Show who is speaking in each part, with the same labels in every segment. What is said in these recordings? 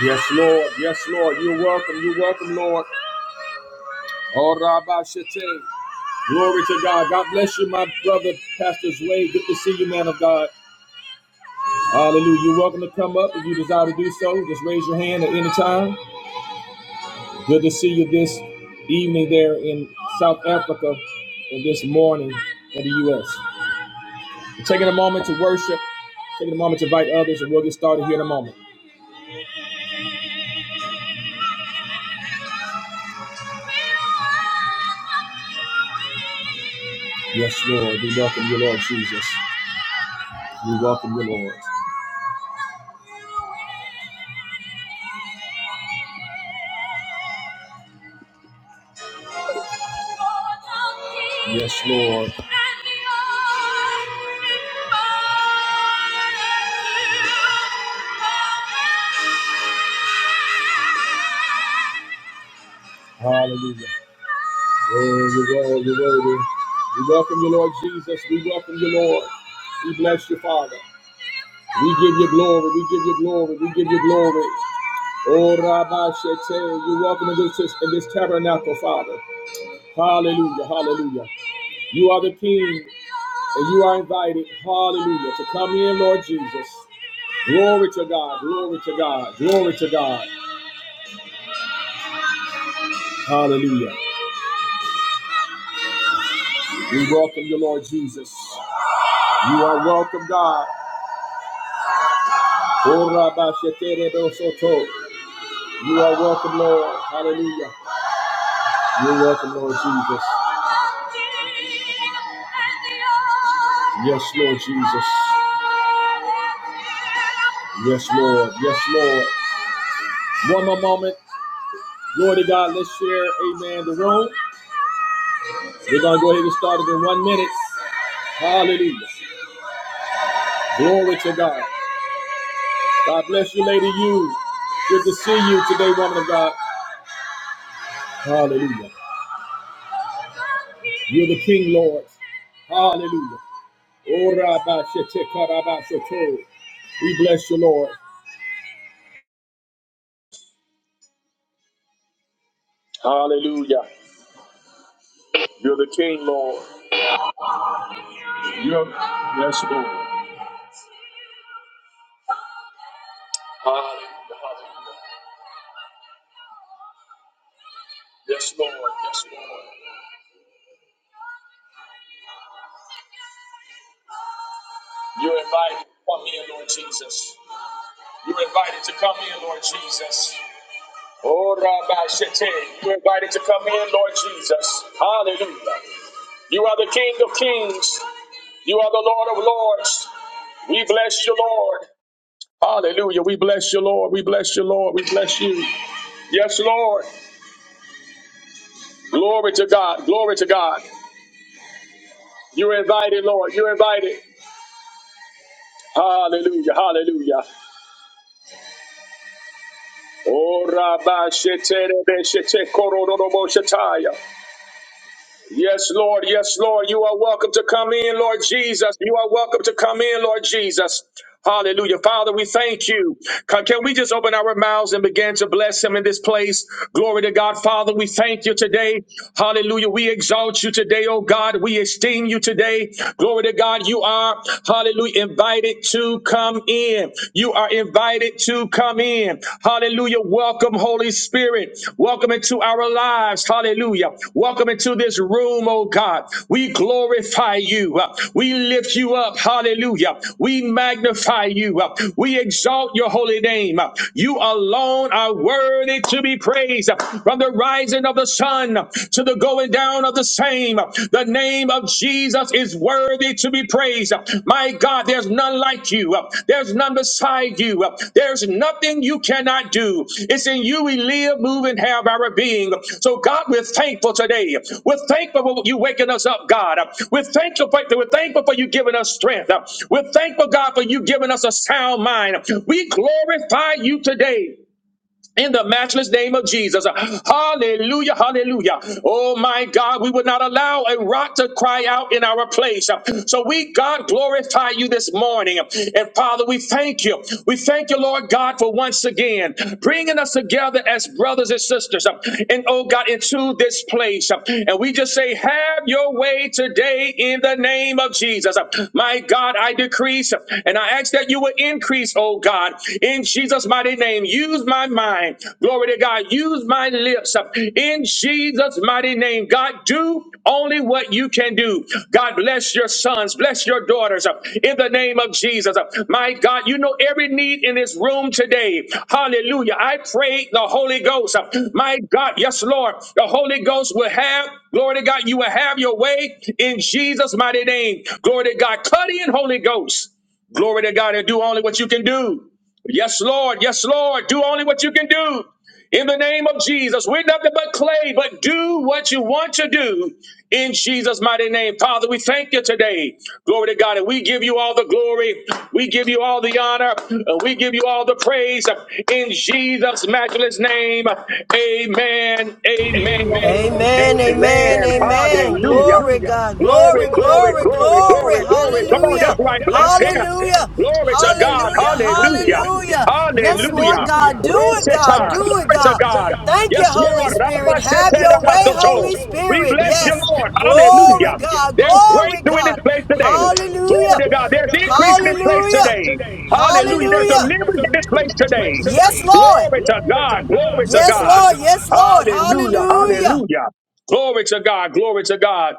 Speaker 1: Yes, Lord. Yes, Lord. You're welcome. You're welcome, Lord. Oh, Rabbi Shete. Glory to God. God bless you, my brother, Pastor Zway. Good to see you, man of God. Hallelujah. You're welcome to come up if you desire to do so. Just raise your hand at any time. Good to see you this evening there in South Africa and this morning in the U.S. We're taking a moment to worship, taking a moment to invite others, and we'll get started here in a moment. Yes, Lord. We welcome you, Lord Jesus. We welcome you, Lord. Yes, Lord. Hallelujah. Worthy, worthy, worthy. We welcome you, Lord Jesus. We welcome you, Lord. We bless you, Father. We give you glory. We give you glory. We give you glory. Oh, Rabbi Shetel, you're welcome in this, in this tabernacle, Father. Hallelujah. Hallelujah. You are the King, and you are invited. Hallelujah. To come in, Lord Jesus. Glory to God. Glory to God. Glory to God. Hallelujah. We welcome you, Lord Jesus. You are welcome, God. Oh, Rabbi Shetel, Soto. You are welcome, Lord. Hallelujah. You're welcome, Lord Jesus. Yes, Lord Jesus. Yes, Lord. Yes, Lord. One more moment. Glory to God. Let's share, amen, the room. We're going to go ahead and get started in one minute. Hallelujah. Glory to God. God bless you, Lady You. Good to see you today, woman of God. Hallelujah. You're the King, Lord. Hallelujah. Oh, Rabbi We bless you, Lord. Hallelujah. You're the King, Lord. You're, yes, Lord. Hallelujah. Hallelujah. Yes, Lord. Yes, Lord. You're invited to come in, Lord Jesus. You're invited to come in, Lord Jesus. Oh, Rabbi Shete, you're invited to come in, Lord Jesus. Hallelujah. You are the King of kings. You are the Lord of lords. We bless you, Lord. Hallelujah. We bless you, Lord. We bless you, Lord. We bless you. Yes, Lord. Glory to God. Glory to God. You're invited, Lord. You're invited. Hallelujah. Hallelujah. Oh, Rabbi Shete, Rebe Shete, Kororo, Robo, Yes, Lord. Yes, Lord. You are welcome to come in, Lord Jesus. You are welcome to come in, Lord Jesus. Hallelujah. Father, we thank you. Can can we just open our mouths and begin to bless him in this place? Glory to God. Father, we thank you today. Hallelujah. We exalt you today, oh God. We esteem you today. Glory to God. You are, hallelujah, invited to come in. You are invited to to come in. Hallelujah. Welcome, Holy Spirit. Welcome into our lives. Hallelujah. Welcome into this room, oh God. We glorify you. We lift you up. Hallelujah. We magnify you. We exalt your holy name. You alone are worthy to be praised from the rising of the sun to the going down of the same. The name name of Jesus is worthy to be praised. My God, there's none like you. There's none beside you. There's nothing you cannot do. It's in you we live, move, and have our being. So, God, we're thankful today. We're thankful for you waking us up, God. We're thankful for, we're thankful for you giving us strength. We're thankful, God, for you giving us a sound mind. We glorify you today in the matchless name of Jesus. Hallelujah, hallelujah. Oh my God, we would not allow a rock to cry out in our place. So we, God, glorify you this morning. And Father, we thank you. We thank you, Lord God, for once again bringing us together as brothers and sisters. And oh God, into this place. And we just say, have your way today in the name of Jesus. My God, I decrease and I ask that you will increase, oh God. God, in Jesus' mighty name. Use my mind. Glory to God. Use my lips in Jesus' mighty name. God, do only what you can do. God, bless your sons, bless your daughters in the name of Jesus. My God, you know every need in this room today. Hallelujah. I pray the Holy Ghost. My God, yes, Lord, the Holy Ghost will have, glory to God, you will have your way in Jesus' mighty name. Glory to God. Cut in, Holy Ghost. Glory to God and do only what you can do. Yes, Lord. Yes, Lord. Do only what you can do. In the name of Jesus, we're nothing but clay, but do what you want to do in Jesus' mighty name. Father, we thank you today. Glory to God. And we give you all the glory. We give you all the honor. And we give you all the praise in Jesus' matchless name. Amen. Amen.
Speaker 2: Amen, amen,
Speaker 1: Amen.
Speaker 2: amen.
Speaker 1: Hallelujah.
Speaker 2: Glory, God. Glory,
Speaker 1: Glory, glory,
Speaker 2: glory,
Speaker 1: glory,
Speaker 2: glory.
Speaker 1: glory, glory. Come on,
Speaker 2: Hallelujah.
Speaker 1: that's right. Bless him.
Speaker 2: Hallelujah.
Speaker 1: Glory to God.
Speaker 2: Hallelujah.
Speaker 1: Hallelujah.
Speaker 2: Hallelujah. Yes, Lord
Speaker 1: Hallelujah.
Speaker 2: God. Do it, God.
Speaker 1: Rosetta.
Speaker 2: Do it,
Speaker 1: Glory to
Speaker 2: God.
Speaker 1: God.
Speaker 2: Thank you,
Speaker 1: Yes,
Speaker 2: Holy
Speaker 1: Lord.
Speaker 2: Spirit. Have your way,
Speaker 1: Ramasetedabasoto.
Speaker 2: Holy
Speaker 1: We
Speaker 2: Spirit.
Speaker 1: bless you,
Speaker 2: Yes.
Speaker 1: Lord.
Speaker 2: Glory,
Speaker 1: Hallelujah.
Speaker 2: God.
Speaker 1: There's
Speaker 2: Glory,
Speaker 1: breakthrough in this
Speaker 2: God.
Speaker 1: place today.
Speaker 2: Hallelujah.
Speaker 1: Glory to God. There's increase in this place today.
Speaker 2: Hallelujah.
Speaker 1: Hallelujah. There's deliverance in this
Speaker 2: Hallelujah.
Speaker 1: place today.
Speaker 2: Yes, Lord.
Speaker 1: Glory to God. Glory to
Speaker 2: Yes,
Speaker 1: God.
Speaker 2: Lord. Yes, Lord.
Speaker 1: Hallelujah.
Speaker 2: Hallelujah.
Speaker 1: Hallelujah. Glory to God. Glory to God.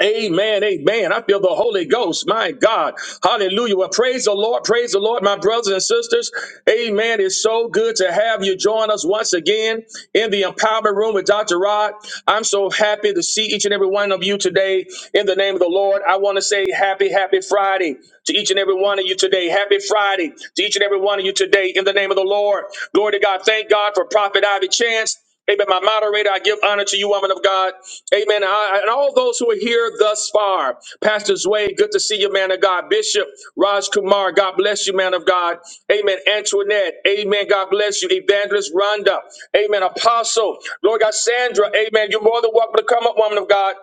Speaker 1: Amen, amen. I feel the Holy Ghost. My God. Hallelujah. Well, praise the Lord. Praise the Lord, my brothers and sisters. Amen. It's so good to have you join us once again in the empowerment room with Dr. Rod. I'm so happy to see each and every one of you today in the name of the Lord. I want to say happy, happy Friday to each and every one of you today. Happy Friday to each and every one of you today in the name of the Lord. Glory to God. Thank God for Prophet Ivy Chance. Amen. My moderator, I give honor to you, woman of God. Amen. I- and all those who are here thus far, Pastor Zway, good to see you, man of God. Bishop Raj Kumar, God bless you, man of God. Amen. Antoinette, amen. God bless you. Evangelist Rhonda, amen. Apostle, Lord God, Sandra, amen. You're more than welcome to come up, woman of God.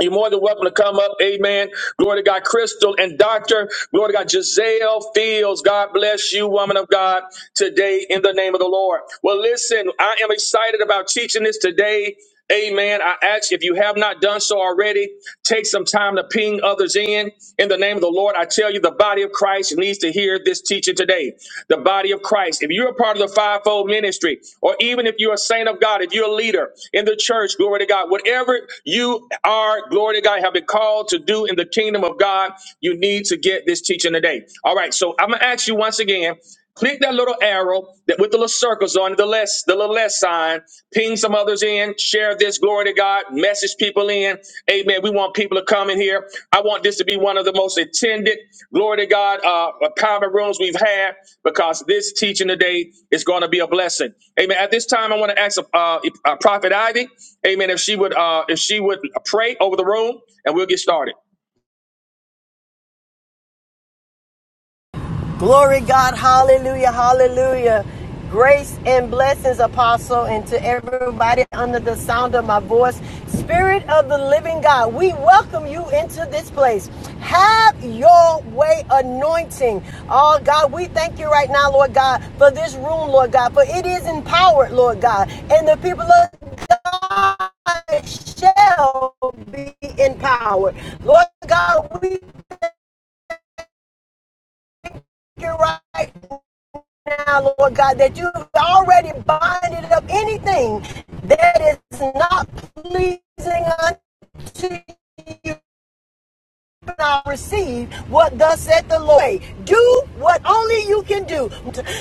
Speaker 1: You're more than welcome to come up. Amen. Glory to God. Crystal and Doctor. Glory to God. Giselle Fields. God bless you, woman of God, today in the name of the Lord. Well, listen, I am excited about teaching this today. Amen. I ask if you have not done so already, take some time to ping others in in the name of the Lord. I tell you, the body of Christ needs to hear hear this teaching today, the body of Christ, if you're a part of the fivefold ministry, or even if you're a saint of God, if you're a leader in the church, glory to God, whatever you are, glory to God, have been called to do in the kingdom of God, you need to get this teaching today. All right, so I'm gonna ask you once again. Click that little arrow that with the little circles on it, the less the little less sign. Ping some others in. Share this glory to God. Message people in. Amen. We want people to come in here. I want this to be one of the most attended glory to God uh empowerment rooms we've had because this teaching today is going to be a blessing. Amen. At this time, I want to ask uh, uh, Prophet Ivy. Amen. If she would uh if she would pray over the room, and we'll get started.
Speaker 2: Glory God, hallelujah, hallelujah. Grace and blessings, apostle, and to everybody under the sound of my voice. Spirit of the living God, we welcome you into this place. Have your way anointing. Oh God, we thank you right now, Lord God, for this room, Lord God, for it is empowered, Lord God, and the people of God shall be empowered. Lord God, we thank you right now, Lord God, that you've already binded up anything that is not pleasing unto you I receive what thus said the Lord. Hey, Do what only you can do.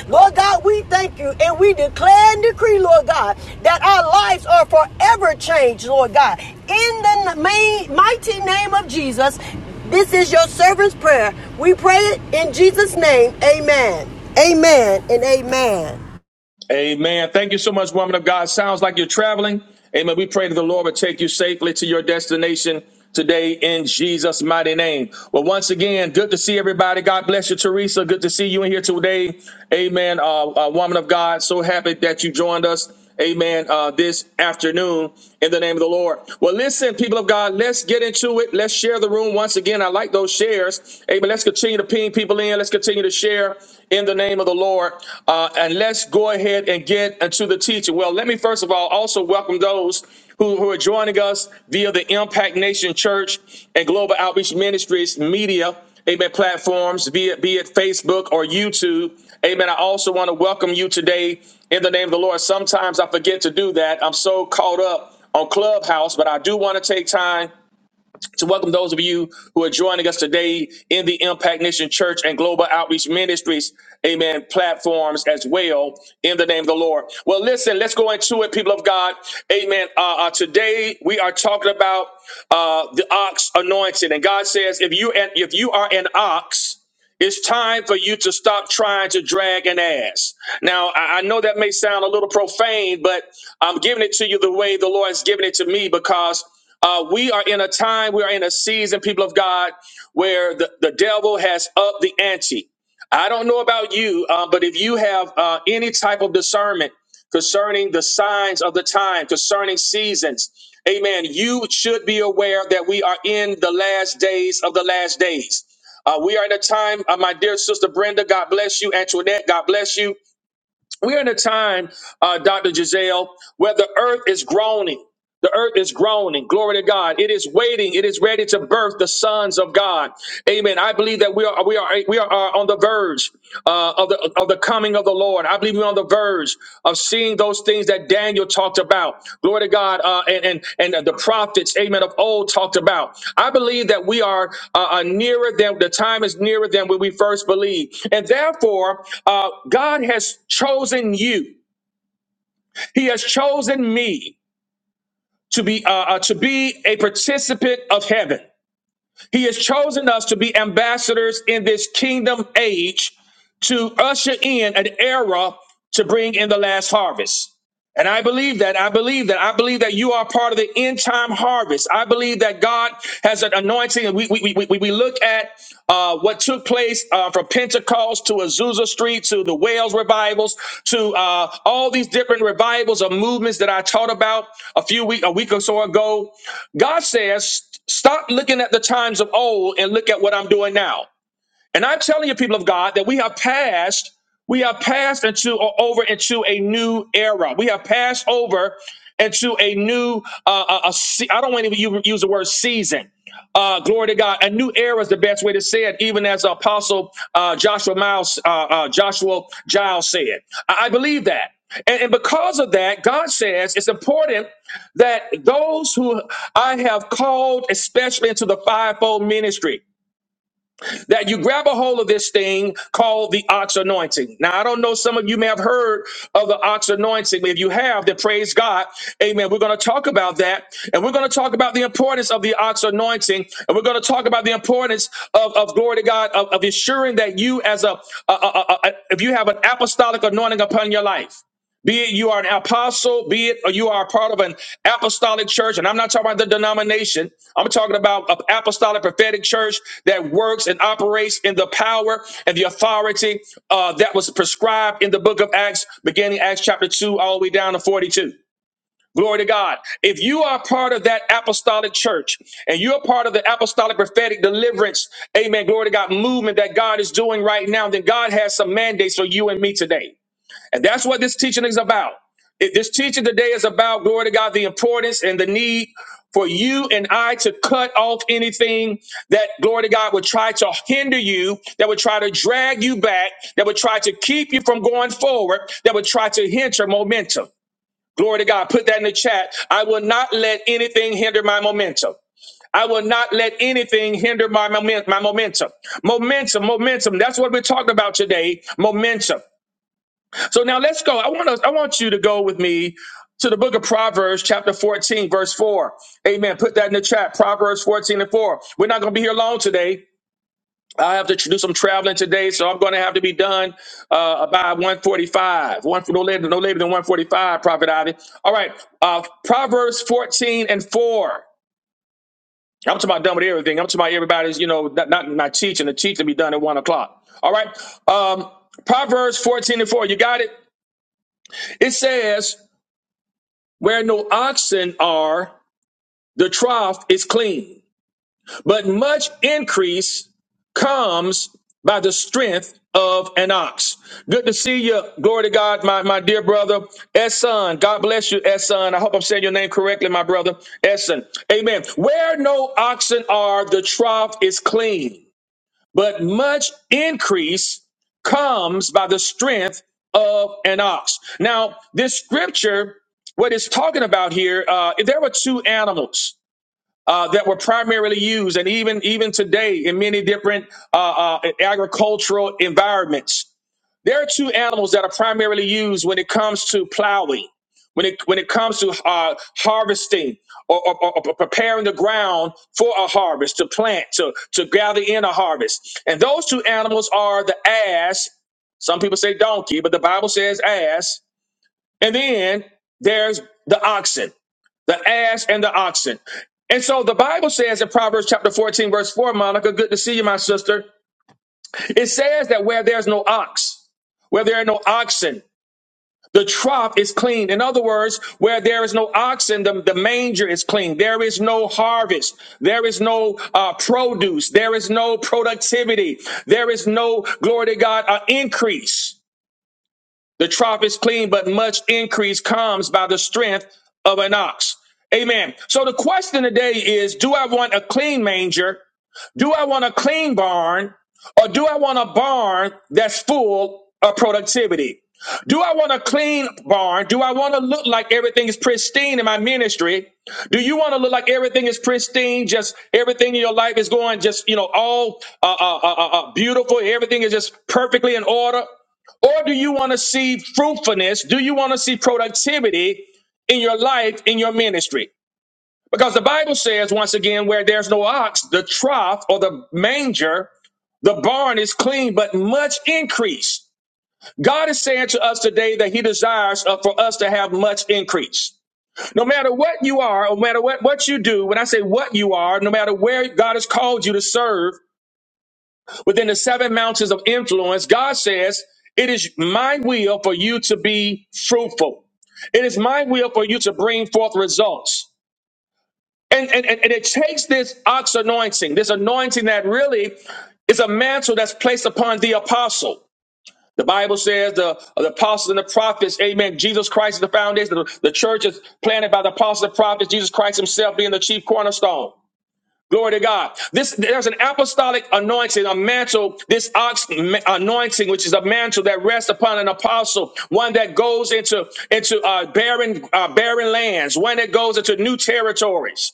Speaker 2: Lord God, we thank you and we declare and decree, Lord God, that our lives are forever changed, Lord God. In the main, mighty name of Jesus, this is your servant's prayer. We pray it in Jesus' name. Amen. Amen and amen.
Speaker 1: Amen. Thank you so much, woman of God. Sounds like you're traveling. Amen. We pray that the Lord would take you safely to your destination today in Jesus' mighty name. Well, once again, good to see everybody. God bless you, Teresa. Good to see you in here today. Amen. Uh, uh, woman of God, so happy that you joined us. Amen. Uh, this afternoon, in the name of the Lord. Well, listen, people of God, let's get into it. Let's share the room once again. I like those shares. Amen. Let's continue to ping ping people in. Let's continue to share in the name of the Lord. Uh, and let's go ahead and get into the teaching. Well, let me first of all also welcome those who, who are joining us via the Impact Nation Church and Global Outreach Ministries media, amen, platforms, be it, be it Facebook or YouTube. Amen. I also want to welcome you today in the name of the Lord. Sometimes I forget to do that. I'm so caught up on Clubhouse, but I do want to take time to welcome those of you who are joining us today in the Impact Nation Church and Global Outreach Ministries, amen, platforms as well, in the name of the Lord. Well, listen, let's go into it, people of God, amen. Uh, uh, today we are talking about uh, the ox anointing, and God says, if you if you are an ox, it's time for you to stop trying to drag an ass. Now, I I know that may sound a little profane, but I'm giving it to you the way the Lord's given it to me because uh, we are in a time, we are in a season, people of God, where the, the devil has upped the ante. I don't know about you, uh, but if you have uh, any type of discernment concerning the signs of the time, concerning seasons, amen, you should be aware that we are in the last days of the last days. Uh, we are in a time, uh, my dear sister Brenda, God bless you. Antoinette, God bless you. We're in a time, uh, Dr. Giselle, where the earth is groaning. The earth is groaning. Glory to God. It is waiting. It is ready to birth the sons of God. Amen. I believe that we are we are we are uh, on the verge uh, of the of the coming of the Lord. I believe we're on the verge of seeing those things that Daniel talked about. Glory to God. Uh, and and and the prophets, Amen, of old talked about. I believe that we are uh, uh, nearer than the time is nearer than when we first believed, and therefore uh, God has chosen you. He has chosen me to be uh, uh, to be a participant of heaven. He has chosen us to be ambassadors in this kingdom age to usher in an era to bring in the last harvest. And I believe that. I believe that. I believe that you are part of the end time harvest. I believe that God has an anointing. And we, we, we, we we look at uh, what took place uh, from Pentecost to Azusa Street to the Wales revivals to uh, all these different revivals or movements that I taught about a few week a week or so ago. God says, stop looking at the times of old and look at what I'm doing now. And I'm telling you, people of God, that we have passed, we have passed into or over into a new era. We have passed over into a new, uh, a, a se- I don't want to even u- use the word season. Uh, glory to God. A new era is the best way to say it, even as Apostle uh, Joshua Miles, uh, uh, Joshua Giles said. I, I believe that. And, and because of that, God says it's important that those who I have called, especially into the fivefold ministry, that you grab a hold of this thing called the ox anointing. Now, I don't know, some of you may have heard of the ox anointing, but if you have, then praise God. Amen. We're going to talk about that, and we're going to talk about the importance of the ox anointing, and we're going to talk about the importance of, of glory to God, of, of ensuring that you, as a, a, a, a- a- if you have an apostolic anointing upon your life. Be it you are an apostle, be it or you are a part of an apostolic church, and I'm not talking about the denomination. I'm talking about an apostolic prophetic church that works and operates in the power and the authority uh, that was prescribed in the book of Acts, beginning Acts chapter 2, all the way down to 42. Glory to God. If you are part of that apostolic church and you're part of the apostolic prophetic deliverance, amen, glory to God, movement that God is doing right now, then God has some mandates for you and me today. And that's what this teaching is about. It- This teaching today is about, glory to God, the importance and the need for you and I to cut off anything that, glory to God, would try to hinder you, that would try to drag you back, that would try to keep you from going forward, that would try to hinder momentum. Glory to God. Put that in the chat. I will not let anything hinder my momentum. I will not let anything hinder my, momen- my momentum. Momentum, momentum. That's what we're talking about today. Momentum. So now let's go. I want us, I want you to go with me to the book of Proverbs, chapter 14, verse 4. Amen. Put that in the chat. Proverbs 14 and 4. We're not going to be here long today. I have to tr- do some traveling today, so I'm going to have to be done uh, by 145. One, no, later, no later than 145, Prophet Ivy. All right. Uh, Proverbs 14 and 4. I'm talking about done with everything. I'm talking about everybody's, you know, not, not, not teaching. The teaching to be done at 1 o'clock. All right. Um, Proverbs 14 and 4. You got it? It says, Where no oxen are, the trough is clean, but much increase comes by the strength of an ox. Good to see you. Glory to God, my, my dear brother, Esson. God bless you, Esson. I hope I'm saying your name correctly, my brother, Esson. Amen. Where no oxen are, the trough is clean but much increase comes by the strength of an ox. Now, this scripture, what it's talking about here, uh, there were two animals. Uh, that were primarily used, and even even today in many different uh, uh, agricultural environments, there are two animals that are primarily used when it comes to plowing, when it when it comes to uh, harvesting or, or, or or preparing the ground for a harvest, to plant, to to gather in a harvest. And those two animals are the ass. Some people say donkey, but the Bible says ass. And then there's the oxen the ass and the oxen. And so the Bible says in Proverbs chapter 14, verse 4, Monica, good to see you, my sister. It says that where there's no ox, where there are no oxen, the trough is clean. In other words, where there is no oxen, the, the manger is clean. There is no harvest. There is no uh, produce. There is no productivity. There is no, glory to God, uh, increase. The trough is clean, but much increase comes by the strength of an ox. Amen. So the question today is, do I want a clean manger? Do I want a clean barn? Or do I want a barn that's full of productivity? Do I want a clean barn? Do I want to look like everything is pristine in my ministry? Do you want to look like everything is pristine? Just everything in your life is going just, you know, all uh, uh, uh, uh, uh, beautiful. Everything is just perfectly in order. Or do you want to see fruitfulness? Do you want to see productivity in your life, in your ministry? Because the Bible says, once again, where there's no ox, the trough or the manger, the barn is clean, but much increase. God is saying to us today that He desires uh, for us to have much increase. No matter what you are, no matter what, what you do, when I say what you are, no matter where God has called you to serve, within the seven mountains of influence, God says, It is my will for you to be fruitful. It is my will for you to bring forth results. And, and, and and it takes this ox anointing, this anointing that really is a mantle that's placed upon the apostle. The Bible says the, the apostles and the prophets, amen. Jesus Christ is the foundation. The, the church is planted by the apostles and prophets, Jesus Christ himself being the chief cornerstone. Glory to God. This there's an apostolic anointing, a mantle, this ox ma- anointing, which is a mantle that rests upon an apostle, one that goes into into uh, barren uh, barren lands, one that goes into new territories.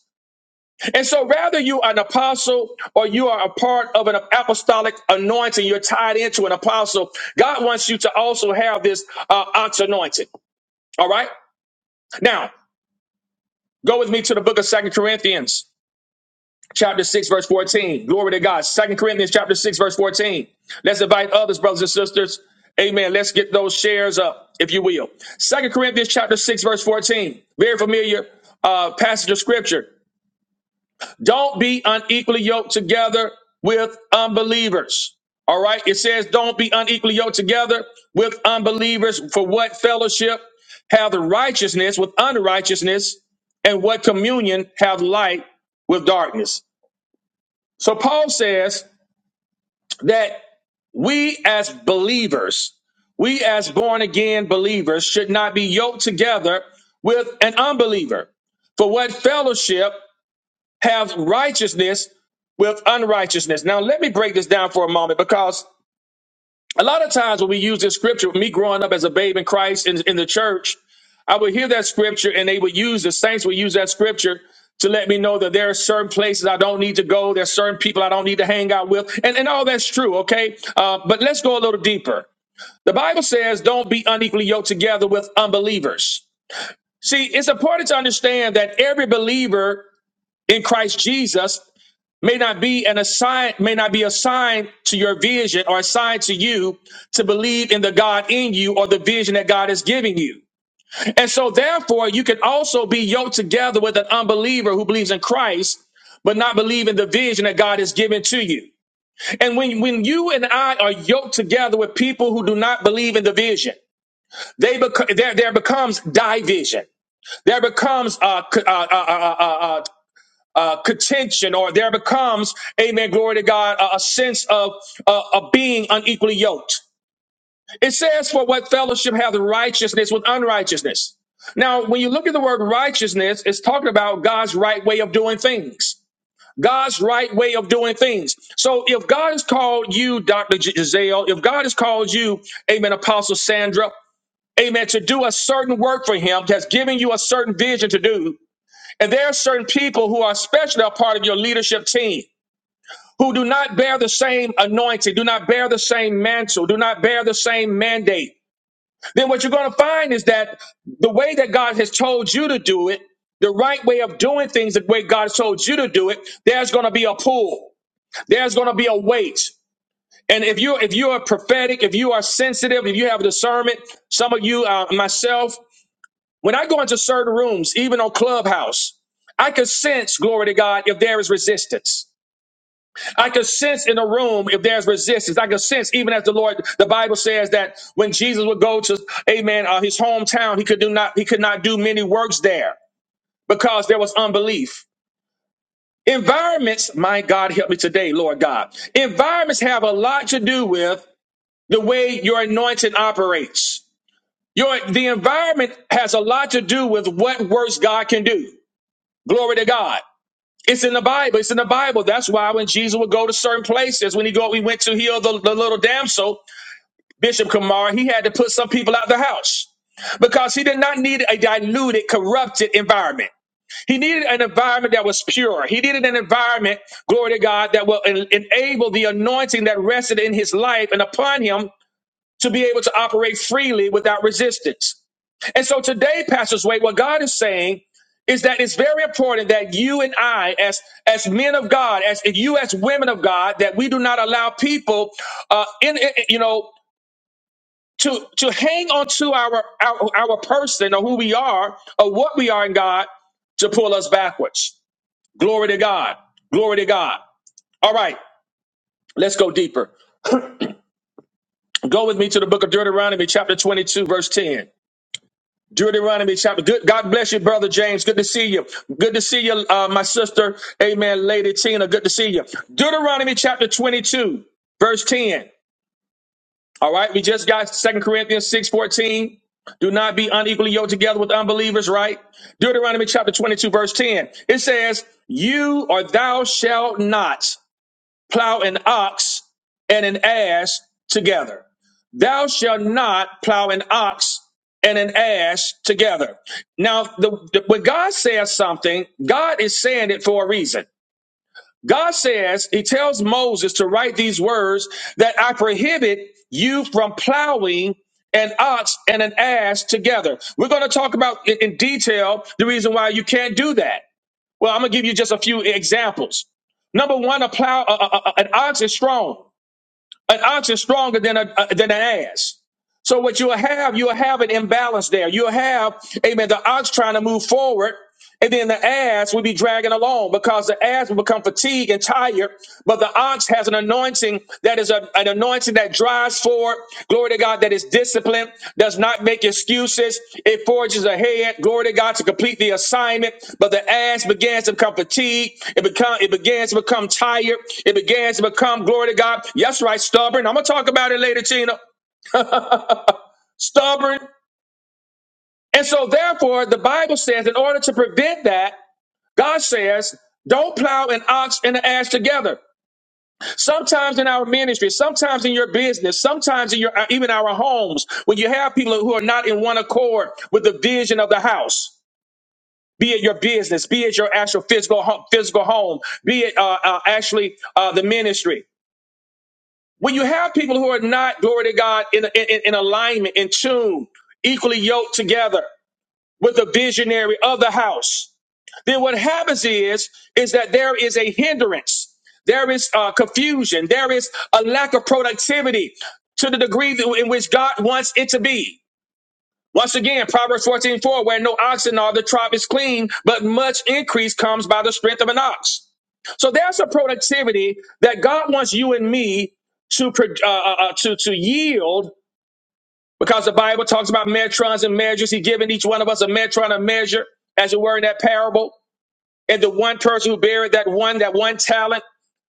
Speaker 1: And so, rather you are an apostle or you are a part of an apostolic anointing, you're tied into an apostle. God wants you to also have this uh, ox anointing. All right. Now, go with me to the book of Second Corinthians. chapter 6 verse 14 glory to god second corinthians chapter 6 verse 14 let's invite others brothers and sisters amen let's get those shares up if you will second corinthians chapter 6 verse 14 very familiar uh, passage of scripture don't be unequally yoked together with unbelievers all right it says don't be unequally yoked together with unbelievers for what fellowship have the righteousness with unrighteousness and what communion have light with darkness so Paul says that we as believers, we as born again believers should not be yoked together with an unbeliever. For what fellowship have righteousness with unrighteousness? Now let me break this down for a moment because a lot of times when we use this scripture, me growing up as a babe in Christ in, in the church, I would hear that scripture and they would use, the saints would use that scripture to let me know that there are certain places I don't need to go. There's certain people I don't need to hang out with. And, and all that's true, okay? Uh, but let's go a little deeper. The Bible says, don't be unequally yoked together with unbelievers. See, it's important to understand that every believer in Christ Jesus may not be an assign may not be assigned to your vision or assigned to you to believe in the God in you or the vision that God is giving you. And so therefore you can also be yoked together with an unbeliever who believes in Christ but not believe in the vision that God has given to you. And when when you and I are yoked together with people who do not believe in the vision, they become there there becomes division. There becomes uh, uh, uh, uh, uh, uh, contention, or there becomes, amen, glory to God, a, a sense of, uh, of being unequally yoked. It says, For what fellowship hath righteousness with unrighteousness? Now, when you look at the word righteousness, it's talking about God's right way of doing things. God's right way of doing things. So if God has called you, Dr. G- Giselle, if God has called you, amen, Apostle Sandra, amen, to do a certain work for him, has given you a certain vision to do, and there are certain people who are especially a part of your leadership team who do not bear the same anointing, do not bear the same mantle, do not bear the same mandate. Then what you're going to find is that the way that God has told you to do it, the right way of doing things, the way God has told you to do it, there's going to be a pull. There's going to be a weight. And if you if you are prophetic, if you are sensitive, if you have discernment, some of you, uh, myself, when I go into certain rooms, even on Clubhouse, I can sense, glory to God, if there is resistance. I can sense in a room if there's resistance. I can sense even as the Lord, the Bible says that when Jesus would go to, amen, uh, his hometown, he could do not, he could not do many works there because there was unbelief. Environments, my God, help me today, Lord God. Environments have a lot to do with the way your anointing operates. Your, the environment has a lot to do with what works God can do. Glory to God. It's in the Bible. It's in the Bible. That's why when Jesus would go to certain places, when he go, we went to heal the, the little damsel, Bishop Kamara, he had to put some people out the house because he did not need a diluted, corrupted environment. He needed an environment that was pure. He needed an environment, glory to God, that will en- enable the anointing that rested in his life and upon him to be able to operate freely without resistance. And so today, Pastor Sway, what God is saying is that it's very important that you and I, as as men of God, as you as women of God, that we do not allow people, uh, in, in you know. To, to hang on to our, our our person or who we are or what we are in God to pull us backwards. Glory to God. Glory to God. All right, let's go deeper. Go with me to the book of Deuteronomy, chapter 22, verse 10. Deuteronomy chapter. Good. God bless you, brother James. Good to see you. Good to see you, uh, my sister. Amen, Lady Tina. Good to see you. Deuteronomy chapter 22, verse 10. All right. We just got Second Corinthians 6 14. Do not be unequally yoked together with unbelievers, right? Deuteronomy chapter 22, verse 10. It says, You or thou shalt not plow an ox and an ass together. Thou shalt not plow an ox and an ass together. Now, the, the- when God says something, God is saying it for a reason. God says, He tells Moses to write these words that I prohibit you from plowing an ox and an ass together. We're going to talk about in in detail the reason why you can't do that. Well, I'm gonna give you just a few examples. Number one, a plow, a, a- a- an ox is strong. An ox is stronger than a, a- than an ass. So what you'll have, you'll have an imbalance there. You'll have, amen, the ox trying to move forward. And then the ass will be dragging along because the ass will become fatigued and tired. But the ox has an anointing that is a- an anointing that drives forward. Glory to God, that is disciplined, does not make excuses. It forges ahead. Glory to God to complete the assignment. But the ass begins to become fatigued. It become it begins to become tired. It begins to become glory to God. Yes, right, stubborn. I'm gonna talk about it later, Tina. Stubborn. And so therefore, the Bible says in order to prevent that. God says, don't plow an ox and an ass together. Sometimes in our ministry, sometimes in your business, sometimes in your uh, even our homes, when you have people who are not in one accord with the vision of the house, be it your business, be it your actual physical ho- physical home, be it uh, uh, actually uh, the ministry. When you have people who are not glory to God in in, in alignment, in tune, equally yoked together with the visionary of the house, then what happens is is that there is a hindrance there is uh, confusion there is a lack of productivity to the degree that- in which god wants it to be once again proverbs 14 4, where no oxen are the trough is clean but much increase comes by the strength of an ox so there's a productivity that god wants you and me to pro- uh, uh, uh, to to yield because the bible talks about metrons and measures He's given each one of us a metron a measure as it were in that parable and the one person who buried that one, that one talent,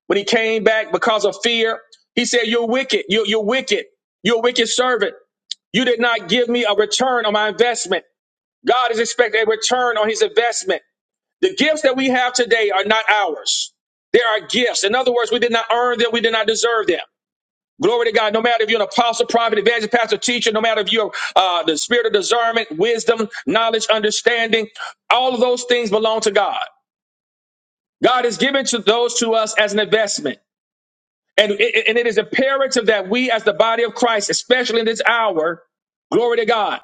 Speaker 1: when he came back because of fear, he said, You're wicked. You're, you're wicked. You're a wicked servant. You did not give me a return on my investment. God is expecting a return on his investment. The gifts that we have today are not ours. They are gifts. In other words, we did not earn them. We did not deserve them. Glory to God. No matter if you're an apostle, prophet, evangelist, pastor, teacher, no matter if you're uh, the spirit of discernment, wisdom, knowledge, understanding, all of those things belong to God. God is given to those to us as an investment. And it, and it is imperative that we as the body of Christ, especially in this hour, glory to God,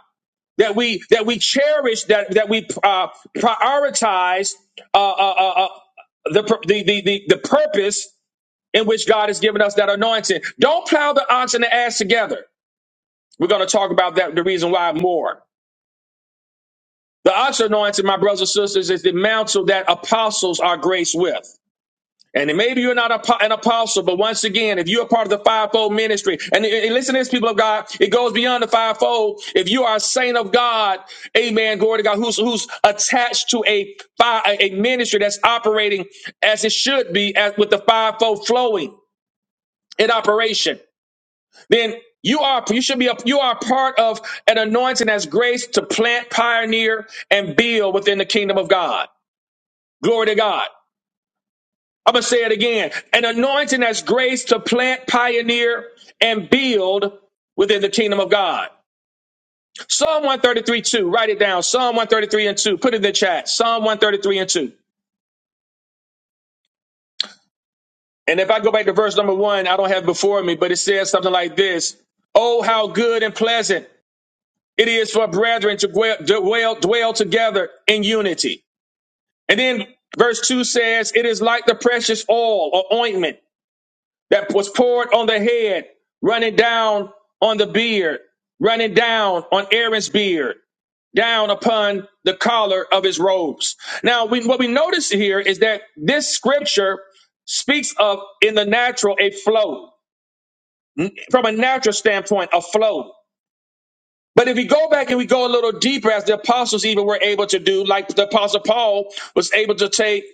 Speaker 1: that we that we cherish that that we uh, prioritize uh, uh, uh, uh, the, pur- the the the the purpose in which God has given us that anointing. Don't plow the ox and the ass together. We're going to talk about that the reason why more. The ox anointing, my brothers and sisters, is the mantle that apostles are graced with. And maybe you're not a an apostle, but once again, if you're a part of the fivefold ministry, and, and listen to this, people of God, it goes beyond the fivefold. If you are a saint of God, amen, glory to God, who's who's attached to a a ministry that's operating as it should be, as with the fivefold flowing in operation, then you are you should be a, you are part of an anointing as grace to plant, pioneer, and build within the kingdom of God. Glory to God. I'm going to say it again. An anointing that's grace to plant, pioneer, and build within the kingdom of God. Psalm 133 2. Write it down. Psalm 133 and 2. Put it in the chat. Psalm 133 and 2. And if I go back to verse number one, I don't have it before me, but it says something like this Oh, how good and pleasant it is for brethren to dwell, dwell, dwell together in unity. And then verse 2 says, It is like the precious oil or ointment that was poured on the head, running down on the beard, running down on Aaron's beard, down upon the collar of his robes. Now, we, what we notice here is that this scripture speaks of in the natural a flow, from a natural standpoint, a flow. But if we go back and we go a little deeper, as the apostles even were able to do, like the apostle Paul was able to take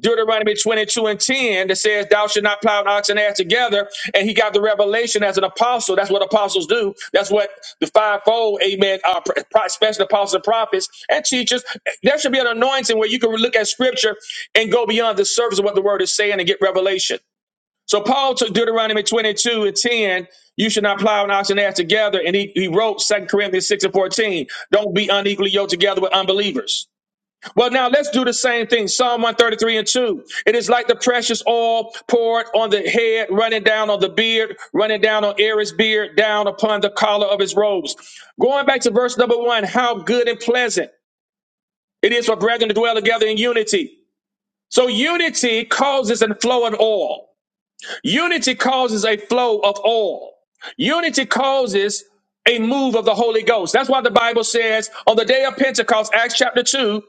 Speaker 1: Deuteronomy 22 and 10 that says, Thou should not plow an ox and ass together. And he got the revelation as an apostle. That's what apostles do. That's what the fivefold, amen, uh, pro- especially apostles and prophets and teachers. There should be an anointing where you can look at scripture and go beyond the surface of what the word is saying and get revelation. So Paul took Deuteronomy 22 and 10, you should not plow an ox and ass together. And he, he wrote Second Corinthians 6 and 14, don't be unequally yoked together with unbelievers. Well, now let's do the same thing. Psalm 133 and 2. It is like the precious oil poured on the head, running down on the beard, running down on Aaron's beard, down upon the collar of his robes. Going back to verse number one, how good and pleasant it is for brethren to dwell together in unity. So unity causes a flow of oil. Unity causes a flow of oil. Unity causes a move of the Holy Ghost. That's why the Bible says on the day of Pentecost, Acts chapter 2,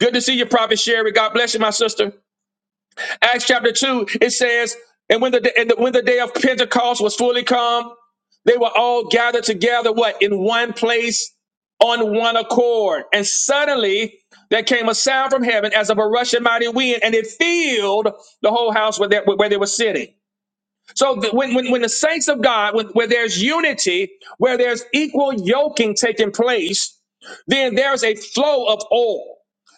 Speaker 1: good to see you, Prophet Sherry. God bless you, my sister. Acts chapter 2, it says, and when the, day- and the- when the day of Pentecost was fully come, they were all gathered together, what? In one place on one accord. And suddenly there came a sound from heaven as of a rushing mighty wind, and it filled the whole house where they, where they were sitting. So th- when, when, when the saints of God, when, where there's unity, where there's equal yoking taking place, then there's a flow of oil.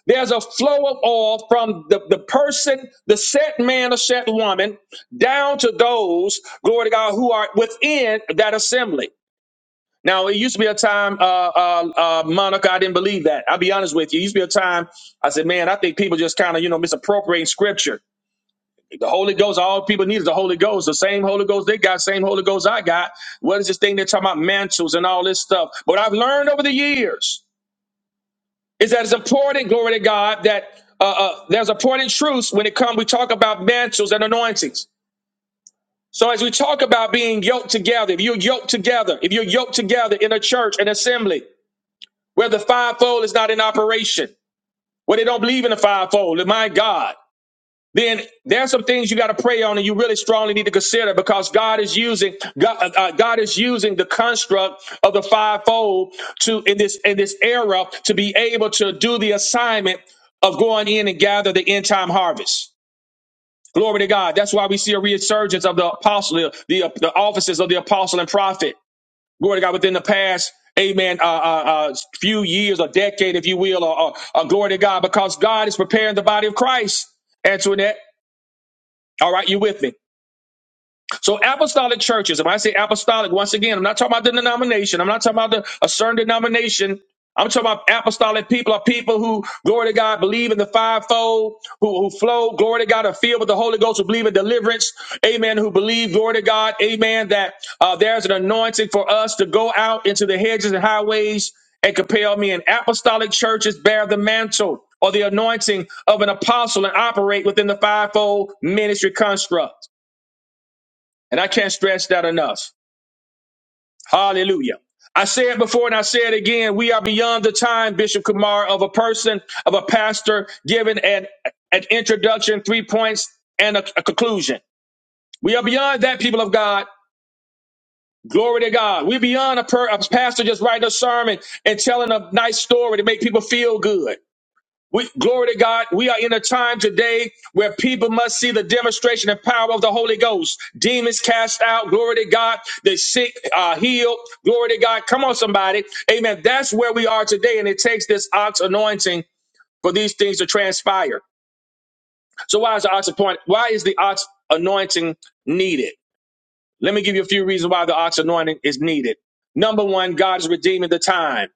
Speaker 1: There's a flow of oil from the, the person, the set man or set woman, down to those, glory to God, who are within that assembly. Now, it used to be a time, uh, uh, uh, Monica, I didn't believe that. I'll be honest with you. It used to be a time I said, man, I think people just kind of, you know, misappropriating scripture. The Holy Ghost, all people need is the Holy Ghost. The same Holy Ghost they got, same Holy Ghost I got. What is this thing they're talking about mantles and all this stuff? What I've learned over the years is that it's important, glory to God, that uh, uh, there's important truths when it comes. We talk about mantles and anointings. So as we talk about being yoked together, if you're yoked together, if you're yoked together in a church, an assembly, where the fivefold is not in operation, where they don't believe in the fivefold, my God. then there's some things you got to pray on and you really strongly need to consider because God is using God, uh, uh, God is using the construct of the fivefold to in this in this era to be able to do the assignment of going in and gather the end time harvest. Glory to God. That's why we see a resurgence of the apostle, the, the offices of the apostle and prophet. Glory to God within the past, amen, uh, uh, uh, few years or decade, if you will, or, or, or glory to God, because God is preparing the body of Christ. Antoinette. All right, you with me? So apostolic churches, if I say apostolic, once again, I'm not talking about the denomination. I'm not talking about the, a certain denomination. I'm talking about apostolic people are people who, glory to God, believe in the fivefold, who, who flow, glory to God, are filled with the Holy Ghost, who believe in deliverance, amen, who believe, glory to God, amen, that uh, there's an anointing for us to go out into the hedges and highways and compel men. Apostolic churches bear the mantle or the anointing of an apostle and operate within the fivefold ministry construct. And I can't stress that enough. Hallelujah. I said before and I say it again, we are beyond the time, Bishop Kumar, of a person, of a pastor giving an, an introduction, three points, and a, a conclusion. We are beyond that, people of God. Glory to God. We're beyond a, per, a pastor just writing a sermon and telling a nice story to make people feel good. We, glory to God. We are in a time today where people must see the demonstration and power of the Holy Ghost. Demons cast out. Glory to God. The sick are healed. Glory to God. Come on, somebody. Amen. That's where we are today. And it takes this ox anointing for these things to transpire. So why is the ox appoint? Why is the ox anointing needed? Let me give you a few reasons why the ox anointing is needed. Number one, God is redeeming the time.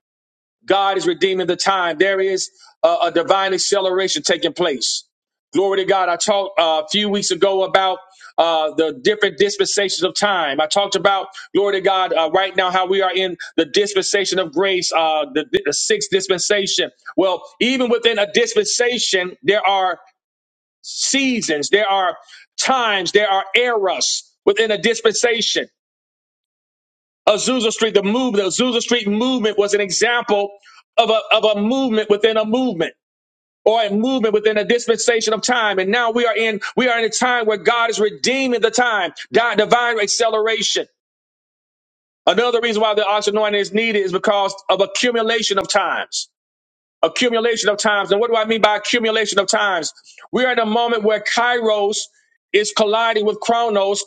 Speaker 1: God is redeeming the time. There is a, a divine acceleration taking place. Glory to God. I talked uh, a few weeks ago about uh, the different dispensations of time. I talked about, glory to God, uh, right now how we are in the dispensation of grace, uh, the, the sixth dispensation. Well, even within a dispensation, there are seasons, there are times, there are eras within a dispensation. Azusa Street, the movement, Azusa Street movement was an example of a, of a movement within a movement or a movement within a dispensation of time. And now we are in, we are in a time where God is redeeming the time, di- divine acceleration. Another reason why the oxygen anointing is needed is because of accumulation of times. Accumulation of times. And what do I mean by accumulation of times? We are in a moment where Kairos is colliding with Chronos,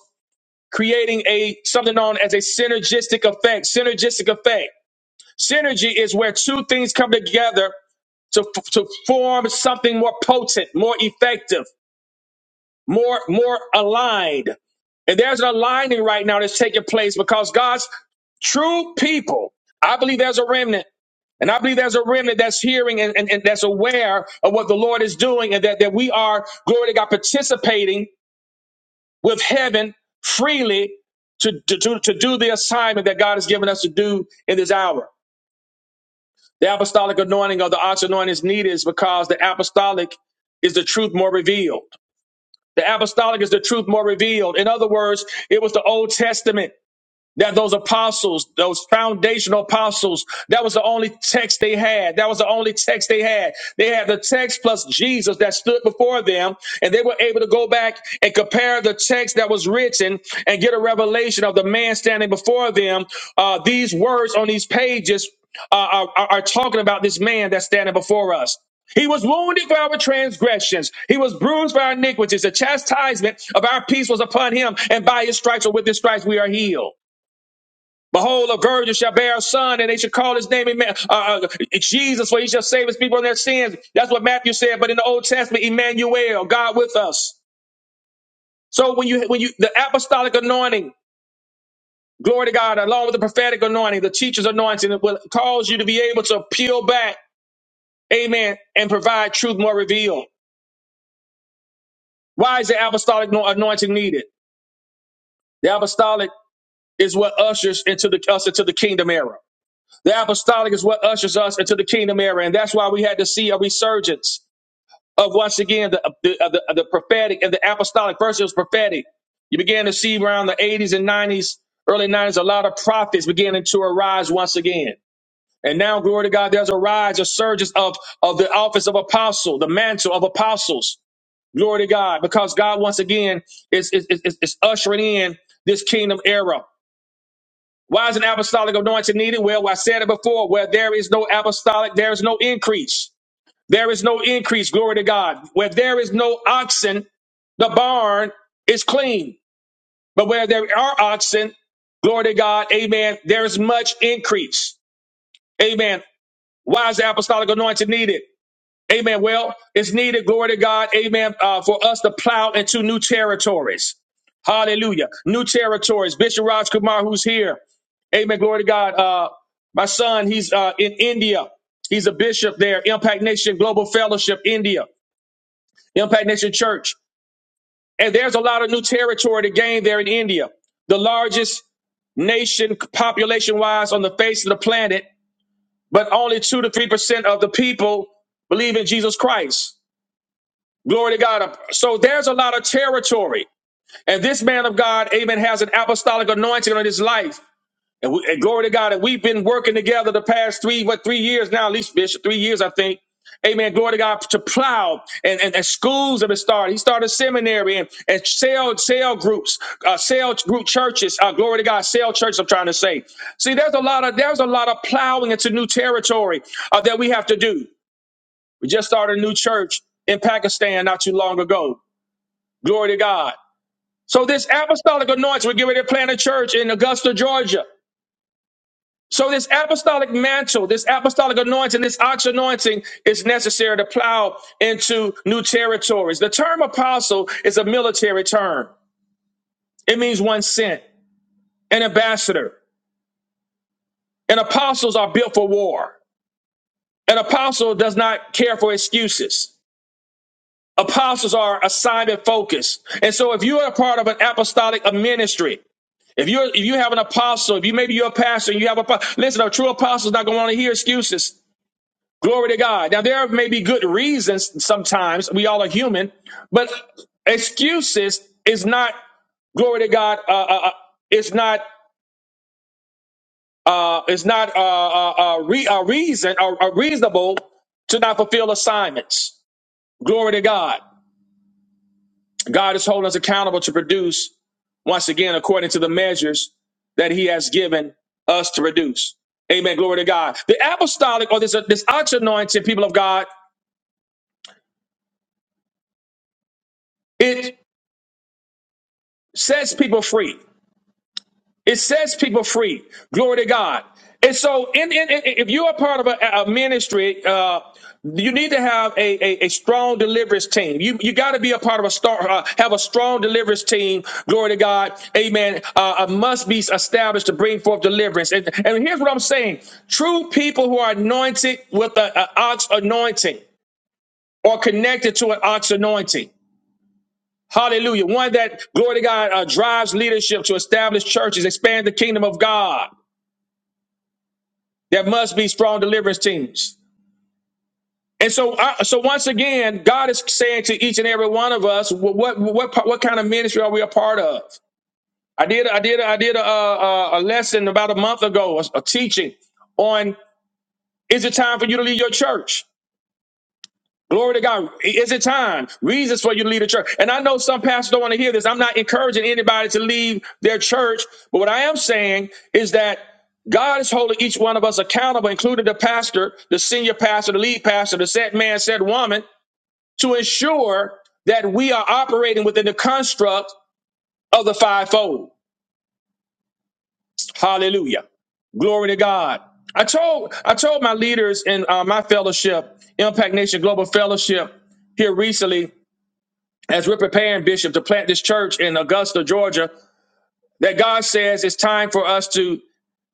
Speaker 1: creating a something known as a synergistic effect. Synergistic effect. Synergy is where two things come together to, to form something more potent, more effective, more, more aligned. And there's an aligning right now that's taking place because God's true people, I believe there's a remnant. And I believe there's a remnant that's hearing and, and, and that's aware of what the Lord is doing and that, that we are, glory to God, participating with heaven freely to, to, to, to do the assignment that God has given us to do in this hour. The apostolic anointing of the arch anointing is needed is because the apostolic is the truth more revealed. The apostolic is the truth more revealed. In other words, it was the Old Testament that those apostles, those foundational apostles, that was the only text they had. That was the only text they had. They had the text plus Jesus that stood before them, and they were able to go back and compare the text that was written and get a revelation of the man standing before them. Uh, these words on these pages uh, are, are are talking about this man that's standing before us. He was wounded for our transgressions. He was bruised for our iniquities. The chastisement of our peace was upon him, and by his stripes or with his stripes we are healed. Behold, a virgin shall bear a son, and they shall call his name Emma- uh, uh, Jesus, for he shall save his people from their sins. That's what Matthew said. But in the Old Testament, Emmanuel, God with us. So when you when you the apostolic anointing, glory to God, along with the prophetic anointing, the teacher's anointing, it will cause you to be able to peel back, Amen, and provide truth more revealed. Why is the apostolic no-, anointing needed? The apostolic is what ushers into the us into the kingdom era. The apostolic is what ushers us into the kingdom era, and that's why we had to see a resurgence of once again the the, of the, of the prophetic and the apostolic. First, it was prophetic. You began to see around the 80s and 90s, early 90s, a lot of prophets beginning to arise once again. And now, glory to God, there's a rise, a surge of, of the office of apostle, the mantle of apostles. Glory to God, because God once again is, is, is, is ushering in this kingdom era. Why is an apostolic anointing needed? Well, I said it before. Where there is no apostolic, there is no increase. There is no increase. Glory to God. Where there is no oxen, the barn is clean. But where there are oxen, glory to God, amen, there is much increase. Amen. Why is the apostolic anointing needed? Amen. Well, it's needed, glory to God, amen, uh, for us to plow into new territories. Hallelujah. New territories. Bishop Raj Kumar, who's here. Amen. Glory to God. Uh, my son, he's uh, in India. He's a bishop there, Impact Nation Global Fellowship, India, Impact Nation Church. And there's a lot of new territory to gain there in India, the largest nation population wise on the face of the planet, but only two to three percent of the people believe in Jesus Christ. Glory to God. So there's a lot of territory. And this man of God, amen, has an apostolic anointing on his life. And, we, and glory to God. And we've been working together the past three, what, three years now, at least, Bishop, three years, I think. Amen. Glory to God to plow and, and, and schools have been started. He started seminary and, and sale, sale groups, uh, sale group churches. Uh, glory to God, sale churches, I'm trying to say. See, there's a lot of there's a lot of plowing into new territory uh, that we have to do. We just started a new church in Pakistan not too long ago. Glory to God. So this apostolic anointing, we're getting ready to plant a church in Augusta, Georgia. So this apostolic mantle, this apostolic anointing, this ox anointing is necessary to plow into new territories. The term apostle is a military term. It means one sent, an ambassador. And apostles are built for war. An apostle does not care for excuses. Apostles are assignment focused. And so if you are a part of an apostolic ministry, if you if you have an apostle, if you maybe you're a pastor, and you have a listen. A true apostle is not going to want to hear excuses. Glory to God. Now there may be good reasons sometimes. We all are human, but excuses is not glory to God. Uh, uh, uh, it's not uh, it's not uh, uh, uh, re- a reason or uh, reasonable to not fulfill assignments. Glory to God. God is holding us accountable to produce, once again, according to the measures that He has given us to produce. Amen. Glory to God. The apostolic or this, this ox anointing, people of God, it sets people free. It sets people free. Glory to God. And so, in, in, in- if you're a part of a, a ministry, uh, you need to have a, a, a strong deliverance team. You you got to be a part of a star, uh, have a strong deliverance team. Glory to God, Amen. Uh, uh, must be established to bring forth deliverance. And, and here's what I'm saying: true people who are anointed with an ox anointing or connected to an ox anointing. Hallelujah. One that, glory to God, uh, drives leadership to establish churches, expand the kingdom of God. There must be strong deliverance teams. And so, I, so once again, God is saying to each and every one of us, what what what, pa- what kind of ministry are we a part of? I did I did I did a, a, a lesson about a month ago, a, a teaching on is it time for you to leave your church? Glory to God. Is it time? Reasons for you to leave the church. And I know some pastors don't want to hear this. I'm not encouraging anybody to leave their church. But what I am saying is that God is holding each one of us accountable, including the pastor, the senior pastor, the lead pastor, the said man, said woman, to ensure that we are operating within the construct of the fivefold. Hallelujah. Glory to God. I told I told my leaders in uh, my fellowship, Impact Nation Global Fellowship, here recently as we're preparing bishop to plant this church in augusta georgia that god says it's time for us to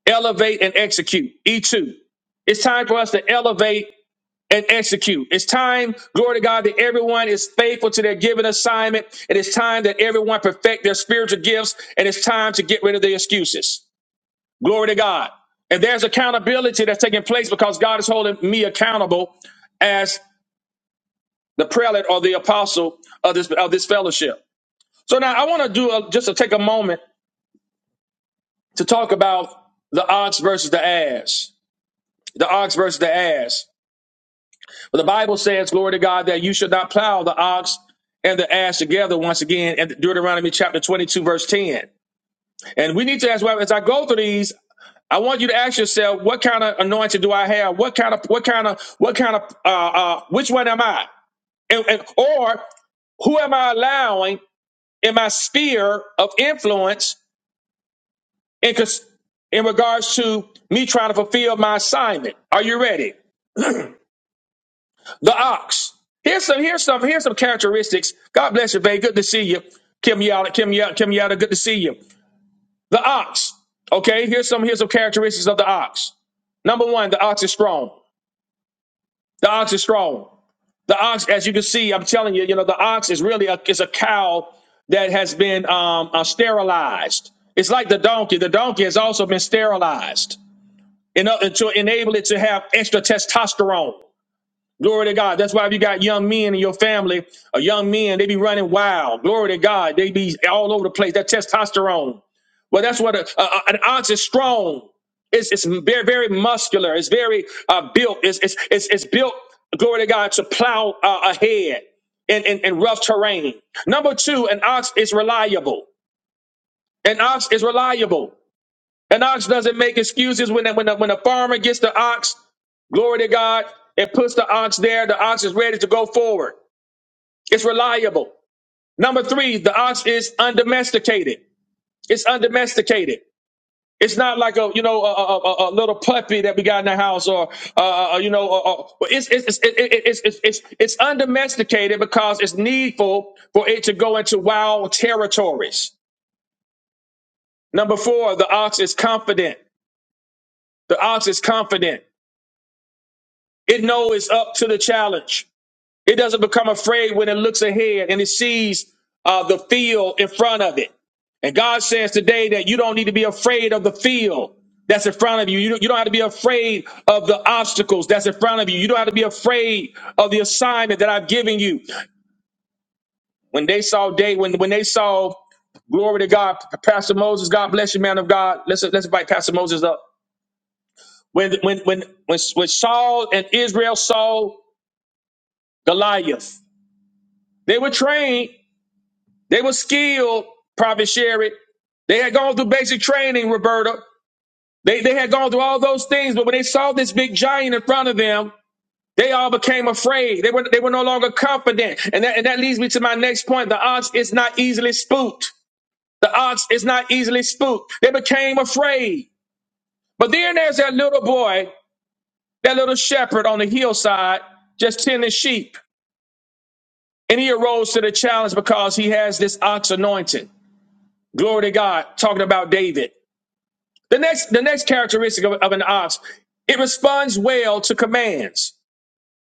Speaker 1: elevate and execute e2 it's time for us to elevate and execute it's time glory to god that everyone is faithful to their given assignment it is time that everyone perfect their spiritual gifts and it's time to get rid of the excuses glory to god and there's accountability that's taking place because god is holding me accountable as the prelate or the apostle of this of this fellowship So now I want to do a, just to take a moment to talk about the ox versus the ass. The ox versus the ass. But the Bible says, glory to God, that you should not plow the ox and the ass together once again in Deuteronomy chapter 22, verse 10. And we need to, as well, as I go through these, I want you to ask yourself, what kind of anointing do I have? What kind of, what kind of, what kind of, uh, uh, which one am I? And, and, or who am I allowing in my sphere of influence in, cons- in regards to me trying to fulfill my assignment. Are you ready? The ox. Here's some, here's some, here's some characteristics. God bless you, babe. Good to see you. Kim Yada, Kim Yada, Kim Yada, good to see you. The ox. Okay, here's some, here's some characteristics of the ox. Number one, the ox is strong. The ox is strong. The ox, as you can see, I'm telling you, you know, the ox is really a, is a cow that has been um, uh, sterilized. It's like the donkey. The donkey has also been sterilized in order to enable it to have extra testosterone. Glory to God. That's why if you got young men in your family, or young men, they be running wild. Glory to God. They be all over the place. That testosterone. Well, that's what a, a, an ox is strong. It's, it's very, very muscular. It's very uh, built. It's, it's, it's, it's built, glory to God, to plow uh, ahead in, in, in rough terrain. Number two, an ox is reliable. An ox is reliable. An ox doesn't make excuses when a, when a, when a farmer gets the ox, glory to God, and puts the ox there. The ox is ready to go forward. It's reliable. Number three, the ox is undomesticated. It's undomesticated. It's not like a you know a, a, a a little puppy that we got in the house or uh, uh, uh, you know uh, uh, it's, it's, it's, it- it- it's it's it's it's undomesticated because it's needful for it to go into wild territories. Number four, the ox is confident. The ox is confident. It knows it's up to the challenge. It doesn't become afraid when it looks ahead and it sees uh, the field in front of it. And God says today that you don't need to be afraid of the field that's in front of you. You don't, you don't have to be afraid of the obstacles that's in front of you. You don't have to be afraid of the assignment that I've given you. When they saw day, when when they saw glory to God, Pastor Moses, God bless you, man of God. Let's let's invite Pastor Moses up. When when when when, when Saul and Israel saw Goliath, They were trained. They were skilled, Prophet Sherrod. They had gone through basic training, Roberta. They, they had gone through all those things, but when they saw this big giant in front of them, they all became afraid. They were, they were no longer confident. And that, and that leads me to my next point. The ox is not easily spooked. The ox is not easily spooked. They became afraid. But then there's that little boy, that little shepherd on the hillside, just tending sheep. And he arose to the challenge because he has this ox anointing. Glory to God, talking about David. The next, the next characteristic of, of an ox, it responds well to commands.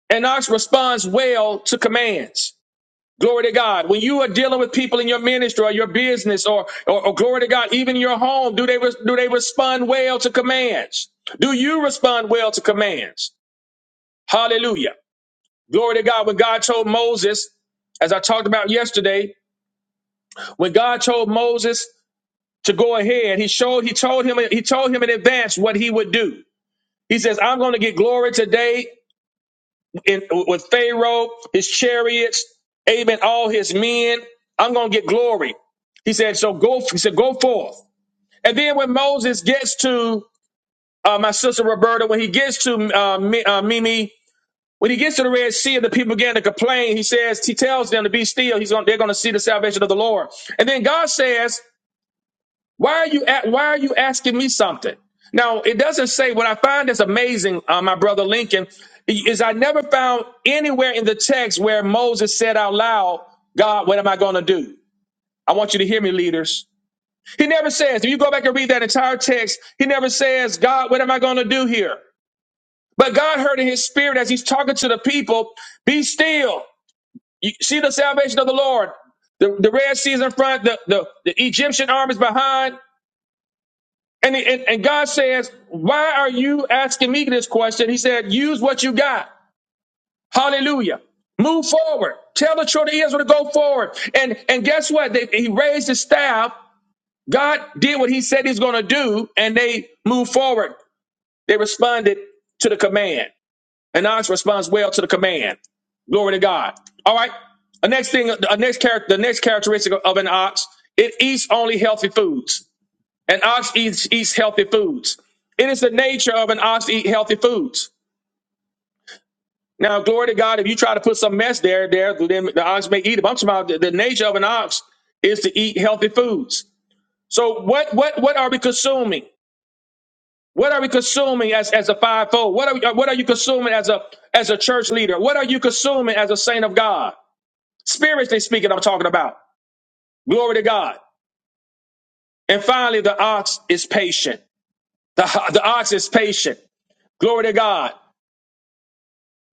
Speaker 1: An ox responds well to commands. Glory to God. When you are dealing with people in your ministry or your business or, or, or glory to God, even your home, do they, res- do they respond well to commands? Do you respond well to commands? Hallelujah. Glory to God. When God told Moses, as I talked about yesterday, when God told Moses to go ahead. He showed, he told him, he told him in advance what he would do. He says, I'm going to get glory today in, with Pharaoh, his chariots, amen, all his men. I'm going to get glory. He said, so go, he said, go forth. And then when Moses gets to uh, my sister Roberta, when he gets to uh, Mi- uh, Mimi, when he gets to the Red Sea and the people begin to complain, he says, he tells them to be still. He's going, they're going to see the salvation of the Lord. And then God says, Why are you at, why are you asking me something? Now it doesn't say what I find is amazing, uh, my brother Lincoln, is I never found anywhere in the text where Moses said out loud, God, what am I going to do? I want you to hear me, leaders. He never says, if you go back and read that entire text, he never says, God, what am I going to do here? But God heard in his spirit as he's talking to the people, be still. You see the salvation of the Lord. The, the Red Sea is in front, the, the, the Egyptian arm is behind. And, and, and God says, Why are you asking me this question? He said, Use what you got. Hallelujah. Move forward. Tell the children of Israel to go forward. And and guess what? They, he raised his staff. God did what he said he's going to do, and they moved forward. They responded to the command. And Ox responds well to the command. Glory to God. All right. The next thing, the next character, the next characteristic of an ox, it eats only healthy foods. An ox eats, eats healthy foods. It is the nature of an ox to eat healthy foods. Now, glory to God, if you try to put some mess there, there, then the ox may eat it. But I'm talking about the, the nature of an ox is to eat healthy foods. So what what what are we consuming? What are we consuming as, as a fivefold? What are we, what are you consuming as a as a church leader? What are you consuming as a saint of God? Spiritually speaking, I'm talking about. Glory to God. And finally, the ox is patient. The, the ox is patient. Glory to God.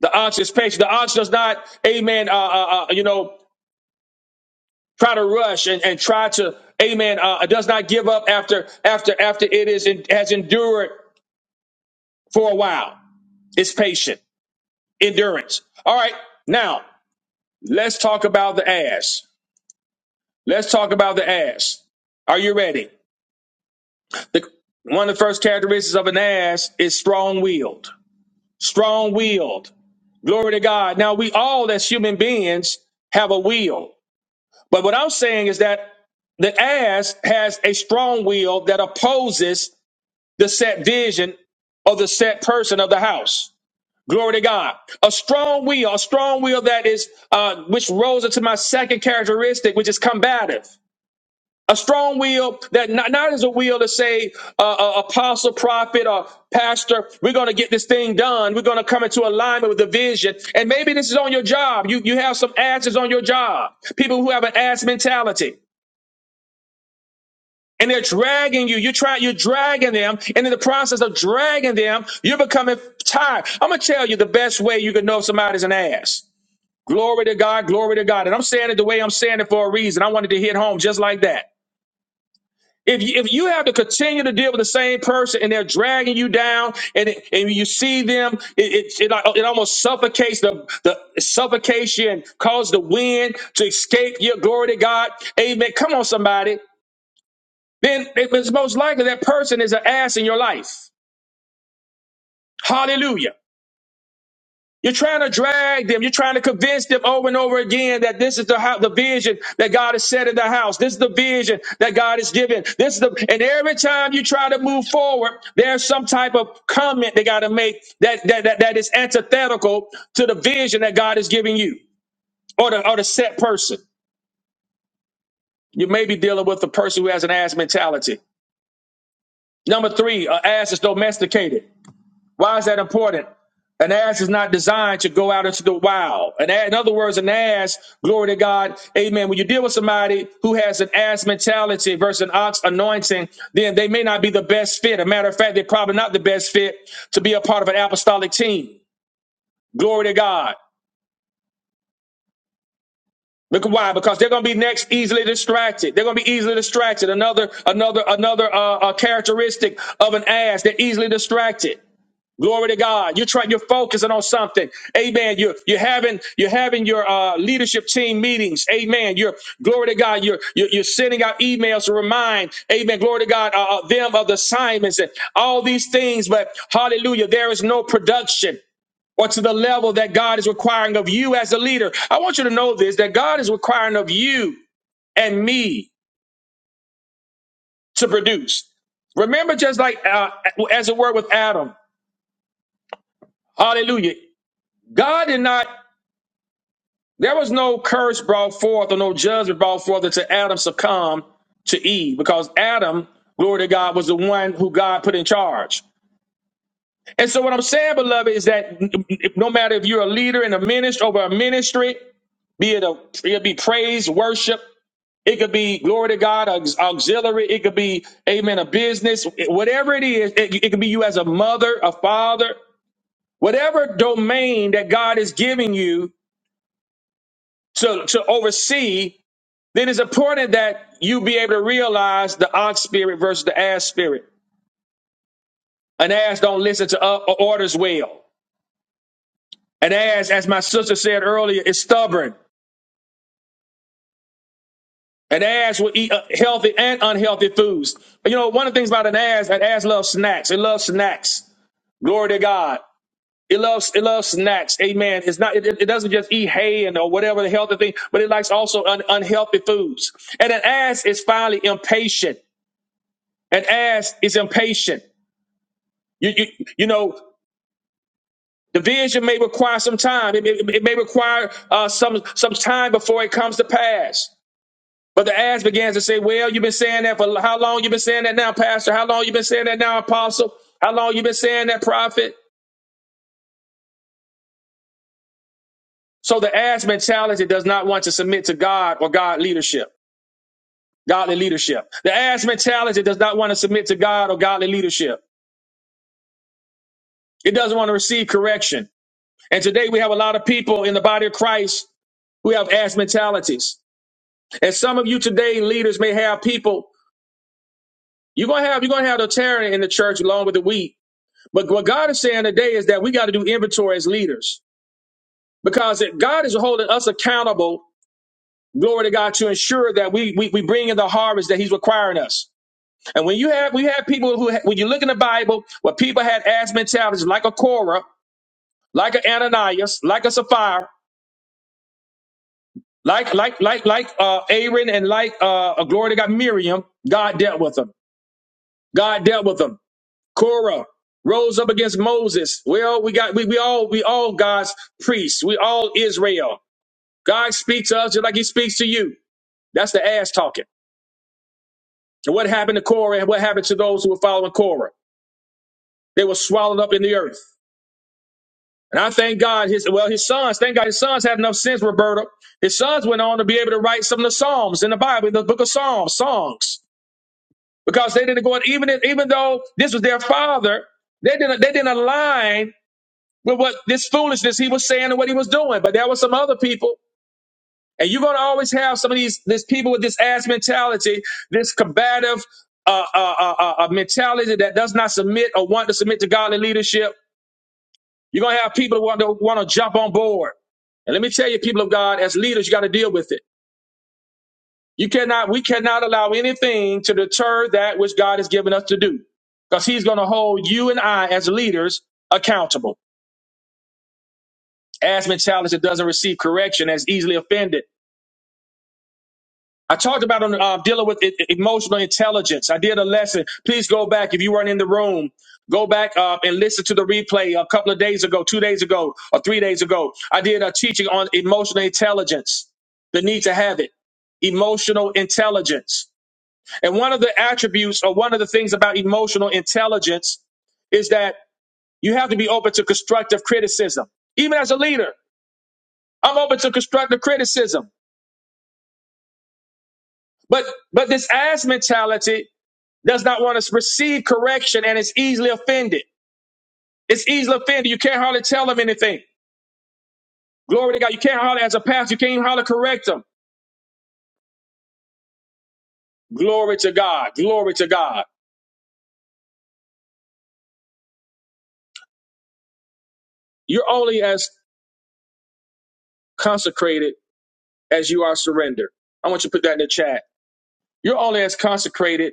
Speaker 1: The ox is patient. The ox does not, amen, uh, uh, uh, you know, try to rush and, and try to, amen, uh, does not give up after, after, after it is, has endured for a while. It's patient, endurance. All right. Now let's talk about the ass. Let's talk about the ass. Are you ready? The, one of the first characteristics of an ass is strong willed. Strong willed. Glory to God. Now we all as human beings have a will But what I'm saying is that the ass has a strong will that opposes the set vision of the set person of the house. Glory to God. A strong will, a strong will that is, uh, which rolls into my second characteristic, which is combative. A strong will that not, not is a will to say, uh, uh, apostle, prophet, or pastor, we're going to get this thing done. We're going to come into alignment with the vision. And maybe this is on your job. You, you have some asses on your job. People who have an ass mentality. and they're dragging you. You try, you're dragging them, and in the process of dragging them, you're becoming tired. I'm gonna tell you the best way you can know if somebody's an ass. Glory to God, glory to God. And I'm saying it the way I'm saying it for a reason. I wanted to hit home just like that. If you, if you have to continue to deal with the same person and they're dragging you down and it- and you see them, it it, it, it almost suffocates the the suffocation, causes the wind to escape your glory to God. Amen. Come on, somebody then it's most likely that person is an ass in your life. Hallelujah. You're trying to drag them. You're trying to convince them over and over again that this is the how, the vision that God has set in the house. This is the vision that God has given. This is the and every time you try to move forward, there's some type of comment they got to make that, that that that is antithetical to the vision that God is giving you or the or the set person. You may be dealing with a person who has an ass mentality. Number three, an ass is domesticated. Why is that important? An ass is not designed to go out into the wild. An ass, in other words, an ass, glory to God, amen. When you deal with somebody who has an ass mentality versus an ox anointing, then they may not be the best fit. A matter of fact, they're probably not the best fit to be a part of an apostolic team. Glory to God. Look why? Because they're going to be next easily distracted. They're going to be easily distracted. Another, another, another uh, uh, characteristic of an ass. They're easily distracted. Glory to God. You're trying, you're focusing on something. Amen. You're, you're having, you're having your, uh, leadership team meetings. Amen. You're, glory to God. You're, you're, you're sending out emails to remind, amen. Glory to God, uh, uh, them of the assignments and all these things. But hallelujah, there is no production or to the level that God is requiring of you as a leader. I want you to know this, that God is requiring of you and me to produce. Remember, just like, uh, as it were with Adam, hallelujah. God did not There was no curse brought forth or no judgment brought forth until Adam succumbed to Eve because Adam, glory to God, was the one who God put in charge. And so, what I'm saying, beloved, is that no matter if you're a leader in a ministry over a ministry, be it a it could be praise, worship, it could be glory to God, aux- auxiliary, it could be amen, a business, whatever it is, it, it could be you as a mother, a father, whatever domain that God is giving you to to oversee then it's important that you be able to realize the ox spirit versus the ass spirit. An ass don't listen to uh, orders well. An ass, as my sister said earlier, is stubborn. An ass will eat uh, healthy and unhealthy foods. But you know, one of the things about an ass, an ass loves snacks. It loves snacks. Glory to God. It loves it loves snacks. Amen. It's not it, it doesn't just eat hay and or whatever the healthy thing, but it likes also un, unhealthy foods. And an ass is finally impatient. An ass is impatient. You, you, you know, division may require some time. It, it, it may require uh, some some time before it comes to pass. But the ass begins to say, "Well, you've been saying that for how long? You've been saying that now, Pastor? How long you been saying that now, Apostle? How long you been saying that, Prophet?" So the ass mentality does not want to submit to God or God leadership, godly leadership. The ass mentality does not want to submit to God or godly leadership. It doesn't want to receive correction. And today we have a lot of people in the body of Christ who have ass mentalities. And some of you today, leaders may have people. You're gonna have you're gonna have the tearing in the church along with the wheat. But what God is saying today is that we got to do inventory as leaders because it- God is holding us accountable. Glory to God to ensure that we, we we bring in the harvest that He's requiring us. And when you have we have people who ha- when you look in the Bible, where people had ass mentalities like a Korah, like an Ananias, like a Sapphira, like like like like uh, Aaron and like uh, a glory to God Miriam. God dealt with them. God dealt with them. Korah rose up against Moses. Well, we got we, we all we all God's priests. We all Israel. God speaks to us just like He speaks to you. That's the ass talking. And what happened to Korah? And what happened to those who were following Korah? They were swallowed up in the earth. And I thank God his well his sons. Thank God his sons had enough sense, Roberta. His sons went on to be able to write some of the psalms in the Bible, in the book of Psalms, songs, because they didn't go in, even if- even though this was their father. They didn't they didn't align with what this foolishness he was saying and what he was doing. But there were some other people, and you're going to always have some of these these people with this ass mentality, this combative uh, uh, uh, uh, uh, uh, mentality that does not submit or want to submit to godly leadership. You're going to have people who want to want to jump on board. And let me tell you, people of God, as leaders, you got to deal with it. You cannot, we cannot allow anything to deter that which God has given us to do, because He's going to hold you and I as leaders accountable. As mentality doesn't receive correction, as easily offended. I talked about on uh, dealing with e- e-, emotional intelligence. I did a lesson. Please go back if you weren't in the room. Go back uh, and listen to the replay a couple of days ago, two days ago, or three days ago. I did a teaching on emotional intelligence, the need to have it, emotional intelligence. And one of the attributes or one of the things about emotional intelligence is that you have to be open to constructive criticism. Even as a leader, I'm open to constructive criticism. But but this ass mentality does not want to receive correction and is easily offended. It's easily offended. You can't hardly tell them anything. Glory to God. You can't hardly, as a pastor, you can't even hardly correct them. Glory to God. Glory to God. You're only as consecrated as you are surrendered. I want you to put that in the chat. You're only as consecrated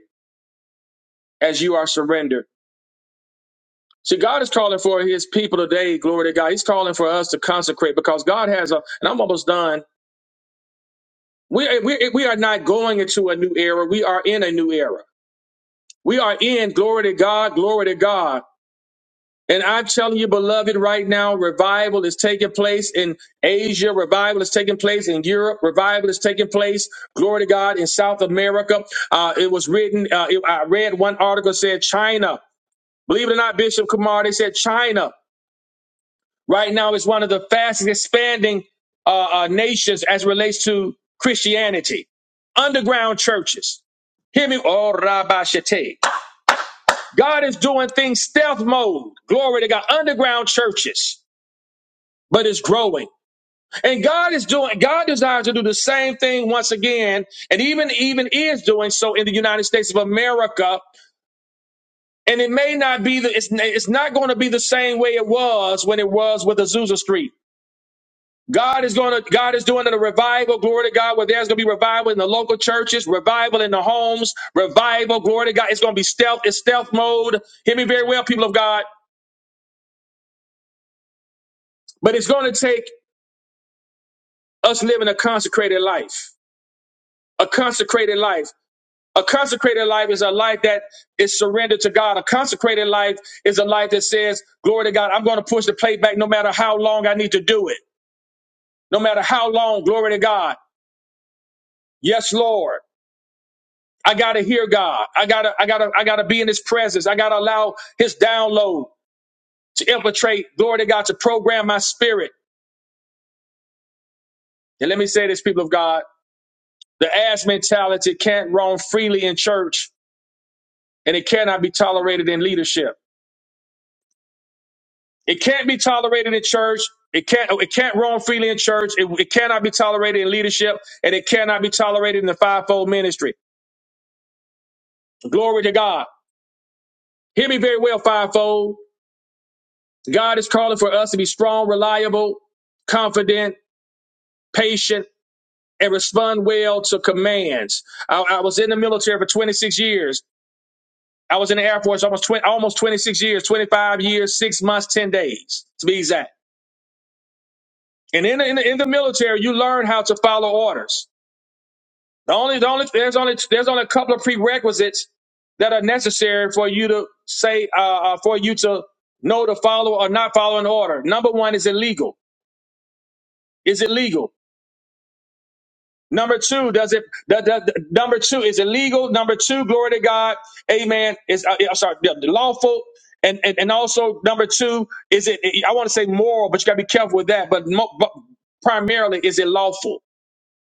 Speaker 1: as you are surrendered. See, God is calling for his people today. Glory to God. He's calling for us to consecrate because God has a, and I'm almost done. We, we, we are not going into a new era. We are in a new era. We are in glory to God, glory to God. And I'm telling you, beloved, right now, revival is taking place in Asia. Revival is taking place in Europe. Revival is taking place, glory to God, in South America. Uh, it was written, uh, it- I read one article said China. Believe it or not, Bishop Kumar, they said China right now is one of the fastest expanding uh, uh, nations as it relates to Christianity. Underground churches. Hear me, oh, Rabbi Shete. God is doing things stealth mode. Glory to God. Underground churches, but it's growing. And God is doing, God desires to do the same thing once again, and even, even is doing so in the United States of America. And it may not be the, it's, it's not going to be the same way it was when it was with Azusa Street. God is going to, God is doing a revival, glory to God, where there's going to be revival in the local churches, revival in the homes, revival, glory to God. It's going to be stealth, it's stealth mode. Hear me very well, people of God. But it's going to take us living a consecrated life. A consecrated life. A consecrated life is a life that is surrendered to God. A consecrated life is a life that says, Glory to God, I'm going to push the plate back no matter how long I need to do it. No matter how long, glory to God. Yes, Lord. I gotta hear God. I gotta, I gotta, I gotta be in his presence. I gotta allow his download to infiltrate, glory to God, to program my spirit. And let me say this, people of God, the ass mentality can't roam freely in church and it cannot be tolerated in leadership. It can't be tolerated in church. It can't. It can't roam freely in church. It, it cannot be tolerated in leadership, and it cannot be tolerated in the fivefold ministry. Glory to God. Hear me very well, fivefold. God is calling for us to be strong, reliable, confident, patient, and respond well to commands. I, I was in the military for 26 years. I was in the Air Force almost 20, almost 26 years, 25 years, six months, 10 days to be exact. And in, in, in the military, you learn how to follow orders. The only, the only, there's only, there's only a couple of prerequisites that are necessary for you to say, uh, uh, for you to know to follow or not follow an order. Number one, is it legal? Is it legal? Number two, does it, the, the, the- number two, is it legal? Number two, glory to God. Amen. Is, uh, yeah, I'm sorry, the- the lawful. And, and, and also number two, is it, I want to say moral, but you gotta be careful with that. But, mo- but primarily, is it lawful?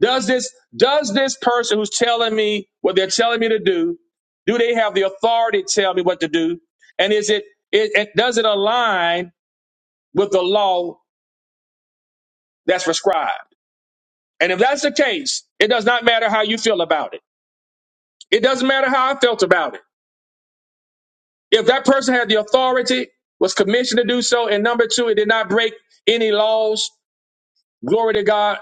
Speaker 1: Does this does this person who's telling me what they're telling me to do, do they have the authority to tell me what to do? And is it, it, it does it align with the law that's prescribed? And if that's the case, it does not matter how you feel about it. It doesn't matter how I felt about it. If that person had the authority, was commissioned to do so, and number two, it did not break any laws, glory to God,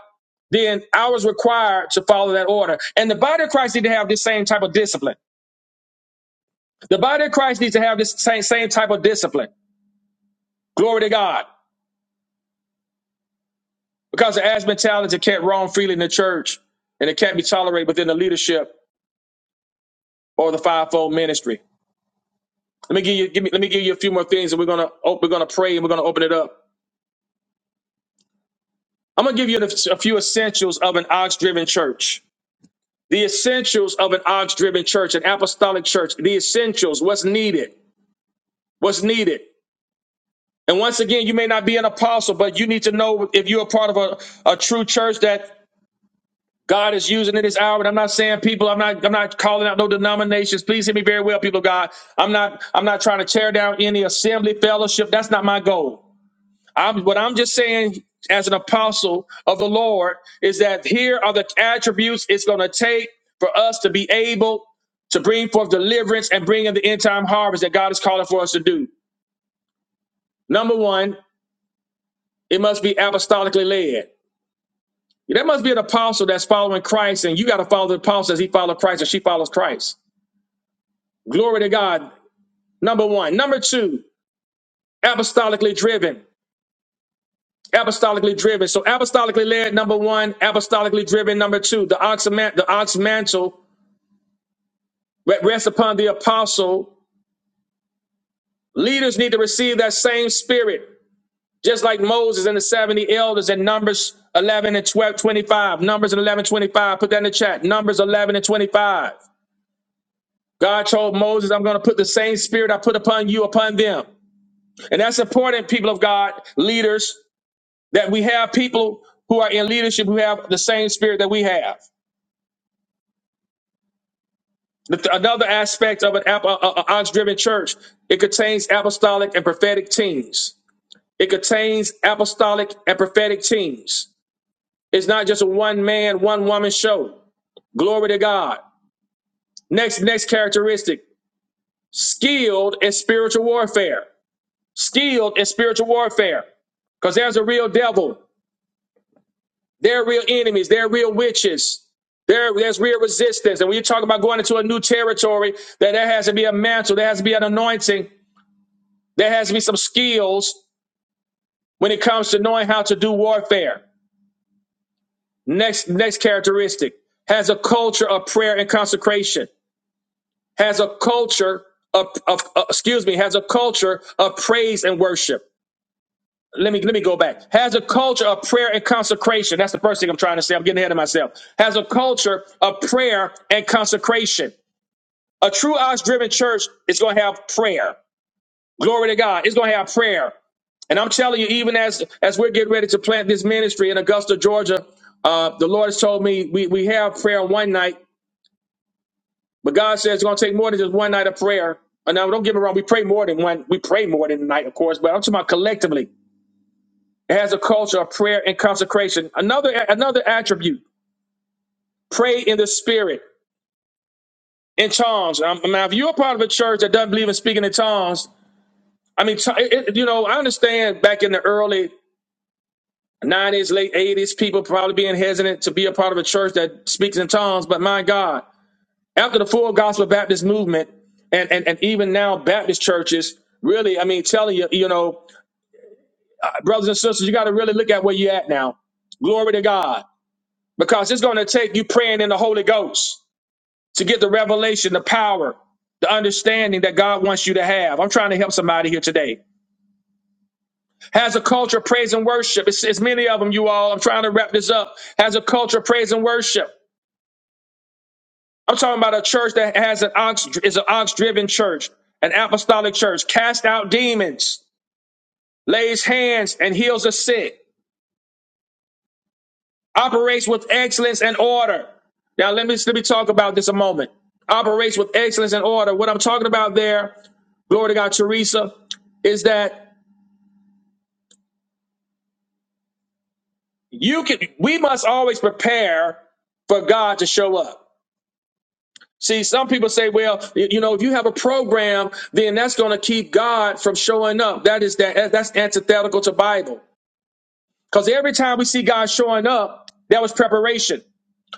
Speaker 1: then I was required to follow that order. And the body of Christ need to have this same type of discipline. The body of Christ needs to have this same, same type of discipline. Glory to God. Because it has been challenged, it can't roam freely in the church and it can't be tolerated within the leadership or the fivefold ministry. Let me give you, give me, let me give you a few more things and we're going to, we're going to pray and we're going to open it up. I'm going to give you a few essentials of an ox driven church. The essentials of an ox driven church, an apostolic church, the essentials, what's needed, what's needed. And once again, you may not be an apostle, but you need to know if you're a part of a, a true church that God is using it this hour, and I'm not saying people. I'm not. I'm not calling out no denominations. Please hear me very well, people of God. I'm not. I'm not trying to tear down any assembly fellowship. That's not my goal. I'm. What I'm just saying, as an apostle of the Lord, is that here are the attributes it's going to take for us to be able to bring forth deliverance and bring in the end time harvest that God is calling for us to do. Number one, it must be apostolically led. There must be an apostle that's following Christ, and you got to follow the apostle as he follows Christ and she follows Christ. Glory to God. Number one. Number two, apostolically driven. Apostolically driven. So apostolically led, number one, apostolically driven, number two. The ox, man- the ox mantle re- rests upon the apostle. Leaders need to receive that same spirit, just like Moses and the 70 elders in Numbers 11 and 12, 25. Numbers 11 25. Put that in the chat. Numbers 11 and 25. God told Moses, I'm going to put the same spirit I put upon you upon them. And that's important, people of God, leaders. that we have people who are in leadership who have the same spirit that we have. The- Another aspect of an ox driven church, it contains apostolic and prophetic teams. It contains apostolic and prophetic teams. It's not just a one man, one woman show. Glory to God. Next, next characteristic, skilled in spiritual warfare. Skilled in spiritual warfare. Because there's a real devil. They're real enemies. They're real witches. There, there's real resistance. And when you talk about going into a new territory, that there has to be a mantle, there has to be an anointing, there has to be some skills when it comes to knowing how to do warfare. Next, next characteristic has a culture of prayer and consecration, has a culture of, of uh, excuse me, has a culture of praise and worship. let me let me go back. Has a culture of prayer and consecration. That's the first thing I'm trying to say. I'm getting ahead of myself. Has a culture of prayer and consecration. A true ox driven church is going to have prayer. Glory to God. It's going to have prayer. And I'm telling you, even as as we're getting ready to plant this ministry in Augusta, Georgia, uh, the Lord has told me we we have prayer one night, but God says it's going to take more than just one night of prayer. And now, don't get me wrong, we pray more than one. We pray more than a night, of course, but I'm talking about collectively. It has a culture of prayer and consecration. Another another attribute: pray in the spirit in tongues. Um, now, if you're a part of a church that doesn't believe in speaking in tongues, I mean, t- it, it- you know, I understand back in the early '90s, late '80s, people probably being hesitant to be a part of a church that speaks in tongues. But my God, after the full gospel Baptist movement, and and, and even now Baptist churches, really, I mean, telling you, you know, brothers and sisters, you got to really look at where you're at now. Glory to God. because it's going to take you praying in the Holy Ghost to get the revelation, the power, the understanding that God wants you to have. I'm trying to help somebody here today. Has a culture of praise and worship. It's, it's many of them, you all. I'm trying to wrap this up. Has a culture of praise and worship. I'm talking about a church that has an ox is an ox driven church, an apostolic church, cast out demons, lays hands and heals the sick. operates with excellence and order. Now let me let me talk about this a moment. Operates with excellence and order. What I'm talking about there, glory to God, Teresa, is that you can we must always prepare for God to show up. See, some people say, well, y- you know, if you have a program, then that's going to keep God from showing up. That is that that's antithetical to Bible. Because every time we see God showing up, that was preparation.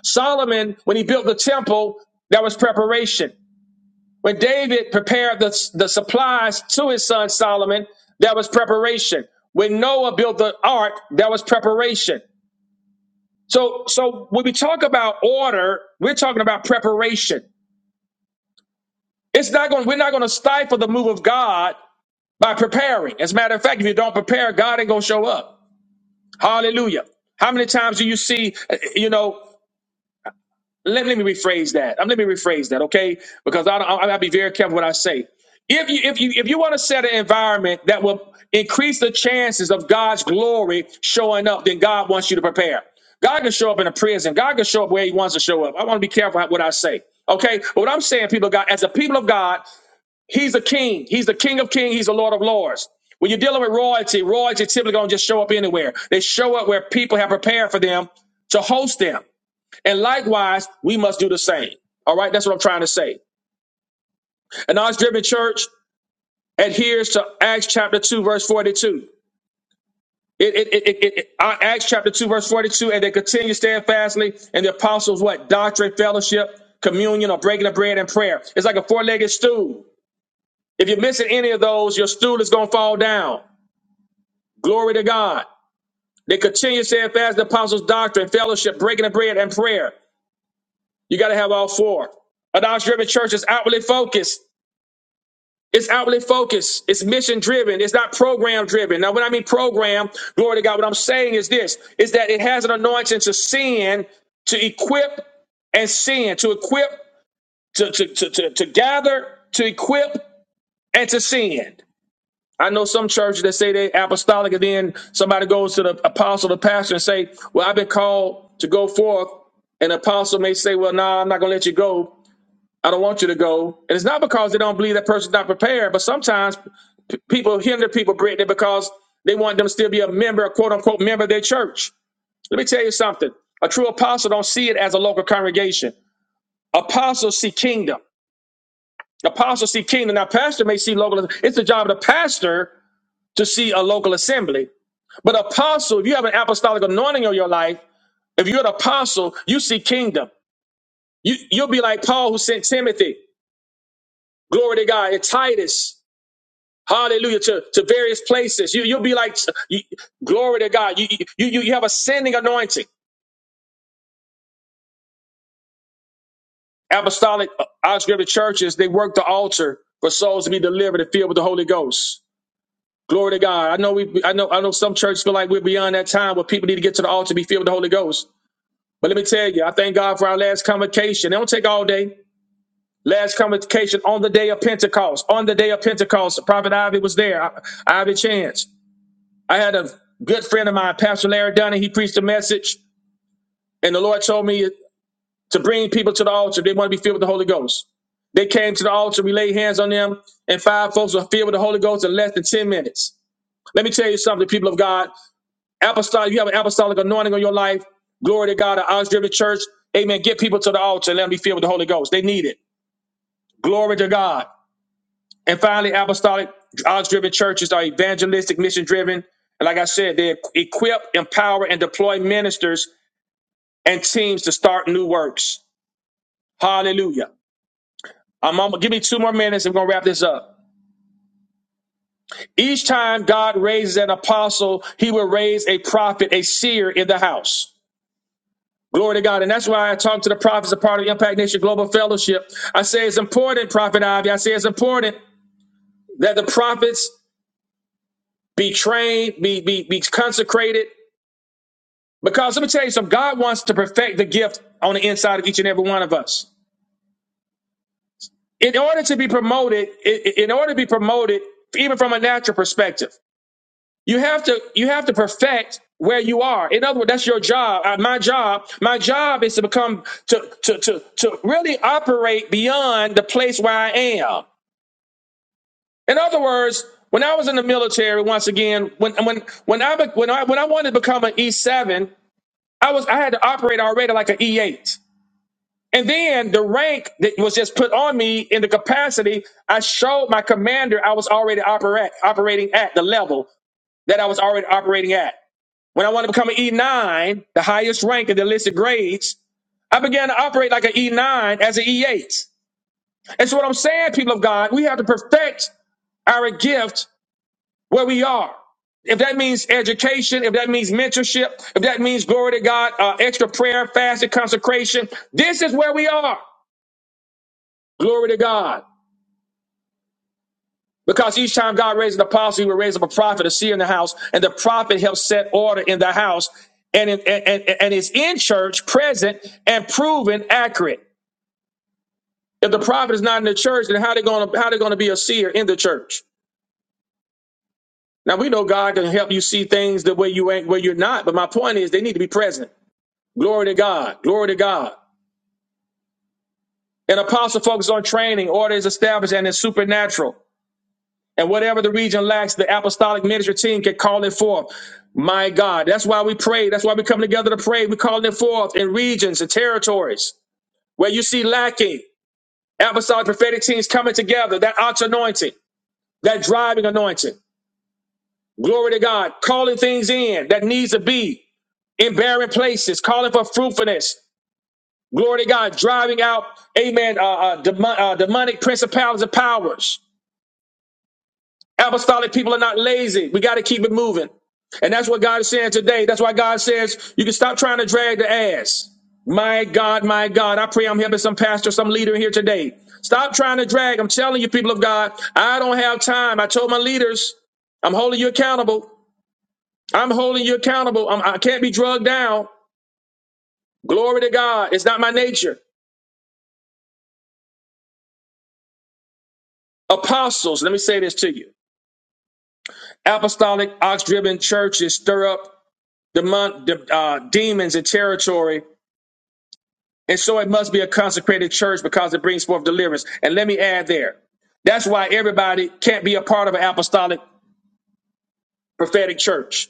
Speaker 1: Solomon, when he built the temple, that was preparation. When David prepared the, the supplies to his son Solomon, there was preparation. When Noah built the ark, there was preparation. So, so when we talk about order, we're talking about preparation. It's not going. We're not going to stifle the move of God by preparing. As a matter of fact, if you don't prepare, God ain't going to show up. Hallelujah. How many times do you see, uh, you know? let, let me rephrase that. Um, let me rephrase that, okay? Because I, I, I'll be very careful what I say. If you if you if you want to set an environment that will increase the chances of God's glory showing up, then God wants you to prepare. God can show up in a prison. God can show up where He wants to show up. I want to be careful what I say. Okay, but what I'm saying, people, of God, as a people of God, He's a King. He's the King of Kings. He's the Lord of Lords. When you're dealing with royalty, royalty typically don't just show up anywhere. They show up where people have prepared for them to host them. And likewise, we must do the same. All right, that's what I'm trying to say. An ox driven church adheres to Acts chapter 2, verse 42. It, it, it, it, it- uh, Acts chapter 2, verse 42, and they continue steadfastly in the apostles' what? Doctrine, fellowship, communion, or breaking of bread and prayer. It's like a four legged stool. If you're missing any of those, your stool is going to fall down. Glory to God. They continue steadfast in the apostles' doctrine, fellowship, breaking of bread, and prayer. You got to have all four. An ox driven church is outwardly focused It's outlet focused. It's mission driven. It's not program driven. Now, when I mean program, glory to God, what I'm saying is this is that it has an anointing to send, to equip and send, to equip, to, to, to, to, to gather, to equip, and to send. I know some churches that say they apostolic, and then somebody goes to the apostle, the pastor, and say, Well, I've been called to go forth. An apostle may say, Well, nah, I'm not gonna let you go I don't want you to go. And it's not because they don't believe that person's not prepared, but sometimes p- people hinder people, Brittany, because they want them to still be a member, a quote unquote member of their church. Let me tell you something. A true apostle don't see it as a local congregation. Apostles see kingdom. Apostles see kingdom. Now, pastor may see local. It's the job of the pastor to see a local assembly. But apostle, if you have an apostolic anointing on your life, if you're an apostle, you see kingdom. You, you'll be like Paul who sent Timothy, glory to God, and Titus. Hallelujah to, to various places. You, you'll be like, you- glory to God. You, you, you you have ascending anointing. Apostolic uh, unscripted churches, they work the altar for souls to be delivered and filled with the Holy Ghost. Glory to God. I know we, I know, I know some churches feel like we're beyond that time where people need to get to the altar to be filled with the Holy Ghost. But let me tell you, I thank God for our last convocation. It don't take all day. Last convocation on the day of Pentecost. On the day of Pentecost, Prophet Ivy was there. I- Ivy Chance. I had a good friend of mine, Pastor Larry Dunning. He preached a message, and the Lord told me to bring people to the altar. They want to be filled with the Holy Ghost. They came to the altar. We laid hands on them, and five folks were filled with the Holy Ghost in less than ten minutes. Let me tell you something, people of God. Apostolic, you have an apostolic anointing on your life. Glory to God. An honest driven church. Amen. Get people to the altar and let them be filled with the Holy Ghost. They need it. Glory to God. And finally, apostolic, odds driven churches are evangelistic, mission driven. And like I said, they equip, empower, and deploy ministers and teams to start new works. Hallelujah. I'm, i give me two more minutes. I'm going to wrap this up. Each time God raises an apostle, he will raise a prophet, a seer in the house. Glory to God. And that's why I talk to the prophets, a part of Impact Nation Global Fellowship. I say it's important, Prophet Ivy. I say it's important that the prophets be trained, be, be, be consecrated, Because let me tell you something, God wants to perfect the gift on the inside of each and every one of us. In order to be promoted, i- in order to be promoted, even from a natural perspective, you have to you have to perfect where you are. In other words, that's your job. Uh, my job, my job is to become to to to to really operate beyond the place where I am. In other words, when I was in the military, once again, when when when I be- when I when I wanted to become an E seven, I was I had to operate already like an E eight. And then the rank that was just put on me in the capacity, I showed my commander I was already operat- operating at the level that I was already operating at. When I wanted to become an E9, the highest rank in the listed grades, I began to operate like an E9 as an E8. And so what I'm saying, people of God, we have to perfect our gift where we are. If that means education, if that means mentorship, if that means glory to God, uh, extra prayer, fasting, consecration, this is where we are. Glory to God. Because each time God raised an apostle, he would raise up a prophet, a seer in the house, and the prophet helps set order in the house and, in, and, and, and is in church, present, and proven accurate. If the prophet is not in the church, then how they gonna how they gonna be a seer in the church? Now we know God can help you see things the way you ain't where you're not, but my point is they need to be present. Glory to God, glory to God. An apostle focuses on training, order is established, and it's supernatural. And whatever the region lacks, the apostolic ministry team can call it forth. My God, that's why we pray. That's why we come together to pray. We call it forth in regions and territories where you see lacking. Apostolic prophetic teams coming together, that ox anointing, that driving anointing. Glory to God, calling things in that needs to be in barren places, calling for fruitfulness. Glory to God, driving out, amen, uh, uh, demon, uh, demonic principalities and powers. Apostolic people are not lazy. We got to keep it moving. And that's what God is saying today. That's why God says you can stop trying to drag the ass. My God, my God. I pray I'm helping some pastor, some leader here today. Stop trying to drag. I'm telling you, people of God, I don't have time. I told my leaders, I'm holding you accountable. I'm holding you accountable. I'm, I can't be drugged down. Glory to God. It's not my nature. Apostles, let me say this to you. Apostolic, ox driven churches stir up demon, de- uh, demons in territory And so it must be a consecrated church because it brings forth deliverance. And let me add there that's why everybody can't be a part of an apostolic prophetic church.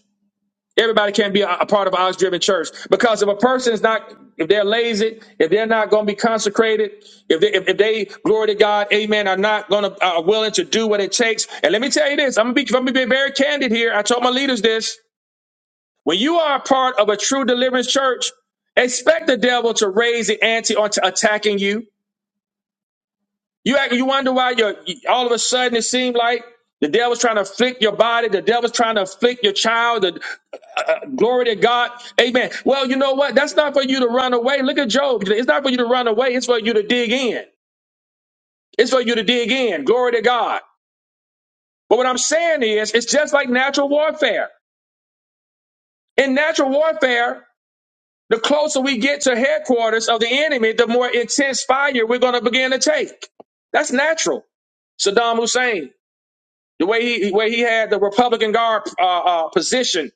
Speaker 1: Everybody can't be a, a part of an ox driven church because if a person is not, if they're lazy, if they're not going to be consecrated, if they, if, if they glory to God, amen, are not going to, are willing to do what it takes. And let me tell you this, I'm going to be, I'm going to be very candid here. I told my leaders this. When you are a part of a true deliverance church, expect the devil to raise the ante on to attacking you. You act, you wonder why you all of a sudden it seemed like the devil's trying to afflict your body, the devil's trying to afflict your child. The, uh, uh, glory to God, Amen. Well, you know what? That's not for you to run away. Look at Job. It's not for you to run away. It's for you to dig in. It's for you to dig in. Glory to God. But what I'm saying is, it's just like natural warfare. In natural warfare, the closer we get to headquarters of the enemy, the more intense fire we're going to begin to take. That's natural. Saddam Hussein. The way he way he had the Republican guard uh, uh, position,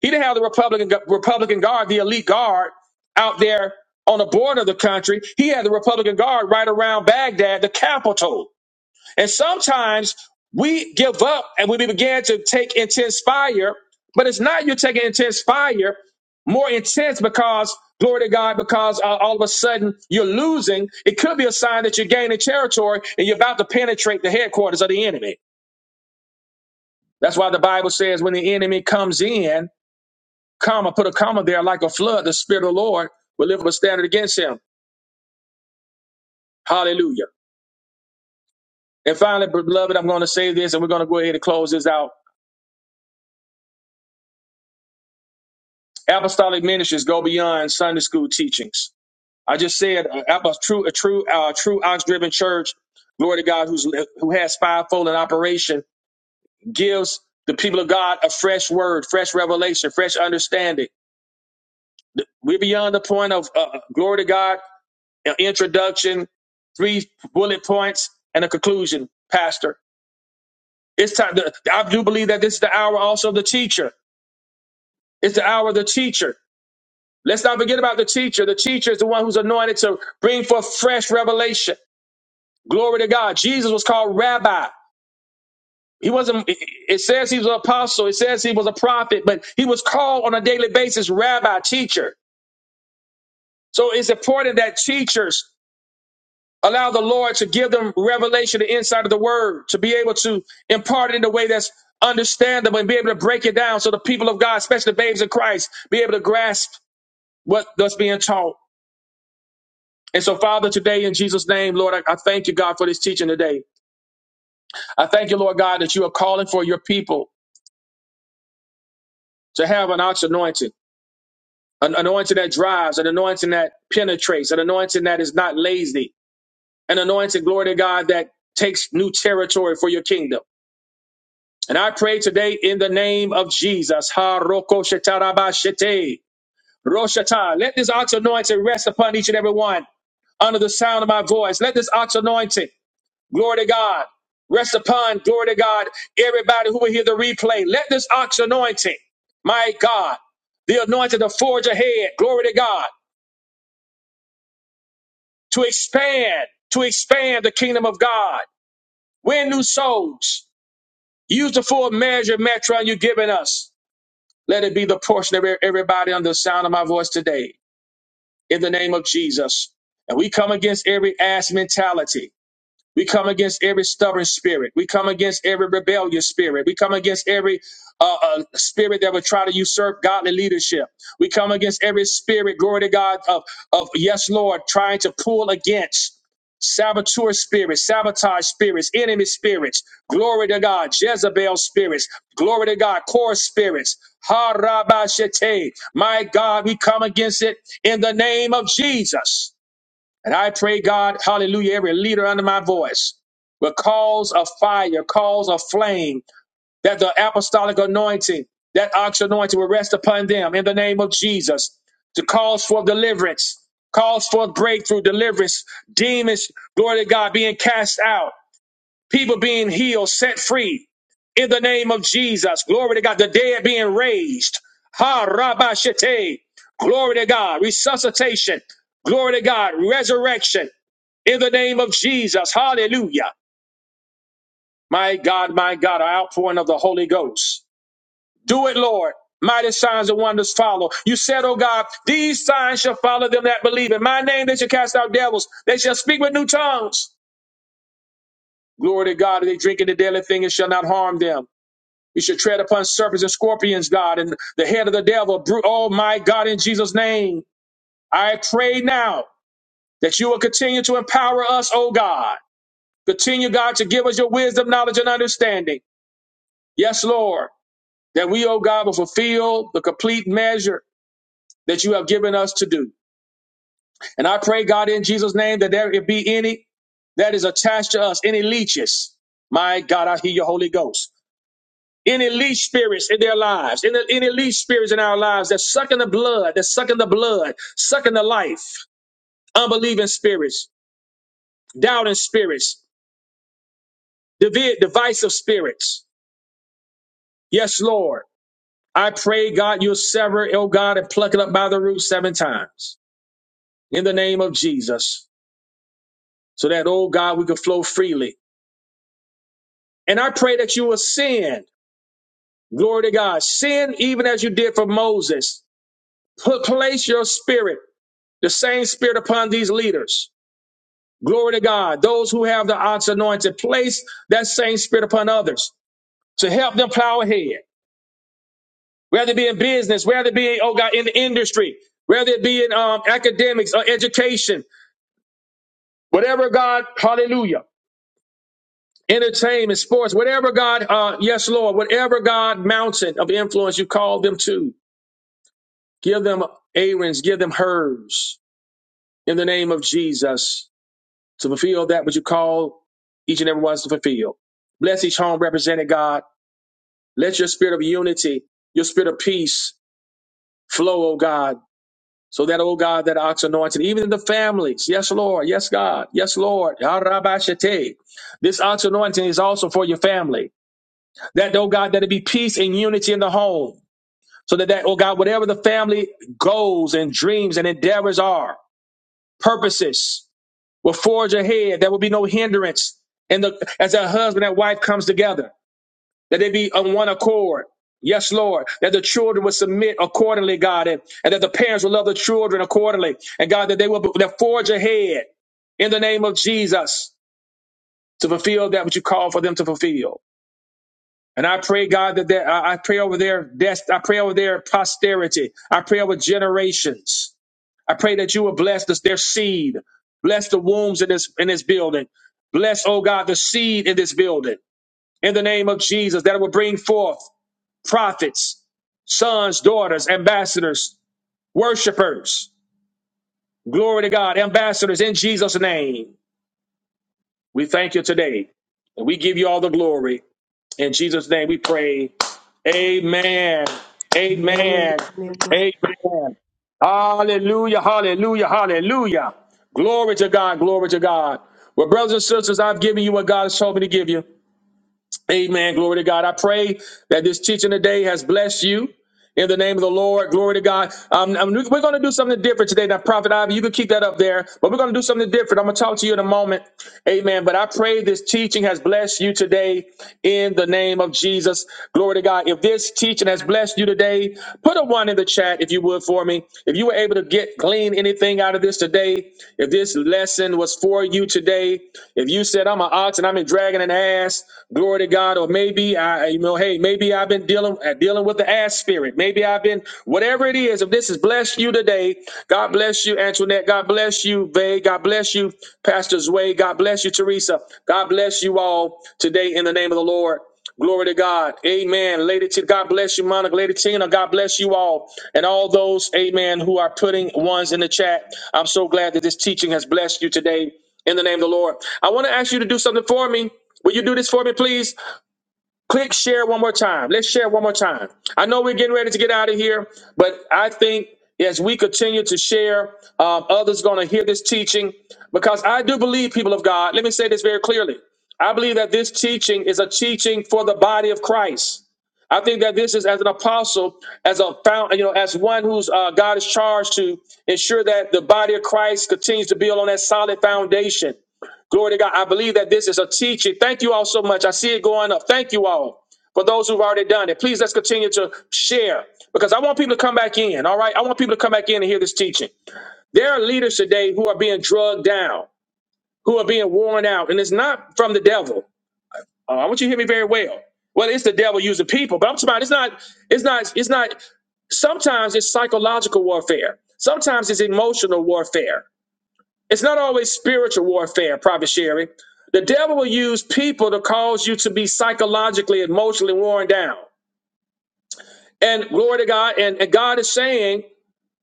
Speaker 1: he didn't have the Republican Republican guard, the elite guard, out there on the border of the country. He had the Republican guard right around Baghdad, the capital. And sometimes we give up and we begin to take intense fire, but it's not you taking intense fire more intense because glory to God, because uh, all of a sudden you're losing. It could be a sign that you're gaining territory and you're about to penetrate the headquarters of the enemy. That's why the Bible says when the enemy comes in, comma, put a comma there like a flood, the Spirit of the Lord will lift up a standard against him. Hallelujah. And finally, beloved, I'm going to say this and we're going to go ahead and close this out. Apostolic ministries go beyond Sunday school teachings. I just said uh, ap- a true, a true, uh, true ox driven church, glory to God, who's, who has fivefold in operation, gives the people of God a fresh word, fresh revelation, fresh understanding. We're beyond the point of uh, uh, glory to God an introduction, three bullet points, and a conclusion, Pastor. It's time. To, I do believe that this is the hour also of the teacher. It's the hour of the teacher. Let's not forget about the teacher. The teacher is the one who's anointed to bring forth fresh revelation. Glory to God. Jesus was called rabbi. He wasn't, it it says he was an apostle. It says he was a prophet, but he was called on a daily basis rabbi, teacher. So it's important that teachers Allow the Lord to give them revelation, the insight of the word, to be able to impart it in a way that's understandable and be able to break it down so the people of God, especially the babes in Christ, be able to grasp what that's being taught. And so, Father, today in Jesus' name, Lord, I, I thank you, God, for this teaching today. I thank you, Lord God, that you are calling for your people to have an ox anointing, an anointing that drives, an anointing that penetrates, an anointing that is not lazy, an anointing, glory to God, that takes new territory for your kingdom. And I pray today in the name of Jesus. Ha roko shetarabashete. Roshata. Let this ox anointing rest upon each and every one under the sound of my voice. Let this ox anointing, glory to God, rest upon, glory to God, everybody who will hear the replay. Let this ox anointing, my God, the anointing to forge ahead, glory to God, to expand, to expand the kingdom of God. Win new souls. Use the full measure, metron, you've given us. Let it be the portion of e- everybody under the sound of my voice today in the name of Jesus. And we come against every ass mentality we come against every stubborn spirit. We come against every rebellious spirit. We come against every uh, uh, spirit that would try to usurp godly leadership. We come against every spirit, glory to God, of, of yes, Lord, trying to pull against saboteur spirits, sabotage spirits, enemy spirits. Glory to God, Jezebel spirits. Glory to God, core spirits. Ha rabba shete. My God, we come against it in the name of Jesus. And I pray, God, hallelujah, every leader under my voice will cause a fire, cause a flame, that the apostolic anointing, that ox anointing will rest upon them in the name of Jesus to cause for deliverance, cause for breakthrough, deliverance, demons, glory to God, being cast out people being healed, set free in the name of Jesus. Glory to God. The dead being raised. Ha rabba shete. Glory to God. Resuscitation. Glory to God. Resurrection in the name of Jesus. Hallelujah. My God, my God, our outpouring of the Holy Ghost. Do it, Lord. Mighty signs and wonders follow. You said, oh God, these signs shall follow them that believe. In my name they shall cast out devils. They shall speak with new tongues. Glory to God. They drink in the deadly thing and shall not harm them. You should tread upon serpents and scorpions, God, and the head of the devil. Bru- Oh, my God, in Jesus' name, I pray now that you will continue to empower us, oh God. Continue, God, to give us your wisdom, knowledge, and understanding. Yes, Lord, that we, oh God, will fulfill the complete measure that you have given us to do. And I pray, God, in Jesus' name, that there be any that is attached to us, any leeches. My God, I hear your Holy Ghost Any least spirits in their lives, any, any least spirits in our lives that's sucking the blood, that's sucking the blood, sucking the life, unbelieving spirits, doubting spirits, divi- divisive spirits. Yes, Lord. I pray, God, you'll sever, oh God, and pluck it up by the root seven times in the name of Jesus, so that, oh God, we can flow freely. And I pray that you will send, glory to God, send even as you did for Moses. Put, place your spirit, the same spirit upon these leaders. Glory to God. Those who have the ox anointed, place that same spirit upon others to help them plow ahead. Whether it be in business, whether it be, oh God, in the industry, whether it be in um, academics or education, whatever God, hallelujah, entertainment, sports, whatever God, uh, yes, Lord, whatever God mountain of influence you call them to, give them Aaron's, give them hers in the name of Jesus to fulfill that which you call each and every one to fulfill. Bless each home represented, God. Let your spirit of unity, your spirit of peace flow, oh God, so that, oh God, that ox anointing, even in the families. Yes, Lord. Yes, God. Yes, Lord. Arabashate. This ox anointing is also for your family. That, oh God, that it be peace and unity in the home. So that, that, oh God, whatever the family goals and dreams and endeavors are, purposes will forge ahead. There will be no hindrance. And the, as a husband and wife comes together. that they be on one accord. Yes, Lord, that the children will submit accordingly, God, and, and that the parents will love the children accordingly. And God, that they will that forge ahead in the name of Jesus to fulfill that which you call for them to fulfill. And I pray, God, that that- I I pray over their death. I pray over their posterity. I pray over generations. I pray that you will bless this, their seed, bless the wombs in this in this building, bless, oh God, the seed in this building. In the name of Jesus, that it will bring forth prophets, sons, daughters, ambassadors, worshipers. Glory to God, ambassadors in Jesus' name. We thank you today. And we give you all the glory. In Jesus' name we pray. Amen.
Speaker 2: Amen.
Speaker 1: Amen. Amen. Hallelujah. Hallelujah. Hallelujah. Glory to God. Glory to God. Well, brothers and sisters, I've given you what God has told me to give you. Amen. Glory to God. I pray that this teaching today has blessed you. in the name of the Lord. Glory to God. Um, um, we're going to do something different today. Now, Prophet Ivy, you can keep that up there, but we're going to do something different. I'm going to talk to you in a moment. Amen. But I pray this teaching has blessed you today in the name of Jesus. Glory to God. If this teaching has blessed you today, put a one in the chat if you would for me. If you were able to get glean anything out of this today, if this lesson was for you today, if you said, I'm an ox and I'm a dragging an ass, glory to God, or maybe I, you know, hey, maybe I. I've been dealing uh, dealing with the ass spirit. Maybe I've been whatever it is. If this has blessed you today, God bless you, Antoinette. God bless you, Vay. God bless you, Pastor Zway. God bless you, Teresa. God bless you all today in the name of the Lord. Glory to God. Amen. Lady T, God bless you, Monica. Lady Tina, God bless you all. And all those, amen, who are putting ones in the chat. I'm so glad that this teaching has blessed you today in the name of the Lord. I want to ask you to do something for me. Will you do this for me, please? Click share one more time. Let's share one more time. I know we're getting ready to get out of here, but I think as we continue to share, um, others going to hear this teaching because I do believe, people of God, let me say this very clearly. I believe that this teaching is a teaching for the body of Christ. I think that this is as an apostle, as a found, you know, as one who's uh, God is charged to ensure that the body of Christ continues to build on that solid foundation. Glory to God. I believe that this is a teaching. Thank you all so much. I see it going up. Thank you all. For those who've already done it, please let's continue to share because I want people to come back in. All right. I want people to come back in and hear this teaching. There are leaders today who are being drugged down, who are being worn out, and it's not from the devil. Uh, I want you to hear me very well. Well, it's the devil using people, but I'm talking about it's not, it's not, it's not. Sometimes it's psychological warfare. Sometimes it's emotional warfare. It's not always spiritual warfare, Prophet Sherry. The devil will use people to cause you to be psychologically, emotionally worn down. And glory to God. And, and God is saying,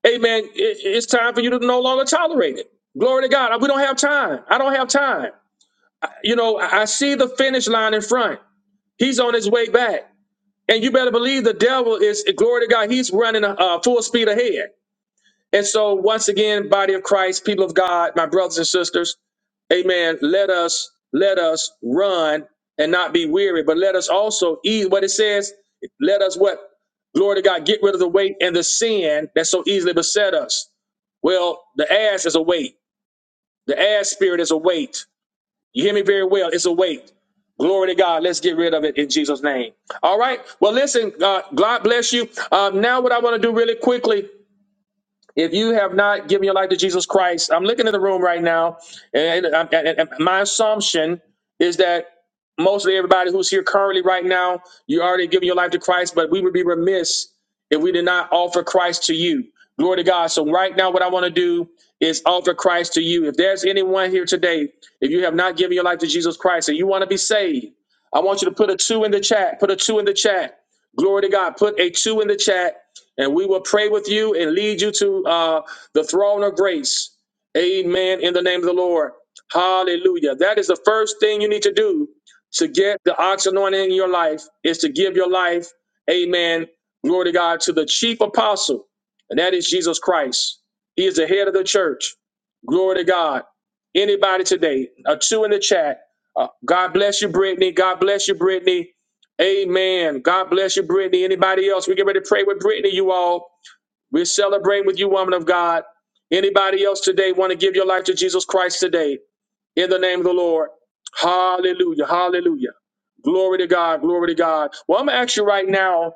Speaker 1: Amen, it- it's time for you to no longer tolerate it. Glory to God. We don't have time. I don't have time. You know, I I see the finish line in front. He's on his way back. And you better believe the devil is, glory to God, he's running uh, full speed ahead. And so, once again, body of Christ, people of God, my brothers and sisters, amen. Let us, let us run and not be weary, but let us also eat what it says. Let us what? Glory to God, get rid of the weight and the sin that so easily beset us. Well, the ass is a weight. The ass spirit is a weight. You hear me very well. It's a weight. Glory to God. Let's get rid of it in Jesus' name. All right. Well, listen, uh, God bless you. Um, now, what I want to do really quickly if you have not given your life to Jesus Christ, I'm looking in the room right now, and, and- and- and my assumption is that mostly everybody who's here currently right now, you already given your life to Christ, but we would be remiss if we did not offer Christ to you. Glory to God. So right now, what I want to do is offer Christ to you. If there's anyone here today, if you have not given your life to Jesus Christ and you want to be saved, I want you to put a two in the chat. Put a two in the chat. Glory to God. Put a two in the chat and we will pray with you and lead you to uh, the throne of grace. Amen. In the name of the Lord. Hallelujah. That is the first thing you need to do to get the ox anointing in your life is to give your life, amen, glory to God, to the chief apostle, and that is Jesus Christ. He is the head of the church. Glory to God. Anybody today, a two in the chat. Uh, God bless you, Brittany. God bless you, Brittany. Amen. God bless you, Brittany. Anybody else? We get ready to pray with Brittany, you all. We're celebrating with you, woman of God. Anybody else today want to give your life to Jesus Christ today? In the name of the Lord. Hallelujah. Hallelujah. Glory to God. Glory to God. Well, I'm going to ask you right now,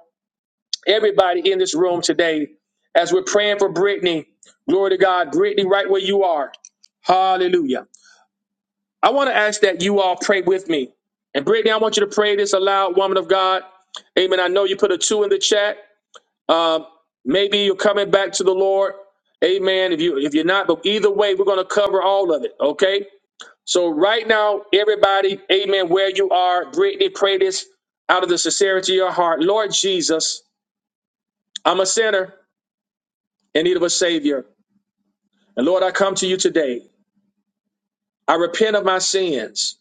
Speaker 1: everybody in this room today, as we're praying for Brittany, glory to God, Brittany, right where you are. Hallelujah. I want to ask that you all pray with me. And Brittany, I want you to pray this aloud, woman of God. Amen. I know you put a two in the chat. Um, maybe you're coming back to the Lord. Amen. If you if you're not, but either way, we're gonna cover all of it. Okay. So right now, everybody, amen, where you are, Brittany, pray this out of the sincerity of your heart. Lord Jesus, I'm a sinner in need of a savior. And Lord, I come to you today. I repent of my sins.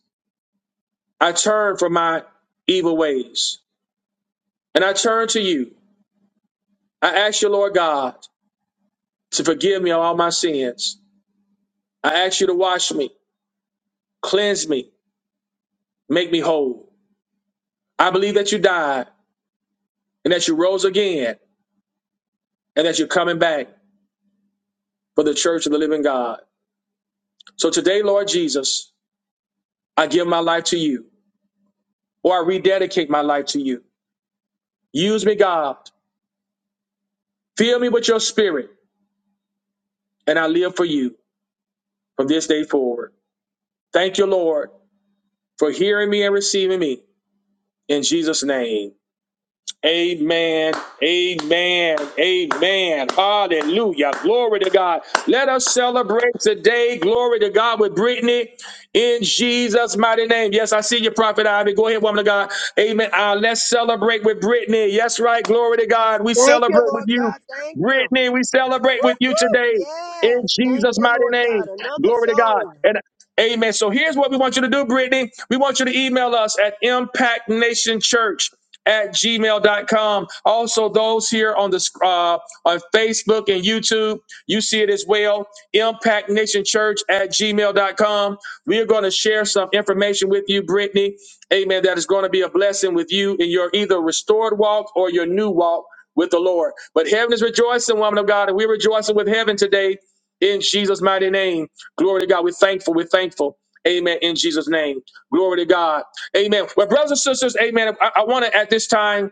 Speaker 1: I turn from my evil ways. And I turn to you. I ask you, Lord God, to forgive me of all my sins. I ask you to wash me, cleanse me, make me whole. I believe that you died and that you rose again and that you're coming back for the church of the living God. So today, Lord Jesus, I give my life to you or I rededicate my life to you. Use me, God. Fill me with your spirit and I live for you from this day forward. Thank you, Lord, for hearing me and receiving me in Jesus' name. Amen. Amen. Amen. Hallelujah. Glory to God. Let us celebrate today. Glory to God with Brittany in Jesus' mighty name. Yes, I see you, Prophet Ivy. Go ahead, woman of God. Amen. Uh, let's celebrate with Brittany. Yes, right. Glory to God. We
Speaker 2: Thank you,
Speaker 1: celebrate with
Speaker 2: Lord
Speaker 1: you.
Speaker 2: God. Thank you.
Speaker 1: Brittany, we celebrate with
Speaker 2: Woo,
Speaker 1: you
Speaker 2: woo.
Speaker 1: today in
Speaker 2: Yes. Thank
Speaker 1: Jesus'
Speaker 2: you,
Speaker 1: mighty
Speaker 2: Lord
Speaker 1: name.
Speaker 2: God. Another
Speaker 1: Glory to God.
Speaker 2: soul.
Speaker 1: And Amen. So here's what we want you to do, Brittany. We want you to email us at Impact Nation Church at gmail dot com. Also, those here on the uh, on Facebook and YouTube, you see it as well. Impact Nation Church at gmail dot com. We are going to share some information with you, Brittany. Amen. That is going to be a blessing with you in your either restored walk or your new walk with the Lord. But heaven is rejoicing, woman of God, and we're rejoicing with heaven today in Jesus' mighty name. Glory to God. We're thankful. We're thankful. Amen. In Jesus' name. Glory to God. Amen. Well, brothers and sisters, amen. I, I want to at this time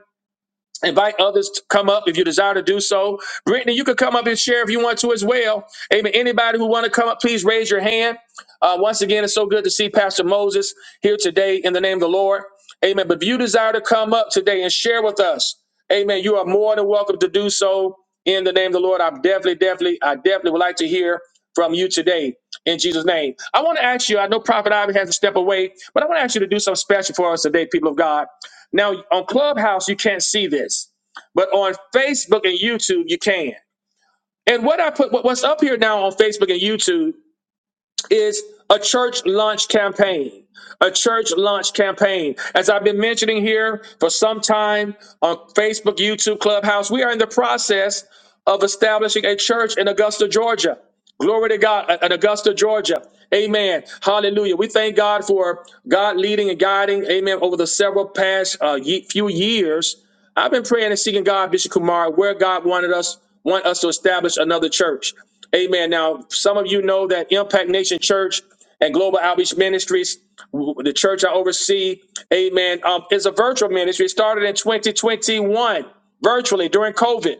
Speaker 1: Invite others to come up if you desire to do so. Brittany, you can come up and share if you want to as well. Amen. Anybody who want to come up, please raise your hand. Uh, once again, it's so good to see Pastor Moses here today in the name of the Lord. Amen. But if you desire to come up today and share with us, Amen, you are more than welcome to do so in the name of the Lord. I definitely, definitely, I definitely would like to hear from you today in Jesus' name. I want to ask you. I know Prophet Ivy has to step away, but I want to ask you to do something special for us today, people of God. Now, on Clubhouse, you can't see this, but on Facebook and YouTube, you can. And what I put, what- what's up here now on Facebook and YouTube is a church launch campaign. A church launch campaign. As I've been mentioning here for some time on Facebook, YouTube, Clubhouse, we are in the process of establishing a church in Augusta, Georgia. Glory to God uh, in Augusta, Georgia. Amen. Hallelujah. We thank God for God leading and guiding, amen, over the several past uh, ye- few years I've been praying and seeking God, Bishop Kumar, where God wanted us want us to establish another church. Amen. Now, some of you know that Impact Nation Church and Global Outreach Ministries, w- the church I oversee, Amen, um, is a virtual ministry. It started in 2021 virtually during COVID,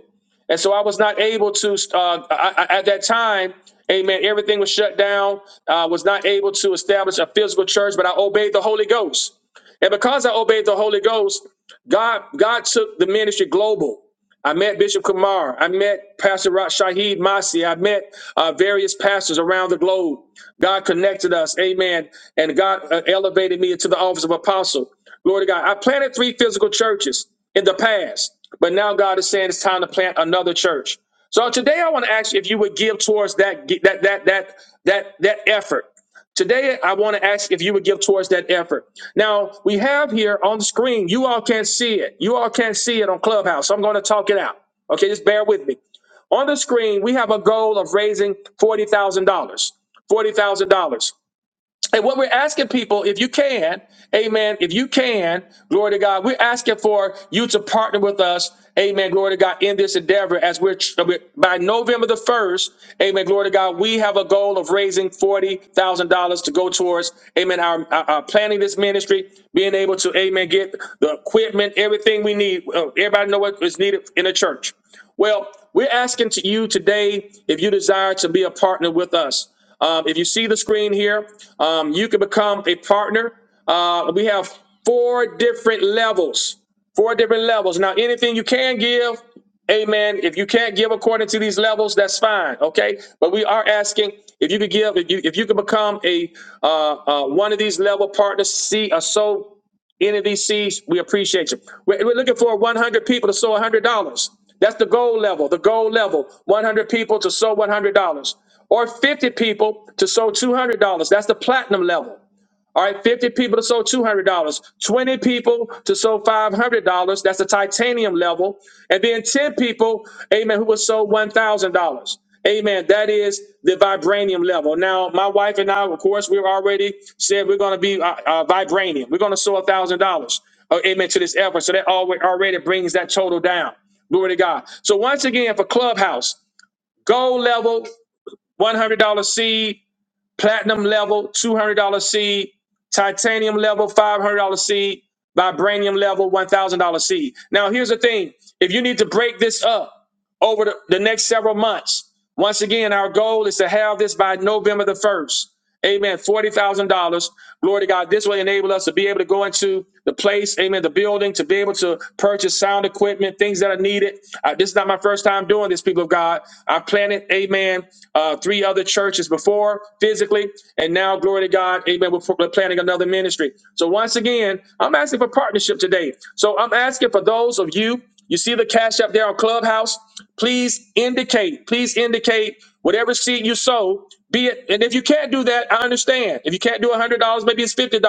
Speaker 1: and so I was not able to. Uh, I, I, at that time, Amen. Everything was shut down. I was not able to establish a physical church, but I obeyed the Holy Ghost. And because I obeyed the Holy Ghost, God, God took the ministry global. I met Bishop Kumar. I met Pastor Ra- Shahid Masi. I met uh, various pastors around the globe. God connected us. Amen. And God uh, elevated me into the office of apostle. Glory to God. I planted three physical churches in the past, but now God is saying it's time to plant another church. So today I want to ask you if you would give towards that that that that that that effort. Today, I want to ask if you would give towards that effort. Now, we have here on the screen, you all can't see it. You all can't see it on Clubhouse. So I'm going to talk it out. Okay, just bear with me. On the screen, we have a goal of raising $40,000. $40,000. And what we're asking people, if you can, amen, if you can, glory to God, we're asking for you to partner with us, amen, glory to God, in this endeavor as we're, by November the 1st, amen, glory to God, we have a goal of raising $40,000 to go towards, amen, our, our, our planning this ministry, being able to, amen, get the equipment, everything we need. Uh, Everybody know what is needed in a church. Well, we're asking to you today if you desire to be a partner with us. Um, if you see the screen here, um, you can become a partner. Uh, we have four different levels, four different levels. Now, anything you can give, amen. If you can't give according to these levels, that's fine, okay? But we are asking if you could give, if you if you could become a uh, uh, one of these level partners, see a soul any of these seeds, we appreciate you. We're, we're looking for 100 people to sow $100. That's the goal level, the goal level 100 people to sow $100, or 50 people to sow $200. That's the platinum level. All right, 50 people to sow $200, 20 people to sow $500. That's the titanium level. And then 10 people, amen, who will sow $1,000. Amen. That is the vibranium level. Now, my wife and I, of course, we've already said we're going to be uh, uh, vibranium. We're going to sow $1,000. uh, Amen to this effort. So that alwa- already brings that total down. Glory to God. So once again, for Clubhouse, gold level, $100 seed, platinum level $200 seed, titanium level $500 seed, vibranium level $1,000 seed. Now, here's the thing if you need to break this up over the, the next several months, once again, our goal is to have this by November the 1st. Amen. Forty thousand dollars. Glory to God. This will enable us to be able to go into the place. Amen. The building to be able to purchase sound equipment, things that are needed. Uh, this is not my first time doing this, people of God. I planted, Amen, uh, three other churches before physically, and now, glory to God, Amen. We're, we're planning another ministry. So once again, I'm asking for partnership today. So I'm asking for those of you. You see the cash up there on Clubhouse? Please indicate, please indicate whatever seed you sow, be it. And if you can't do that, I understand. If you can't do $100, maybe it's $50.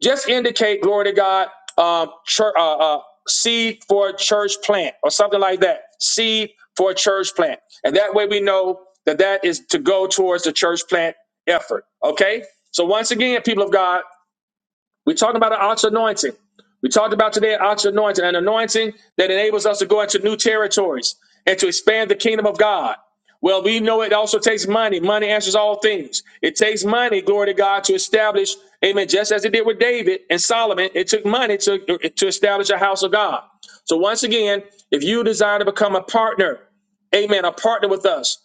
Speaker 1: Just indicate, glory to God, um, church, uh, uh, seed for a church plant or something like that. Seed for a church plant. And that way we know that that is to go towards the church plant effort. Okay? So once again, people of God, we're talking about an ox anointing. We talked about today an ox anointing, an anointing that enables us to go into new territories and to expand the kingdom of God. Well, we know it also takes money. Money answers all things. It takes money, glory to God, to establish, amen, just as it did with David and Solomon, it took money to, to establish a house of God. So, once again, if you desire to become a partner, amen, a partner with us,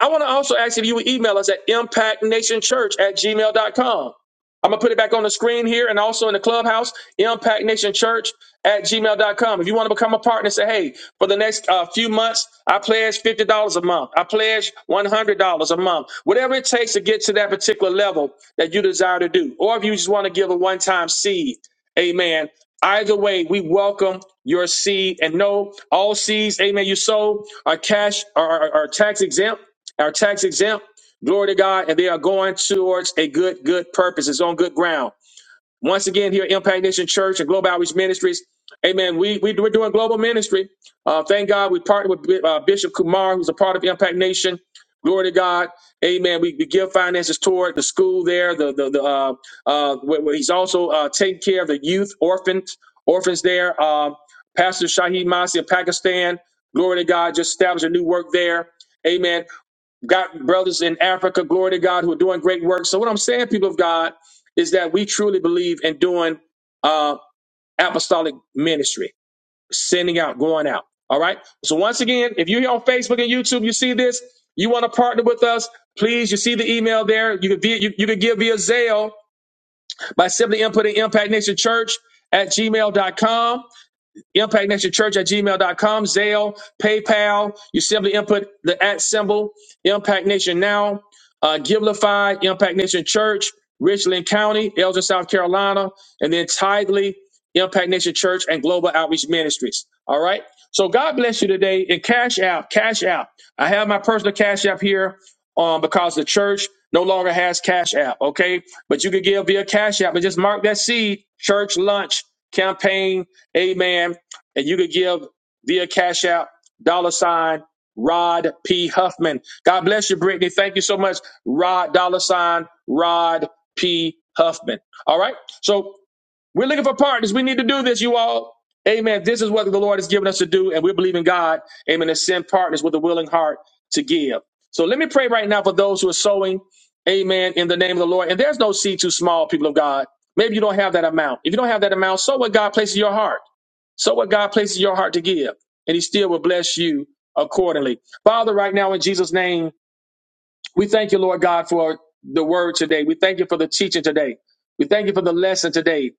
Speaker 1: I want to also ask if you would email us at impactnationchurch at gmail dot com. I'm gonna put it back on the screen here and also in the clubhouse, Impact Nation Church at gmail.com. If you want to become a partner, say, hey, for the next uh, few months, I pledge $50 a month. I pledge $100 a month. Whatever it takes to get to that particular level that you desire to do. Or if you just want to give a one time seed, amen. Either way, we welcome your seed and no, all seeds, amen, you sold are cash, are, are are tax exempt, are tax exempt. Glory to God. And they are going towards a good, good purpose. It's on good ground. Once again, here at Impact Nation Church and Global Outreach Ministries. Amen. We, we, we're doing global ministry. Uh, thank God we partnered with Bi- uh, Bishop Kumar, who's a part of Impact Nation. Glory to God. Amen. We, we give finances toward the school there. The, the, the, uh, uh, where, where he's also uh, taking care of the youth orphans, orphans there. Um, Pastor Shaheed Masi of Pakistan. Glory to God. Just established a new work there. Amen. Got brothers in Africa, glory to God, who are doing great work. So what I'm saying, people of God, is that we truly believe in doing uh, apostolic ministry, sending out, going out. All right. So once again, if you're here on Facebook and YouTube, you see this, you want to partner with us, please. You see the email there. You can via, you, you can give via Zelle by simply inputting Impact Nation Church at Gmail dot com. Impact Nation Church at gmail dot com, Zelle, PayPal. You simply input the at symbol, Impact Nation Now, uh, Givelify, Impact Nation Church, Richland County, Elgin, South Carolina, and then Tidely, Impact Nation Church, and Global Outreach Ministries. All right. So God bless you today. And cash out, cash out. I have my personal cash app here um, because the church no longer has cash app. Okay. But you can give via cash app and just mark that seed, church lunch campaign. Amen and you could give via Cash App, dollar sign, Rod P. Huffman. God bless you, Brittany. Thank you so much. Rod, dollar sign, Rod P. Huffman. All right. So we're looking for partners. We need to do this, you all. Amen. This is what the Lord has given us to do, and we believe in God. Amen. To send partners with a willing heart to give. So let me pray right now for those who are sowing. Amen. In the name of the Lord. And there's no seed too small, people of God. Maybe you don't have that amount. If you don't have that amount, sow what God places in your heart. So what God places in your heart to give, and He still will bless you accordingly. Father, right now in Jesus' name, we thank you, Lord God, for the word today. We thank you for the teaching today. We thank you for the lesson today.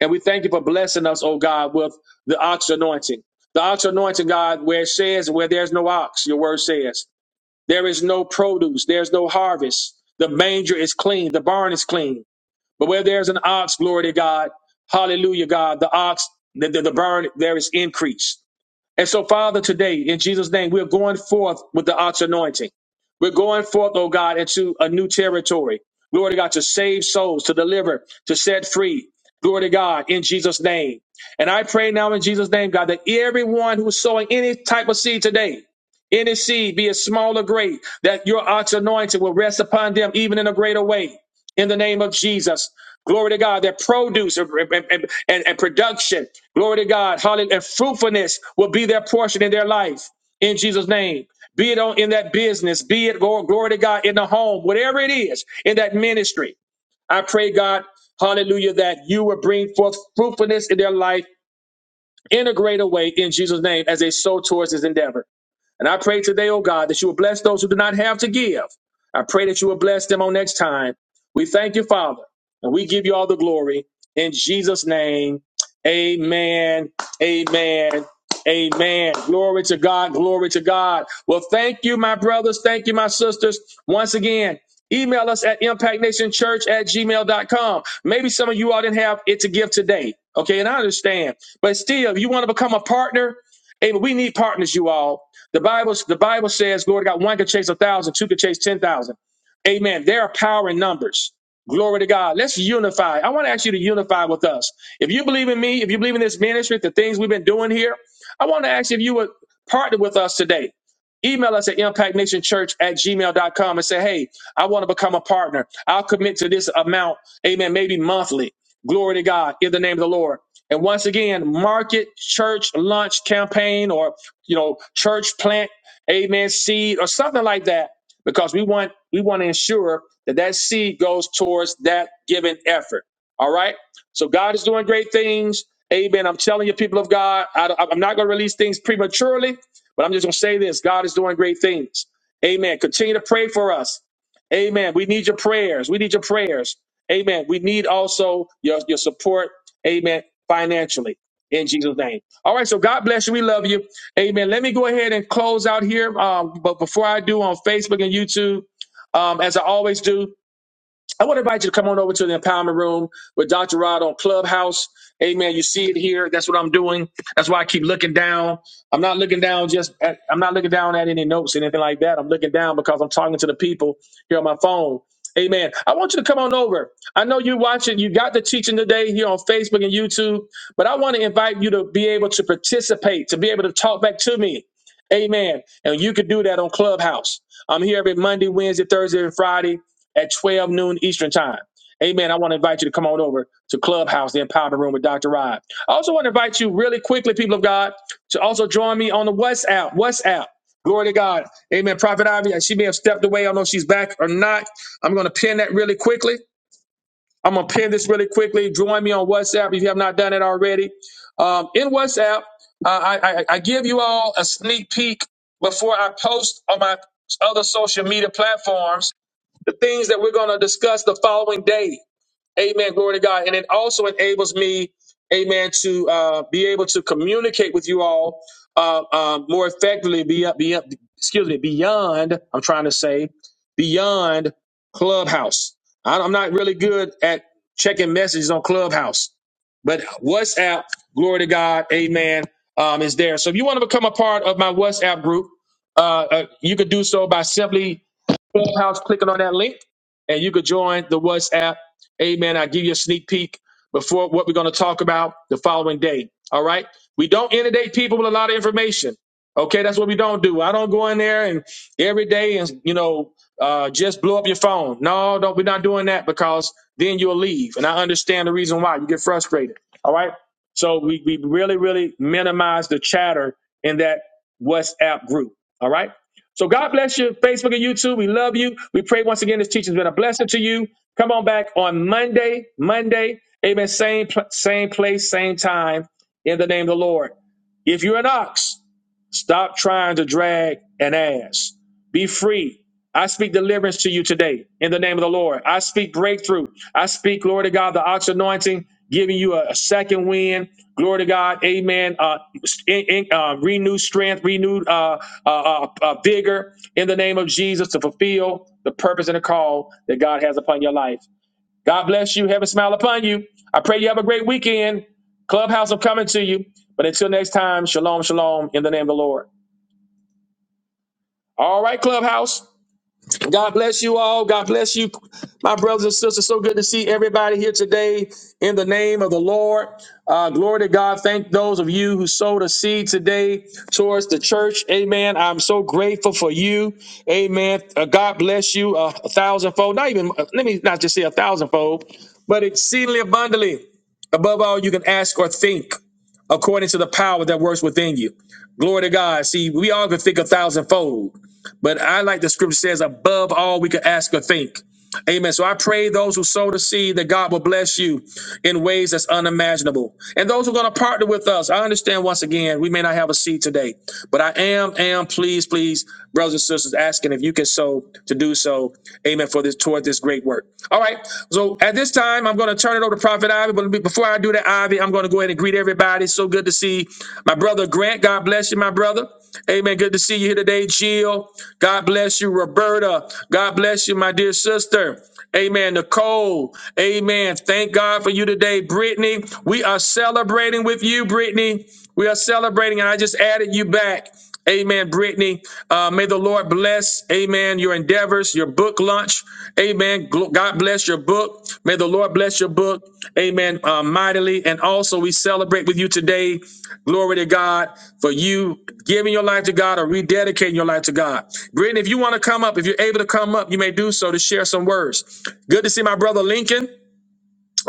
Speaker 1: And we thank you for blessing us, oh God, with the ox anointing. The ox anointing, God, where it says, where there's no ox, your word says, there is no produce, there's no harvest. The manger is clean, the barn is clean. But where there's an ox, glory to God, hallelujah, God, the ox, the, the, the barn, there is increase. And so, Father, today, in Jesus' name, we're going forth with the ox anointing. We're going forth, oh God, into a new territory. Glory to God, to save souls, to deliver, to set free. Glory to God, in Jesus' name. And I pray now in Jesus' name, God, that everyone who's sowing any type of seed today, any seed, be it small or great, that your ox anointing will rest upon them even in a greater way. In the name of Jesus. Glory to God, that produce and, and, and- and production, glory to God, hallelujah, and fruitfulness will be their portion in their life in Jesus' name. Be it on in that business, be it glory, glory to God in the home, whatever it is, in that ministry. I pray, God, hallelujah, that you will bring forth fruitfulness in their life in a greater way in Jesus' name as they sow towards this endeavor. And I pray today, oh God, that you will bless those who do not have to give. I pray that you will bless them on next time. We thank you, Father, and we give you all the glory. In Jesus' name, amen, amen, amen. Glory to God, glory to God. Well, thank you, my brothers. Thank you, my sisters. Once again, email us at impactnationchurch at gmail dot com. Maybe some of you all didn't have it to give today. Okay, and I understand. But still, if you want to become a partner, Amen. We need partners, you all. The Bible, the Bible says, glory to God, one could chase a thousand, two could chase ten thousand. Amen. There are power in numbers. Glory to God. Let's unify. I want to ask you to unify with us. If you believe in me, if you believe in this ministry, the things we've been doing here, I want to ask you if you would partner with us today. Email us at impactnationchurch at gmail dot com and say, hey, I want to become a partner. I'll commit to this amount, amen, maybe monthly. Glory to God in the name of the Lord. And once again, market church launch campaign or you know, church plant, amen, seed or something like that, because we want we want to ensure that that seed goes towards that given effort. All right. So God is doing great things. Amen. I'm telling you, people of God, I, I'm not going to release things prematurely, but I'm just going to say this: God is doing great things. Amen. Continue to pray for us. Amen. We need your prayers. We need your prayers. Amen. We need also your, your support. Amen. Financially in Jesus' name. All right. So God bless you. We love you. Amen. Let me go ahead and close out here. Um, but before I do on Facebook and YouTube, um, as I always do, I want to invite you to come on over to the empowerment room with Dr. Rod on Clubhouse. Amen. You see it here. That's what I'm doing. That's why I keep looking down. I'm not looking down just at, I'm not looking down at any notes or anything like that. I'm looking down because I'm talking to the people here on my phone. Amen. I want you to come on over. I know you're watching, you got the teaching today here on Facebook and YouTube, but I want to invite you to be able to participate, to be able to talk back to me. Amen. And you can do that on Clubhouse. I'm here every Monday, Wednesday, Thursday, and Friday at 12 noon Eastern time. Amen. I want to invite you to come on over to Clubhouse, the Empowerment Room with Dr. Rod. I also want to invite you really quickly, people of God, to also join me on the WhatsApp. WhatsApp. Glory to God. Amen. Prophet Ivy, she may have stepped away. I don't know if she's back or not. I'm going to pin that really quickly. I'm going to pin this really quickly. Join me on WhatsApp if you have not done it already. Um, in WhatsApp, uh, I, I, I give you all a sneak peek before I post on my other social media platforms the things that we're going to discuss the following day. Amen. Glory to God. And it also enables me, amen, to uh, be able to communicate with you all uh, um, more effectively, be, be, excuse me, beyond, I'm trying to say, beyond Clubhouse. I- I'm not really good at checking messages on Clubhouse, but WhatsApp, glory to God, amen, um, is there. So if you want to become a part of my WhatsApp group, uh, uh, you could do so by simply Clubhouse clicking on that link, and you could join the WhatsApp. Amen. I give you a sneak peek before what we're going to talk about the following day. All right. We don't inundate people with a lot of information. Okay, that's what we don't do. I don't go in there and every day and you know uh, just blow up your phone. No, don't. We're not doing that because then you'll leave. And I understand the reason why you get frustrated. All right. So we we really really minimize the chatter in that WhatsApp group. All right. So God bless you, Facebook and YouTube. We love you. We pray once again this teaching has been a blessing to you. Come on back on Monday, Monday. Amen. Same, pl- same place, same time in the name of the Lord. If you're an ox, stop trying to drag an ass. Be free. I speak deliverance to you today in the name of the Lord. I speak breakthrough. I speak, glory to God, the ox anointing, giving you a, a second wind. Glory to God, Amen. Uh, in, in, uh, renewed strength, renewed uh, uh, uh, uh, vigor in the name of Jesus to fulfill the purpose and the call that God has upon your life. God bless you. Heaven smile upon you. I pray you have a great weekend. Clubhouse, I'm coming to you. But until next time, shalom, shalom, in the name of the Lord. All right, Clubhouse. God bless you all. God bless you, my brothers and sisters. So good to see everybody here today in the name of the Lord. Uh, glory to God. Thank those of you who sowed a seed today towards the church. Amen. I'm so grateful for you. Amen. Uh, God bless you uh, a thousandfold. Not even, uh, let me not just say a thousandfold, but exceedingly abundantly above all you can ask or think according to the power that works within you. Glory to God. See, we all can think a thousandfold. But I like the scripture says, above all we could ask or think. Amen. So I pray those who sow the seed that God will bless you in ways that's unimaginable. And those who are going to partner with us, I understand once again, we may not have a seed today, but I am, am, please, please, brothers and sisters, asking if you can sow to do so. Amen. For this, toward this great work. All right. So at this time, I'm going to turn it over to Prophet Ivy. But be- before I do that, Ivy, I'm going to go ahead and greet everybody. So good to see my brother Grant. God bless you, my brother. Amen. Good to see you here today, Jill. God bless you, Roberta. God bless you, my dear sister. Amen. Nicole. Amen. Thank God for you today, Brittany. We are celebrating with you, Brittany. We are celebrating, and I just added you back. Amen, Brittany. Uh, may the Lord bless, amen, your endeavor. Travers, your book launch. Amen. God bless your book. May the Lord bless your book. Amen. Uh, mightily. And also, we celebrate with you today. Glory to God for you giving your life to God or rededicating your life to God. Brittany, if you want to come up, if you're able to come up, you may do so to share some words. Good to see my brother Lincoln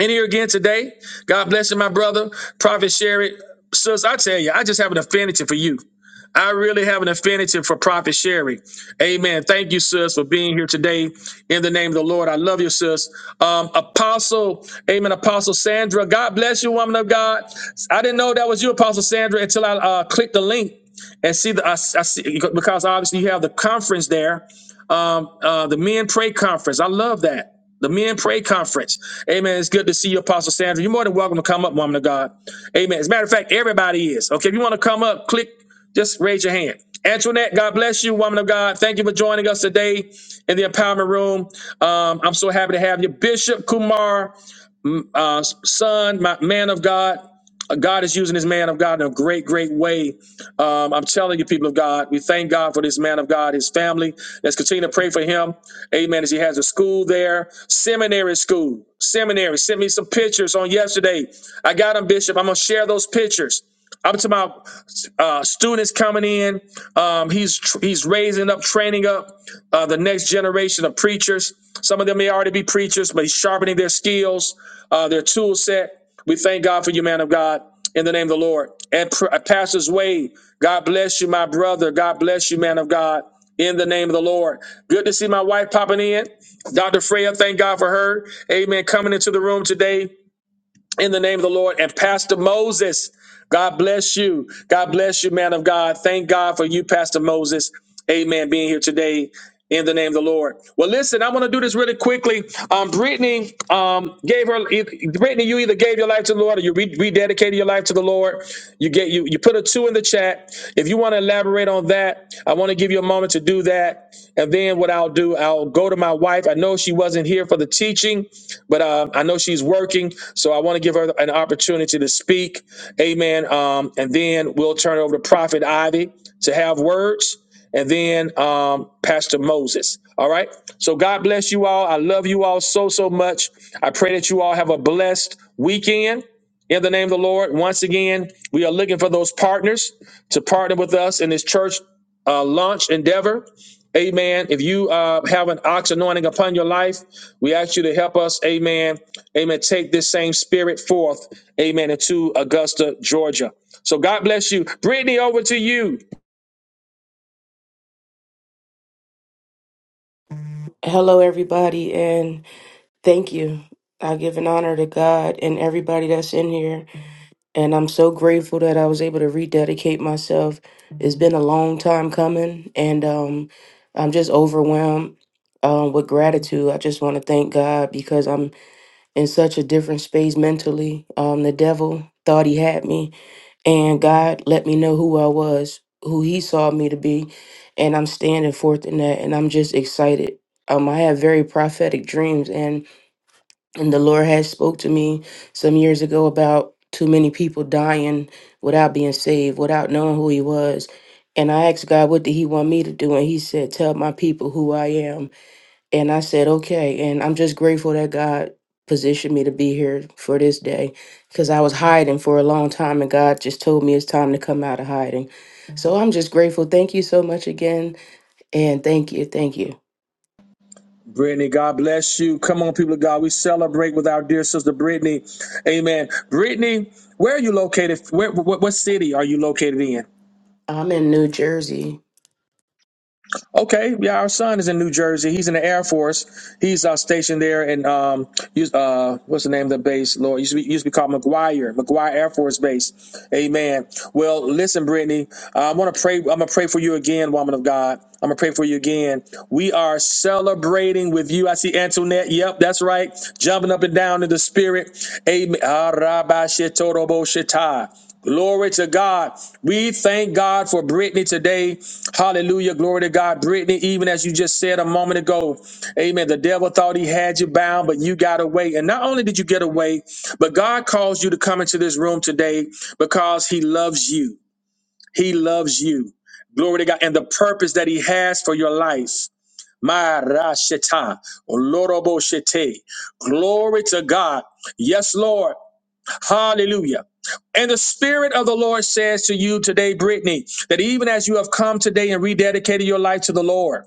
Speaker 1: in here again today. God bless you, my brother. Prophet Sherry. Sis, I tell you, I just have an affinity for you. I really have an affinity for Prophet Sherry. Amen. Thank you, sis, for being here today in the name of the Lord. I love you, sis. Um, Apostle, amen, Apostle Sandra. God bless you, woman of God. I didn't know that was you, Apostle Sandra, until I uh, clicked the link and see the I, I see because obviously you have the conference there um, uh, the Men Pray Conference. I love that. The Men Pray Conference. Amen. It's good to see you, Apostle Sandra. You're more than welcome to come up, woman of God. Amen. As a matter of fact, everybody is. Okay, if you want to come up, click, just raise your hand. Antoinette, God bless you, woman of God. Thank you for joining us today in the empowerment room. Um, I'm so happy to have you. Bishop Kumar, mm, uh, son, my man of God. Uh, God is using his man of God in a great, great way. Um, I'm telling you, people of God, we thank God for this man of God, his family. Let's continue to pray for him. Amen. As he has a school there, seminary school, seminary. Sent me some pictures on yesterday. I got them, Bishop. I'm gonna share those pictures. I'm talking about uh, students coming in. Um, he's tr- he's raising up, training up uh, the next generation of preachers. Some of them may already be preachers, but sharpening their skills, uh, their tool set. We thank God for you, man of God, in the name of the Lord. And pr- uh, Pastors Wade, God bless you, my brother. God bless you, man of God, in the name of the Lord. Good to see my wife popping in. Dr. Freya, thank God for her. Amen. Coming into the room today in the name of the Lord. And Pastor Moses, God bless you. God bless you, man of God. Thank God for you, Pastor Moses. Amen. Being here today in the name of the Lord. Well, listen, I want to do this really quickly. Um, Brittany um, gave her e, Brittany. You either gave your life to the Lord or you re- rededicated your life to the Lord. You get you you put a two in the chat. If you want to elaborate on that, I want to give you a moment to do that. And then what I'll do, I'll go to my wife. I know she wasn't here for the teaching, but um, I know she's working, so I want to give her an opportunity to speak. Amen. Um, and then we'll turn it over to Prophet Ivy to have words and then um, Pastor Moses. All right. So God bless you all. I love you all so, so much. I pray that you all have a blessed weekend in the name of the Lord. Once again, we are looking for those partners to partner with us in this church uh, launch endeavor. Amen. If you uh, have an ox anointing upon your life, we ask you to help us. Amen. Amen. Take this same spirit forth. Amen. Into Augusta, Georgia. So God bless you. Brittany, over to you.
Speaker 3: Hello, everybody, and thank you. I give an honor to God and everybody that's in here. And I'm so grateful that I was able to rededicate myself. It's been a long time coming, and um, I'm just overwhelmed um, with gratitude. I just want to thank God because I'm in such a different space mentally. Um, the devil thought he had me, and God let me know who I was, who He saw me to be, and I'm standing forth in that, and I'm just excited. Um, I have very prophetic dreams, and and the Lord has spoke to me some years ago about too many people dying without being saved, without knowing who He was, and I asked God, what did He want me to do, and He said, tell my people who I am, and I said, okay. And I'm just grateful that God positioned me to be here for this day because I was hiding for a long time and God just told me it's time to come out of hiding. So I'm just grateful. Thank you so much again. And thank you. Thank you.
Speaker 1: Brittany, God bless you. Come on, people of God. We celebrate with our dear sister Brittany. Amen. Brittany, where are you located? Where, what, what city are you located in?
Speaker 3: I'm in New Jersey
Speaker 1: Okay, yeah, our son is in New Jersey. He's in the Air Force. He's uh, stationed there in um, us- uh, what's the name of the base? Lord, used to be used to be called McGuire, McGuire Air Force Base. Amen. Well, listen, Brittany, I want to pray. I'm gonna pray for you again, woman of God. I'm gonna pray for you again. We are celebrating with you. I see Antoinette. Yep, that's right. Jumping up and down in the spirit. Amen. Ah, rabba, shitorobo, shita. Glory to God. We thank God for Brittany today. Hallelujah. Glory to God. Brittany, even as you just said a moment ago, amen. The devil thought he had you bound, but you got away. And not only did you get away, but God calls you to come into this room today because he loves you. He loves you. Glory to God. And the purpose that he has for your life. Marashita, Oloroboshite. Glory to God. Yes, Lord. Hallelujah. And the Spirit of the Lord says to you today, Brittany, that even as you have come today and rededicated your life to the Lord,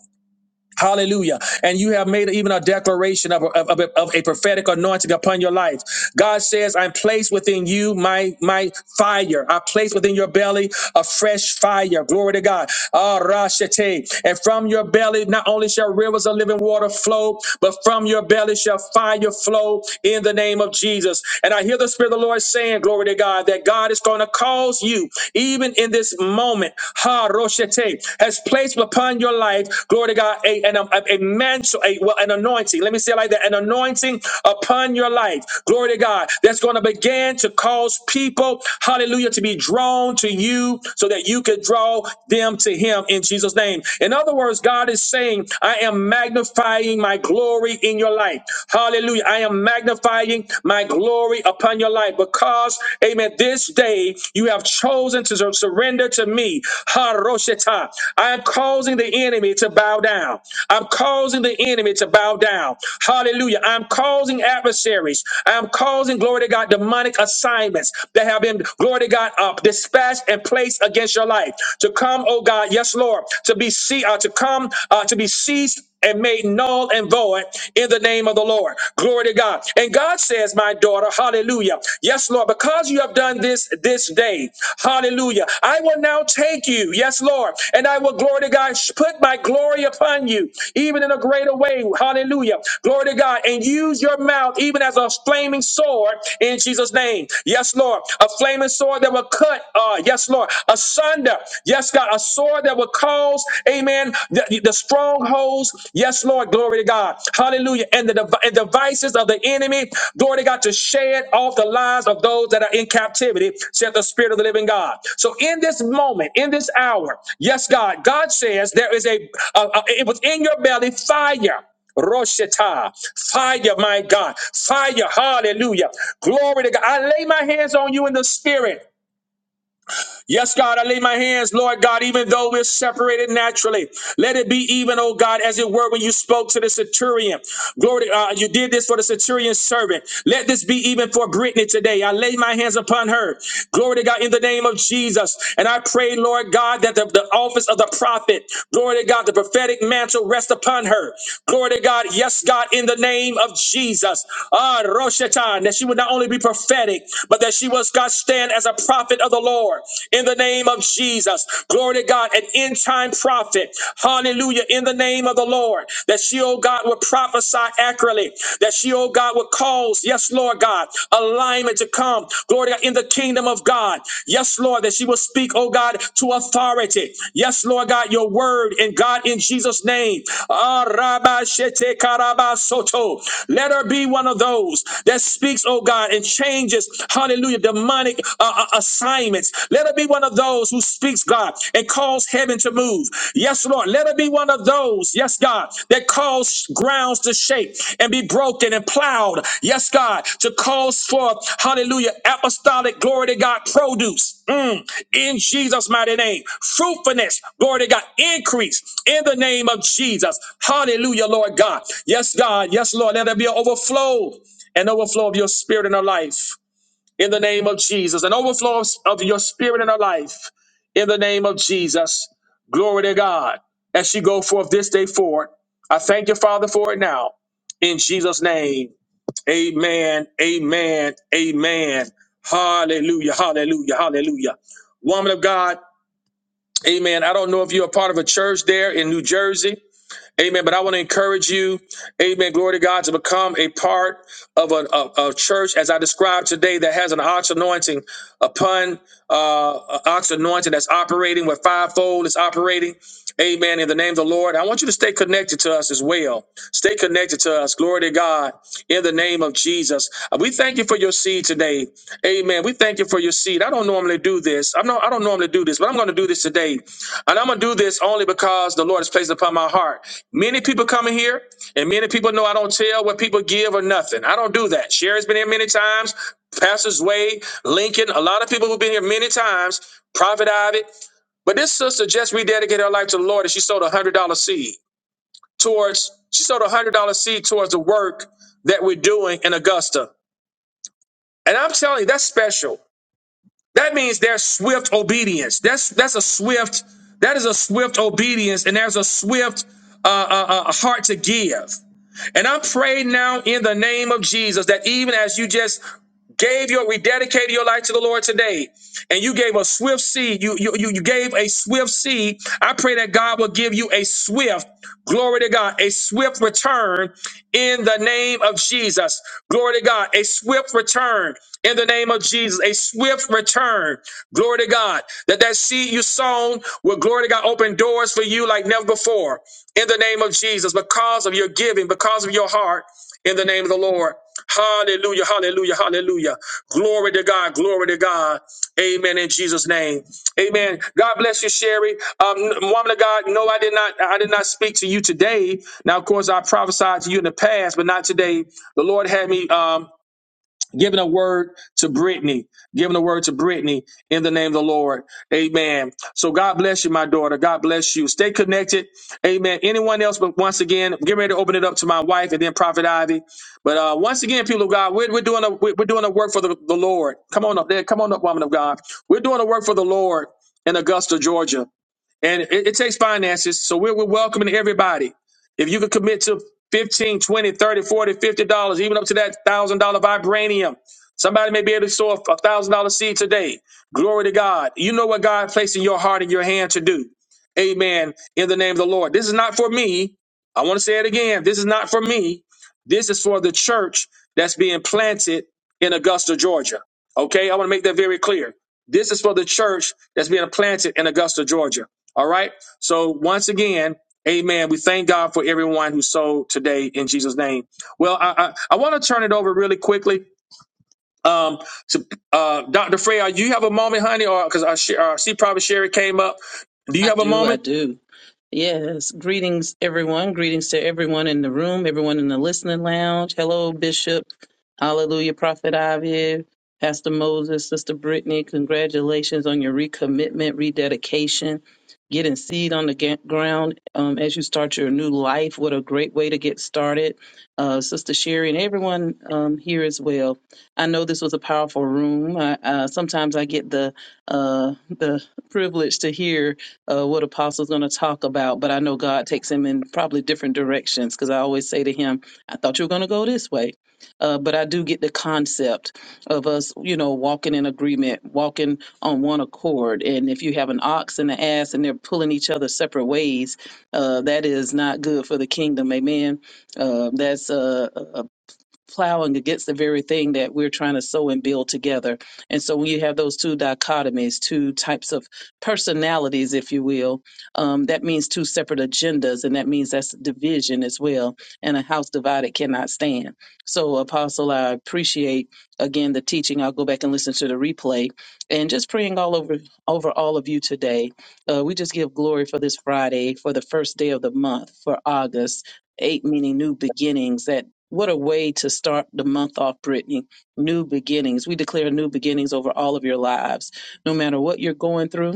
Speaker 1: Hallelujah. And you have made even a declaration of a, of, of a, of a prophetic anointing upon your life. God says, I place within you my, my fire. I place within your belly a fresh fire. Glory to God. Ah, Rashate. And from your belly, not only shall rivers of living water flow, but from your belly shall fire flow in the name of Jesus. And I hear the Spirit of the Lord saying, Glory to God, that God is going to cause you, even in this moment, Ha Roshete, has placed upon your life, glory to God, a, an, a, a mantle, a, well, an anointing. Let me say it like that an anointing upon your life, glory to God, that's going to begin to cause people, hallelujah, to be drawn to you so that you could draw them to Him in Jesus' name. In other words, God is saying, I am magnifying my glory in your life. Hallelujah. I am magnifying my glory upon your life light because, amen, this day you have chosen to surrender to me. Harosheta. I am causing the enemy to bow down. I'm causing the enemy to bow down. Hallelujah. I'm causing adversaries. I'm causing, glory to God, demonic assignments that have been, glory to God, up, dispatched and placed against your life to come, oh God, yes, Lord, to be see, uh, to come, uh, to be seized and made null and void in the name of the Lord. Glory to God. And God says, my daughter, hallelujah. Yes, Lord, because you have done this this day, hallelujah. I will now take you, yes, Lord, and I will, glory to God, sh- put my glory upon you, even in a greater way, hallelujah. Glory to God, and use your mouth even as a flaming sword in Jesus' name. Yes, Lord, a flaming sword that will cut, uh, yes, Lord, asunder, yes, God, asunder sword that would cause, amen, the, the strongholds. Yes, Lord, glory to God. Hallelujah. And the dev- and devices of the enemy, glory to God, to shed off the lives of those that are in captivity, said the Spirit of the living God. So in this moment, in this hour, yes, God, God says there is a, a, a it was in your belly fire. Roshita, fire, my God, fire, hallelujah. Glory to God. I lay my hands on you in the spirit. Yes, God, I lay my hands, Lord God, even though we're separated naturally. Let it be even, oh God, as it were when you spoke to the centurion. Glory, to- uh, you did this for the centurion's servant. Let this be even for Brittany today. I lay my hands upon her. Glory to God in the name of Jesus. And I pray, Lord God, that the, the office of the prophet, glory to God, the prophetic mantle rest upon her. Glory to God. Yes, God, in the name of Jesus. Ah, Roshatan, that she would not only be prophetic, but that she was God's stand as a prophet of the Lord in the name of Jesus. Glory to God, an end time prophet. Hallelujah, in the name of the Lord. That she, oh God, would prophesy accurately. That she, oh God, would cause, yes, Lord God, alignment to come. Glory to God, in the kingdom of God. Yes, Lord, that she will speak, oh God, to authority. Yes, Lord God, your word and God in Jesus' name. Ah, Rabba Shete Karaba Soto. Let her be one of those that speaks, oh God, and changes, hallelujah, demonic uh, uh, assignments. Let her be one of those who speaks, God, and calls heaven to move. Yes, Lord. Let her be one of those, yes, God, that calls grounds to shake and be broken and plowed. Yes, God, to cause forth, hallelujah, apostolic glory to God produce. Mm. in Jesus' mighty name. Fruitfulness, glory to God, increase in the name of Jesus. Hallelujah, Lord God. Yes, God. Yes, Lord. Let there be an overflow an overflow of your spirit in our life in the name of Jesus, an overflow of, of your spirit in our life in the name of Jesus. Glory to God. As she go forth this day forward, I thank you, Father, for it now. In Jesus' name, amen, amen, amen. Hallelujah, hallelujah, hallelujah. Woman of God, amen. I don't know if you're a part of a church there in New Jersey. Amen. But I want to encourage you, amen, glory to God, to become a part of a, a, a church, as I described today, that has an ox anointing upon uh, a ox anointing that's operating with fivefold is operating. Amen. In the name of the Lord, I want you to stay connected to us as well. Stay connected to us. Glory to God. In the name of Jesus, Uh, we thank you for your seed today. Amen. We thank you for your seed. I don't normally do this. I'm not. I don't normally do this, but I'm going to do this today. And I'm gonna do this only because the Lord has placed it upon my heart. Many people come in here, and many people know I don't tell what people give or nothing. I don't do that. Sherry's been here many times, Pastors Wade, Lincoln, a lot of people who've been here many times, Prophet Ivy. But this sister just rededicated her life to the Lord and she sold a one hundred dollar seed towards she sold a one hundred dollar seed towards the work that we're doing in Augusta. And I'm telling you, that's special. That means there's swift obedience. That's that's a swift. That is a swift obedience, and there's a swift uh, uh, uh, heart to give. And I pray now in the name of Jesus that even as you just gave your rededicated your life to the Lord today, and you gave a swift seed, you you you you gave a swift seed. I pray that God will give you a swift, glory to God, a swift return in the name of Jesus. Glory to God, a swift return in the name of Jesus, a swift return. Glory to God. That that seed you sown will glory to God open doors for you like never before in the name of Jesus, because of your giving, because of your heart, in the name of the Lord. Hallelujah, hallelujah, hallelujah. Glory to God, glory to God. Amen in Jesus' name. Amen. God bless you, Sherry. Um, woman of God, no, I did not I did not speak to you today. Now, of course, I prophesied to you in the past, but not today. The Lord had me um giving a word to Brittany, giving a word to Brittany in the name of the Lord. Amen. So God bless you, my daughter. God bless you. Stay connected. Amen. Anyone else, but once again, get ready to open it up to my wife and then Prophet Ivy. But uh, once again, people of God, we're, we're doing a we're we're doing a work for the, the Lord. Come on up there. Come on up, woman of God. We're doing a work for the Lord in Augusta, Georgia. And it, it takes finances. So we're, we're welcoming everybody. If you could commit to 15, 20, 30, 40, 50 dollars, even up to that thousand dollar vibranium. Somebody may be able to sow a thousand dollar seed today. Glory to God. You know what God placed in your heart and your hand to do. Amen. In the name of the Lord. This is not for me. I want to say it again. This is not for me. This is for the church that's being planted in Augusta, Georgia. Okay. I want to make that very clear. This is for the church that's being planted in Augusta, Georgia. All right. So once again, amen. We thank God for everyone who sold today in Jesus' name. Well, I I, I want to turn it over really quickly. Um, to uh, Dr. Freya, you have a moment, honey, or because I, she, uh, see, probably Sherry came up. Do you
Speaker 4: I
Speaker 1: have a
Speaker 4: do, I
Speaker 1: moment?
Speaker 4: do. Yes. Greetings, everyone. Greetings to everyone in the room, everyone in the listening lounge. Hello, Bishop. Hallelujah, Prophet Ivy, Pastor Moses, Sister Brittany. Congratulations on your recommitment, rededication, getting seed on the ga- ground um, as you start your new life. What a great way to get started. Uh, Sister Sherry and everyone um, here as well. I know this was a powerful room. I, uh, sometimes I get the uh, the privilege to hear uh, what Apostle's going to talk about, but I know God takes him in probably different directions because I always say to him, I thought you were going to go this way. Uh, but I do get the concept of us, you know, walking in agreement, walking on one accord. And if you have an ox and an ass and they're pulling each other separate ways, uh, that is not good for the kingdom. Amen. Uh, that's uh, uh, plowing against the very thing that we're trying to sow and build together. And so when you have those two dichotomies, two types of personalities, if you will, um, that means two separate agendas, and that means that's division as well. And a house divided cannot stand. So, Apostle, I appreciate again the teaching. I'll go back and listen to the replay, and just praying all over over all of you today. Uh, we just give glory for this Friday, for the first day of the month, for August. Eight meaning new beginnings, that what a way to start the month off, Brittany. New beginnings. We declare new beginnings over all of your lives. No matter what you're going through,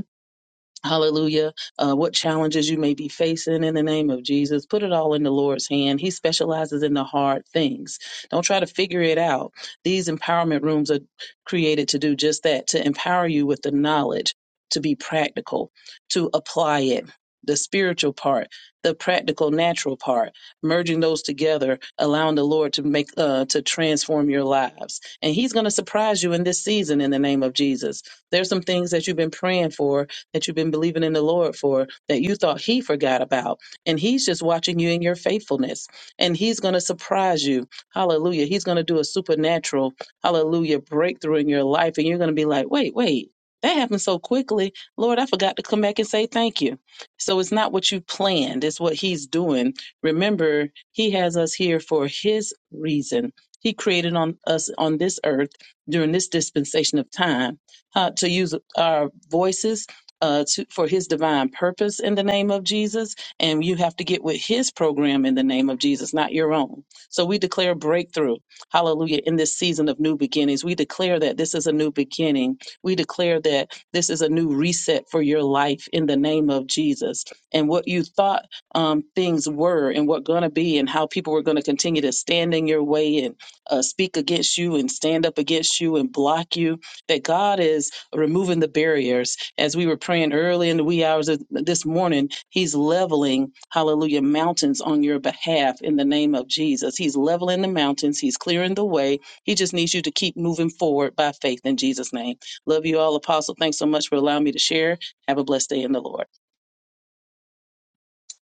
Speaker 4: Hallelujah. Uh, what challenges you may be facing in the name of Jesus, put it all in the Lord's hand. He specializes in the hard things. Don't try to figure it out. These empowerment rooms are created to do just that to empower you with the knowledge, to be practical, to apply it. The spiritual part, the practical, natural part, merging those together, allowing the Lord to make, uh, to transform your lives. And He's going to surprise you in this season in the name of Jesus. There's some things that you've been praying for that you've been believing in the Lord for that you thought He forgot about. And He's just watching you in your faithfulness. And He's going to surprise you. Hallelujah. He's going to do a supernatural, hallelujah, breakthrough in your life. And you're going to be like, wait, wait. That happened so quickly. Lord, I forgot to come back and say thank you. So it's not what you planned, it's what He's doing. Remember, He has us here for His reason. He created on us on this earth during this dispensation of time uh, to use our voices uh, to, for his divine purpose in the name of Jesus. And you have to get with his program in the name of Jesus, not your own. So we declare breakthrough. Hallelujah. In this season of new beginnings, we declare that this is a new beginning. We declare that this is a new reset for your life in the name of Jesus. And what you thought um, things were and what going to be and how people were going to continue to stand in your way and uh, speak against you and stand up against you and block you, that God is removing the barriers as we were praying early in the wee hours of this morning, he's leveling, hallelujah, mountains on your behalf in the name of Jesus. He's leveling the mountains, he's clearing the way. He just needs you to keep moving forward by faith in Jesus' name. Love you all, Apostle. Thanks so much for allowing me to share. Have a blessed day in the Lord.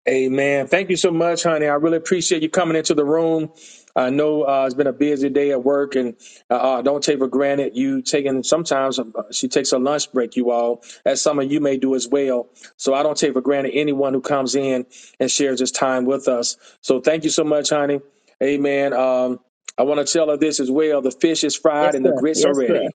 Speaker 1: Amen. Thank you so much, honey. I really appreciate you coming into the room. I know uh, it's been a busy day at work, and uh, uh, don't take for granted you taking. Sometimes uh, she takes a lunch break, you all, as some of you may do as well. So I don't take for granted anyone who comes in and shares this time with us. So thank you so much, honey. Amen. Um, I want to tell her this as well. The fish is fried
Speaker 4: Yes.
Speaker 1: and the grits are ready.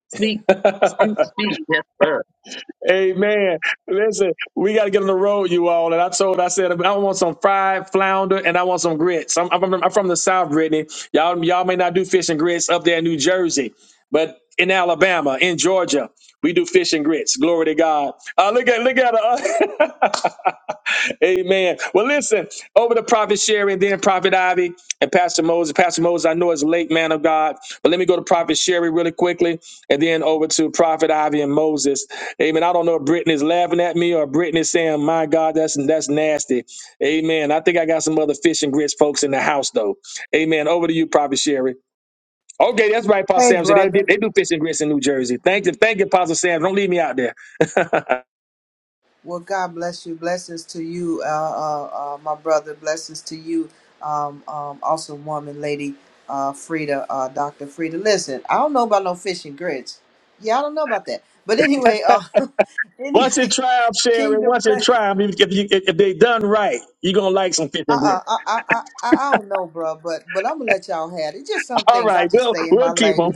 Speaker 1: Amen. Listen, we got to get on the road, you all. And I told, I said, I want some fried flounder and I want some grits. I'm, I'm, from, I'm from the South, Brittany. Y'all, y'all may not do fish and grits up there in New Jersey, but in Alabama, in Georgia, we do fish and grits. Glory to God. Uh, look at, look at, uh, Amen. Well, listen, over to Prophet Sherry and then Prophet Ivy and Pastor Moses. Pastor Moses, I know it's late, man of God, but let me go to Prophet Sherry really quickly. And then over to Prophet Ivy and Moses. Amen. I don't know if Brittany's laughing at me or Brittany's saying, my God, that's that's nasty. Amen. I think I got some other fish and grits folks in the house, though. Amen. Over to you, Prophet Sherry. Okay, that's right, Pastor
Speaker 5: Hey,
Speaker 1: Sam said they,
Speaker 5: brother.
Speaker 1: they do fish and grits in New Jersey. Thank you. Thank you, Pastor Sam. Don't leave me out there.
Speaker 5: Well, God bless you. Blessings to you, uh, uh, uh, my brother. Blessings to you, um, um, awesome woman, lady uh, Frida, uh, Dr. Frida. Listen, I don't know about no fishing grits. Yeah, I don't know about that. But anyway, uh,
Speaker 1: Once it
Speaker 5: anyway,
Speaker 1: triumph, Sherry,
Speaker 5: kingdom
Speaker 1: once it
Speaker 5: bless.
Speaker 1: triumph, if, if, you, if if they done right, you're going to like some fish and
Speaker 5: Uh-uh,
Speaker 1: grits.
Speaker 5: I, I, I, I I don't know, bro, but but I'm gonna let y'all have it. Just some
Speaker 1: All
Speaker 5: things I
Speaker 1: right,
Speaker 5: just
Speaker 1: we'll,
Speaker 5: stay in
Speaker 1: we'll
Speaker 5: my
Speaker 1: keep keep them.
Speaker 5: lane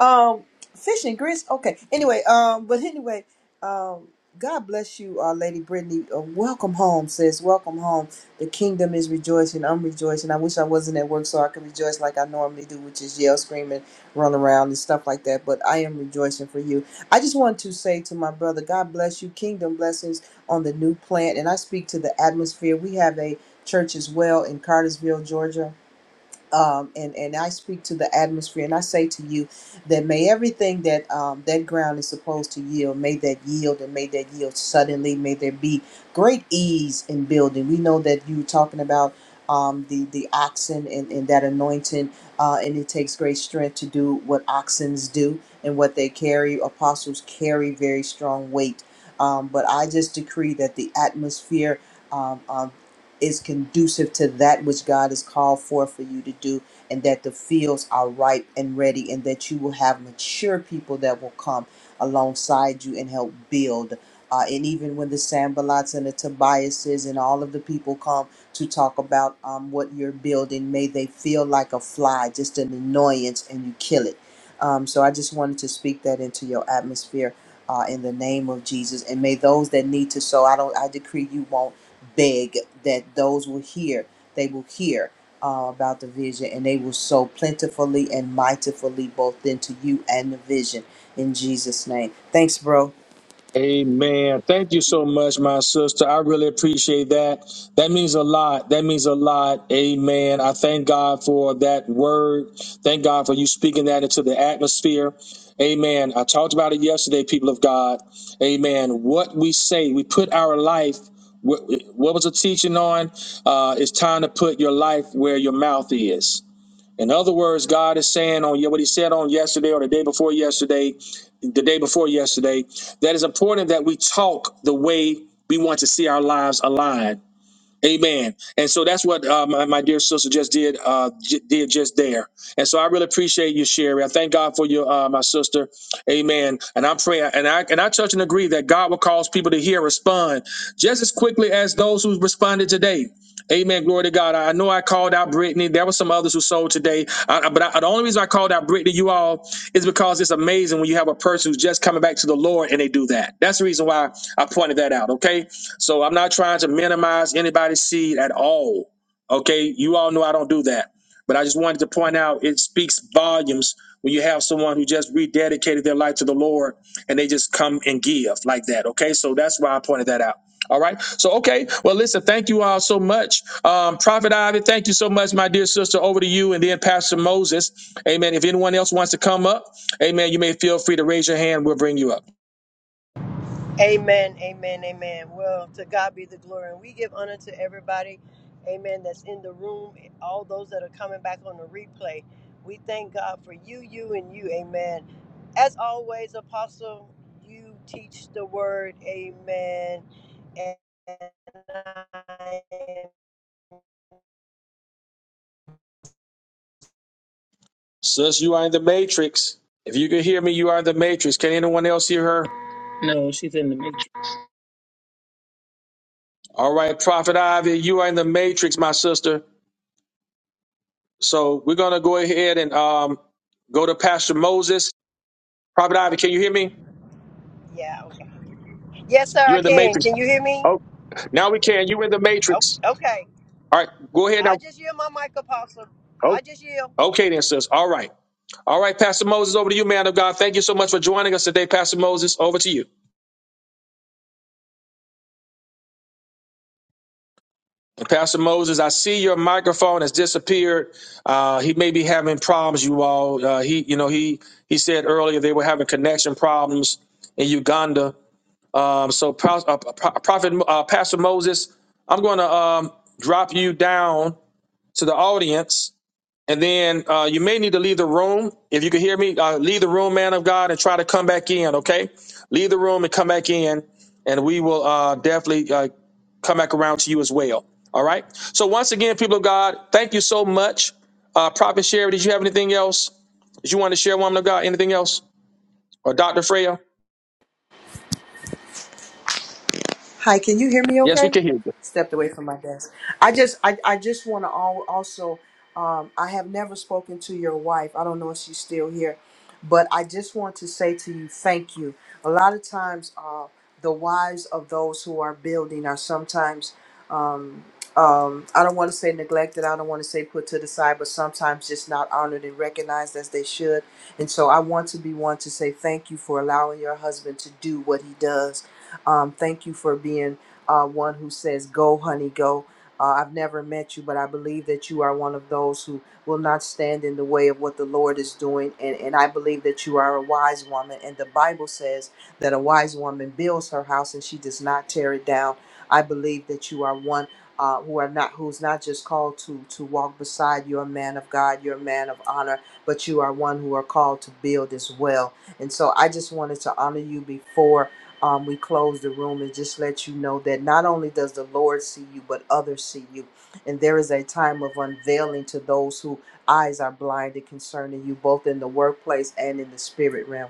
Speaker 5: Um, fish and grits. Okay. Anyway, um, but anyway, um, God bless you, uh, Lady Brittany. Uh, welcome home, sis. Welcome home. The kingdom is rejoicing. I'm rejoicing. I wish I wasn't at work so I could rejoice like I normally do, which is yell, screaming, run around, and stuff like that. But I am rejoicing for you. I just want to say to my brother, God bless you. Kingdom blessings on the new plant, and I speak to the atmosphere. We have a church as well in Cartersville, Georgia um, and and I speak to the atmosphere, and I say to you that may everything that um, that ground is supposed to yield, may that yield, and may that yield suddenly. May there be great ease in building. We know that you were talking about um, the the oxen and, and that anointing, uh, and it takes great strength to do what oxens do and what they carry. Apostles carry very strong weight, um, but I just decree that the atmosphere. um, um, is conducive to that which God has called for for you to do, and that the fields are ripe and ready, and that you will have mature people that will come alongside you and help build. Uh, and even when the Sambalots and the Tobiases and all of the people come to talk about um, what you're building, may they feel like a fly, just an annoyance, and you kill it. Um, so I just wanted to speak that into your atmosphere uh, in the name of Jesus. And may those that need to sow, I don't, I decree you won't beg that those will hear, they will hear uh, about the vision and they will sow plentifully and mightily both into you and the vision in Jesus' name. Thanks, bro.
Speaker 1: Amen. Thank you so much, my sister. I really appreciate that. That means a lot. That means a lot. Amen. I thank God for that word. Thank God for you speaking that into the atmosphere. Amen. I talked about it yesterday, people of God. Amen. What we say, we put our life. What what was the teaching on? Uh, it's time to put your life where your mouth is. In other words, God is saying on what he said on yesterday or the day before yesterday, the day before yesterday, that it's important that we talk the way we want to see our lives aligned Amen. And so that's what uh, my, my dear sister just did uh, j- did just there. And so I really appreciate you, Sherry. I thank God for you, uh, my sister. Amen. And I'm praying, and I and I touch and agree that God will cause people to hear and respond just as quickly as those who responded today. Amen. Glory to God. I I know I called out Brittany. There were some others who sold today, I, I- but I, the only reason I called out Brittany, you all, is because it's amazing when you have a person who's just coming back to the Lord and they do that. That's the reason why I pointed that out. Okay. So I'm not trying to minimize anybody's seed at all. Okay, you all know I don't do that. But I just wanted to point out it speaks volumes when you have someone who just rededicated their life to the Lord and they just come and give like that. Okay, so that's why I pointed that out. All right. So okay. Well, listen. Thank you all so much, um, Prophet Ivy. Thank you so much, my dear sister. Over to you, and then Pastor Moses. Amen. If anyone else wants to come up, Amen. You may feel free to raise your hand. We'll bring you up.
Speaker 2: Amen, amen, amen. Well, to God be the glory. And we give honor to everybody, amen, that's in the room, all those that are coming back on the replay. We thank God for you, you, and you, amen. As always, Apostle, you teach the word, amen. And I,
Speaker 1: Sis, you are in the matrix. If you can hear me, you are in the matrix. Can anyone else hear her?
Speaker 4: No, she's in the matrix.
Speaker 1: All right, Prophet Ivy, you are in the matrix, my sister. So we're gonna go ahead and um go to Pastor Moses. Prophet Ivy, can you
Speaker 2: hallelujah.
Speaker 1: hear me?
Speaker 2: yeah, okay. Yes, sir,
Speaker 1: You're
Speaker 2: I
Speaker 1: in the
Speaker 2: can.
Speaker 1: matrix.
Speaker 2: Can you hear me?
Speaker 1: Oh, now we can. You're in the
Speaker 2: Oh,
Speaker 1: matrix.
Speaker 2: okay.
Speaker 1: All right, go ahead
Speaker 2: I
Speaker 1: now.
Speaker 2: just yield my mic, Apostle.
Speaker 1: Oh,
Speaker 2: I just yield.
Speaker 1: okay then, sis. All right. All right, Pastor Moses, over to you, man of God. Thank you so much for joining us today, Pastor Moses. Over to you. Pastor Moses, I see your microphone has disappeared. Uh, he may be having problems, you all. Uh, he, you know, he he said earlier they were having connection problems in Uganda. Um, so, Pro- uh, Pro- Prophet uh, Pastor Moses, I'm going to um, drop you down to the audience. And then uh, you may need to leave the room. If you can hear me, uh, leave the room, man of God, and try to come back in, okay? Leave the room and come back in, and we will uh, definitely uh, come back around to you as well, all right? So, once again, people of God, thank you so much. Uh, Prophet Sherry, did you have anything else? Did you want to share, woman of God, anything else? Or Dr. Freya?
Speaker 5: Hi, can you hear me
Speaker 1: Yes, we
Speaker 5: okay?
Speaker 1: can hear you.
Speaker 5: Stepped away from my desk. I just I, I just want to all, also um, I have never spoken to your wife. I don't know if she's still here, but I just want to say to you thank you. A lot of times uh, the wives of those who are building are sometimes um, um, I don't want to say neglected. I don't want to say put to the side, but sometimes just not honored and recognized as they should. And so I want to be one to say thank you for allowing your husband to do what he does um, thank you for being uh, one who says, Go, honey, go. Uh, I've never met you, but I believe that you are one of those who will not stand in the way of what the Lord is doing. And, and I believe that you are a wise woman. And the Bible says that a wise woman builds her house and she does not tear it down. I believe that you are one uh, who are not who's not just called to to walk beside you, a man of God, you're a man of honor, but you are one who are called to build as well. And so I just wanted to honor you before um, we close the room and just let you know that not only does the Lord see you, but others see you. And there is a time of unveiling to those whose eyes are blinded concerning you, both in the workplace and in the spirit realm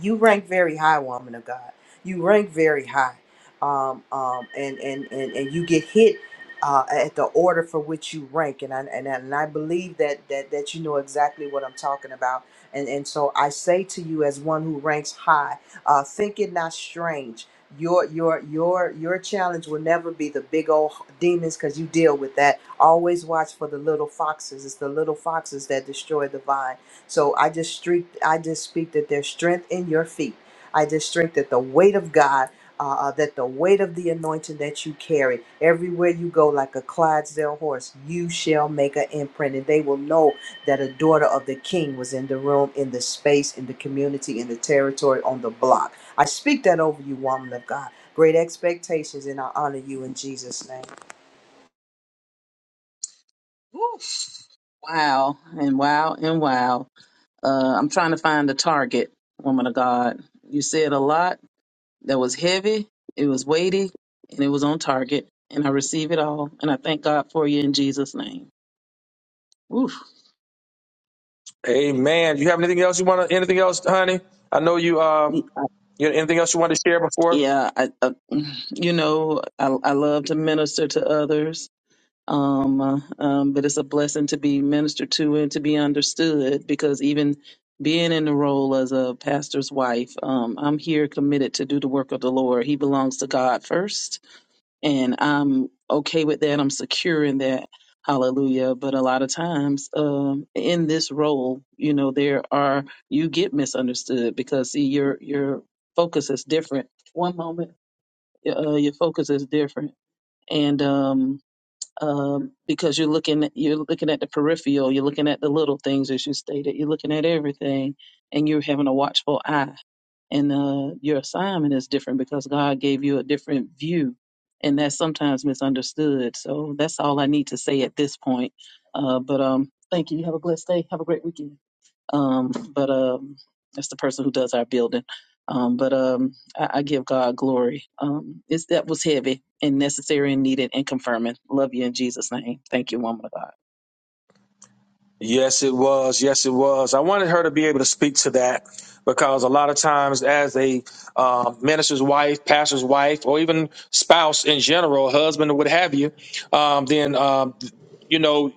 Speaker 5: you rank very high, woman of God. You rank very high, um, um, and, and and and you get hit uh, at the order for which you rank, and I and, I- and I believe that that that you know exactly what I'm talking about, and and so I say to you, as one who ranks high, uh, think it not strange. Your your your your challenge will never be the big old demons because you deal with that. Always watch for the little foxes. It's the little foxes that destroy the vine so I just streak, I just speak that there's strength in your feet. I just strength that the weight of God, uh, uh, that the weight of the anointing that you carry everywhere you go, like a Clydesdale horse, you shall make an imprint, and they will know that a daughter of the King was in the room, in the space, in the community, in the territory, on the block. I speak that over you, woman of God. Great expectations, and I honor you in Jesus' name.
Speaker 4: Oof. Wow, and wow, and wow. Uh, I'm trying to find the target, woman of God. You said a lot that was heavy, it was weighty, and it was on target. And I receive it all, and I thank God for you in Jesus' name. Oof.
Speaker 1: Amen. You have anything else you want to, anything else, honey? I know you, uh,
Speaker 4: Yeah, I,
Speaker 1: you anything else you want to share before?
Speaker 4: yeah, I, uh, mm, you know, I, I love to minister to others, um, uh, um, but it's a blessing to be ministered to and to be understood because even being in the role as a pastor's wife, um, I'm here committed to do the work of the Lord. He belongs to God first and I'm okay with that. I'm secure in that. Hallelujah. But a lot of times um, in this role, you know, there are you get misunderstood because see your your focus is different. One moment, uh, your focus is different, and um, um, because you're looking you're looking at the peripheral, you're looking at the little things as you stated, you're looking at everything, and you're having a watchful eye. And uh, your assignment is different because God gave you a different view, and that's sometimes misunderstood. So that's all I need to say at this point. Uh, but um, thank you. You Have a blessed day. Have a great weekend. Um, but um, that's the person who does our building. Um, but um, I, I give God glory. Um, it's, that was heavy and necessary and needed and confirming. Love you in Jesus' name. Thank you, woman of God.
Speaker 1: Yes, it was. Yes, it was. I wanted her to be able to speak to that because a lot of times, as a um, minister's wife, pastor's wife, or even spouse in general, husband or what have you, um, then um, you know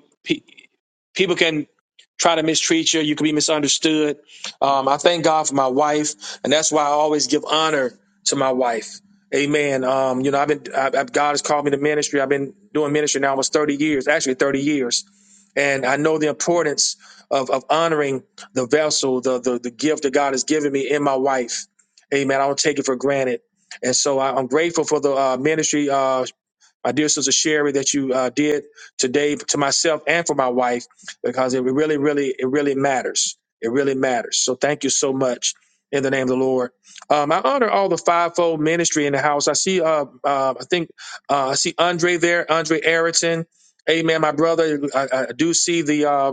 Speaker 1: people can try to mistreat you. You can be misunderstood. Um, I thank God for my wife, and that's why I always give honor to my wife. Amen. Um, you know, I've been I, I, God has called me to ministry. I've been doing ministry now almost thirty years, actually thirty years, and I know the importance of of honoring the vessel, the the, the gift that God has given me in my wife. Amen. I don't take it for granted. And so I, I'm grateful for the uh, ministry. Uh, my dear sister Sherry, that you uh, did today to myself and for my wife, because it really, really, it really matters. It really matters. So thank you so much in the name of the Lord. Um, I honor all the fivefold ministry in the house. I see, uh, uh, I think, uh, I see Andre there, Andre Erickson. Amen, my brother. I, I do see the. uh,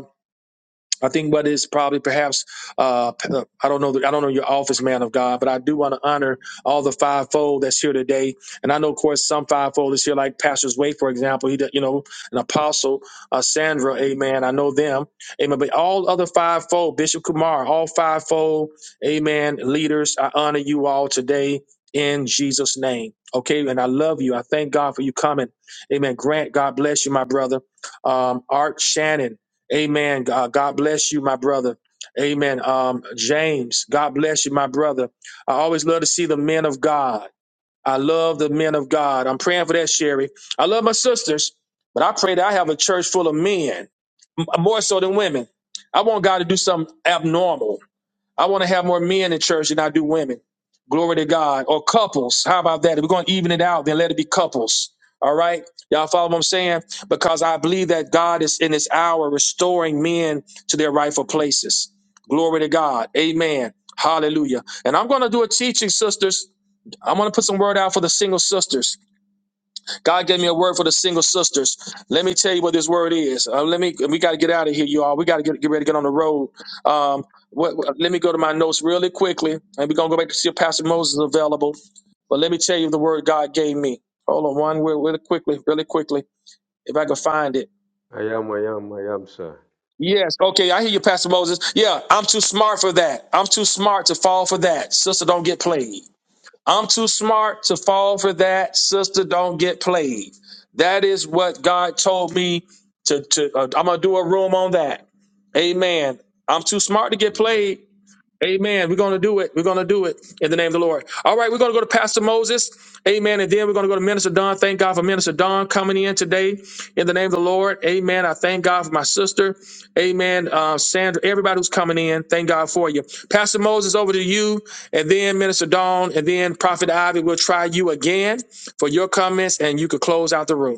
Speaker 1: I think what is probably perhaps uh, uh, I don't know the, I don't know your office man of God, but I do want to honor all the fivefold that's here today. And I know, of course, some fivefold is here, like Pastor's Way, for example. He, d- you know, an apostle, uh, Sandra, Amen. I know them, Amen. But all other fivefold, Bishop Kumar, all fivefold, Amen. Leaders, I honor you all today in Jesus' name. Okay, and I love you. I thank God for you coming, Amen. Grant, God bless you, my brother. Um, Art Shannon. Amen. God, God bless you, my brother. Amen. Um, James, God bless you, my brother. I always love to see the men of God. I love the men of God. I'm praying for that, Sherry. I love my sisters, but I pray that I have a church full of men, m- more so than women. I want God to do something abnormal. I want to have more men in church than I do women. Glory to God. Or couples. How about that? If we're going to even it out, then let it be couples. All right. Y'all follow what I'm saying? Because I believe that God is in this hour restoring men to their rightful places. Glory to God. Amen. Hallelujah. And I'm going to do a teaching, sisters. I'm going to put some word out for the single sisters. God gave me a word for the single sisters. Let me tell you what this word is. Uh, let me. We got to get out of here, you all. We got to get, get ready to get on the road. Um, what, what- let me go to my notes really quickly, and we're gonna go back to see if Pastor Moses is available. But let me tell you the word God gave me. Hold on, one word really quickly, really quickly, if I can find it.
Speaker 6: I am, I am, I am, sir.
Speaker 1: Yes. Okay, I hear you, Pastor Moses. Yeah, I'm too smart for that. I'm too smart to fall for that. Sister, don't get played. I'm too smart to fall for that. Sister, don't get played. That is what God told me to. to uh, I'm gonna do a room on that. Amen. I'm too smart to get
Speaker 6: Amen.
Speaker 1: played. Amen. We're going to do it. We're going to do it in the name of the Lord. All right, we're going to go to Pastor Moses. Amen. And then we're going to go to Minister Don. Thank God for Minister Don coming in today in the name of the Lord. Amen. I thank God for my sister. Amen. Uh, Sandra, everybody who's coming in, thank God for you. Pastor Moses, over to you. And then Minister Don. And then Prophet Ivy will try you again for your comments and you could close out the room.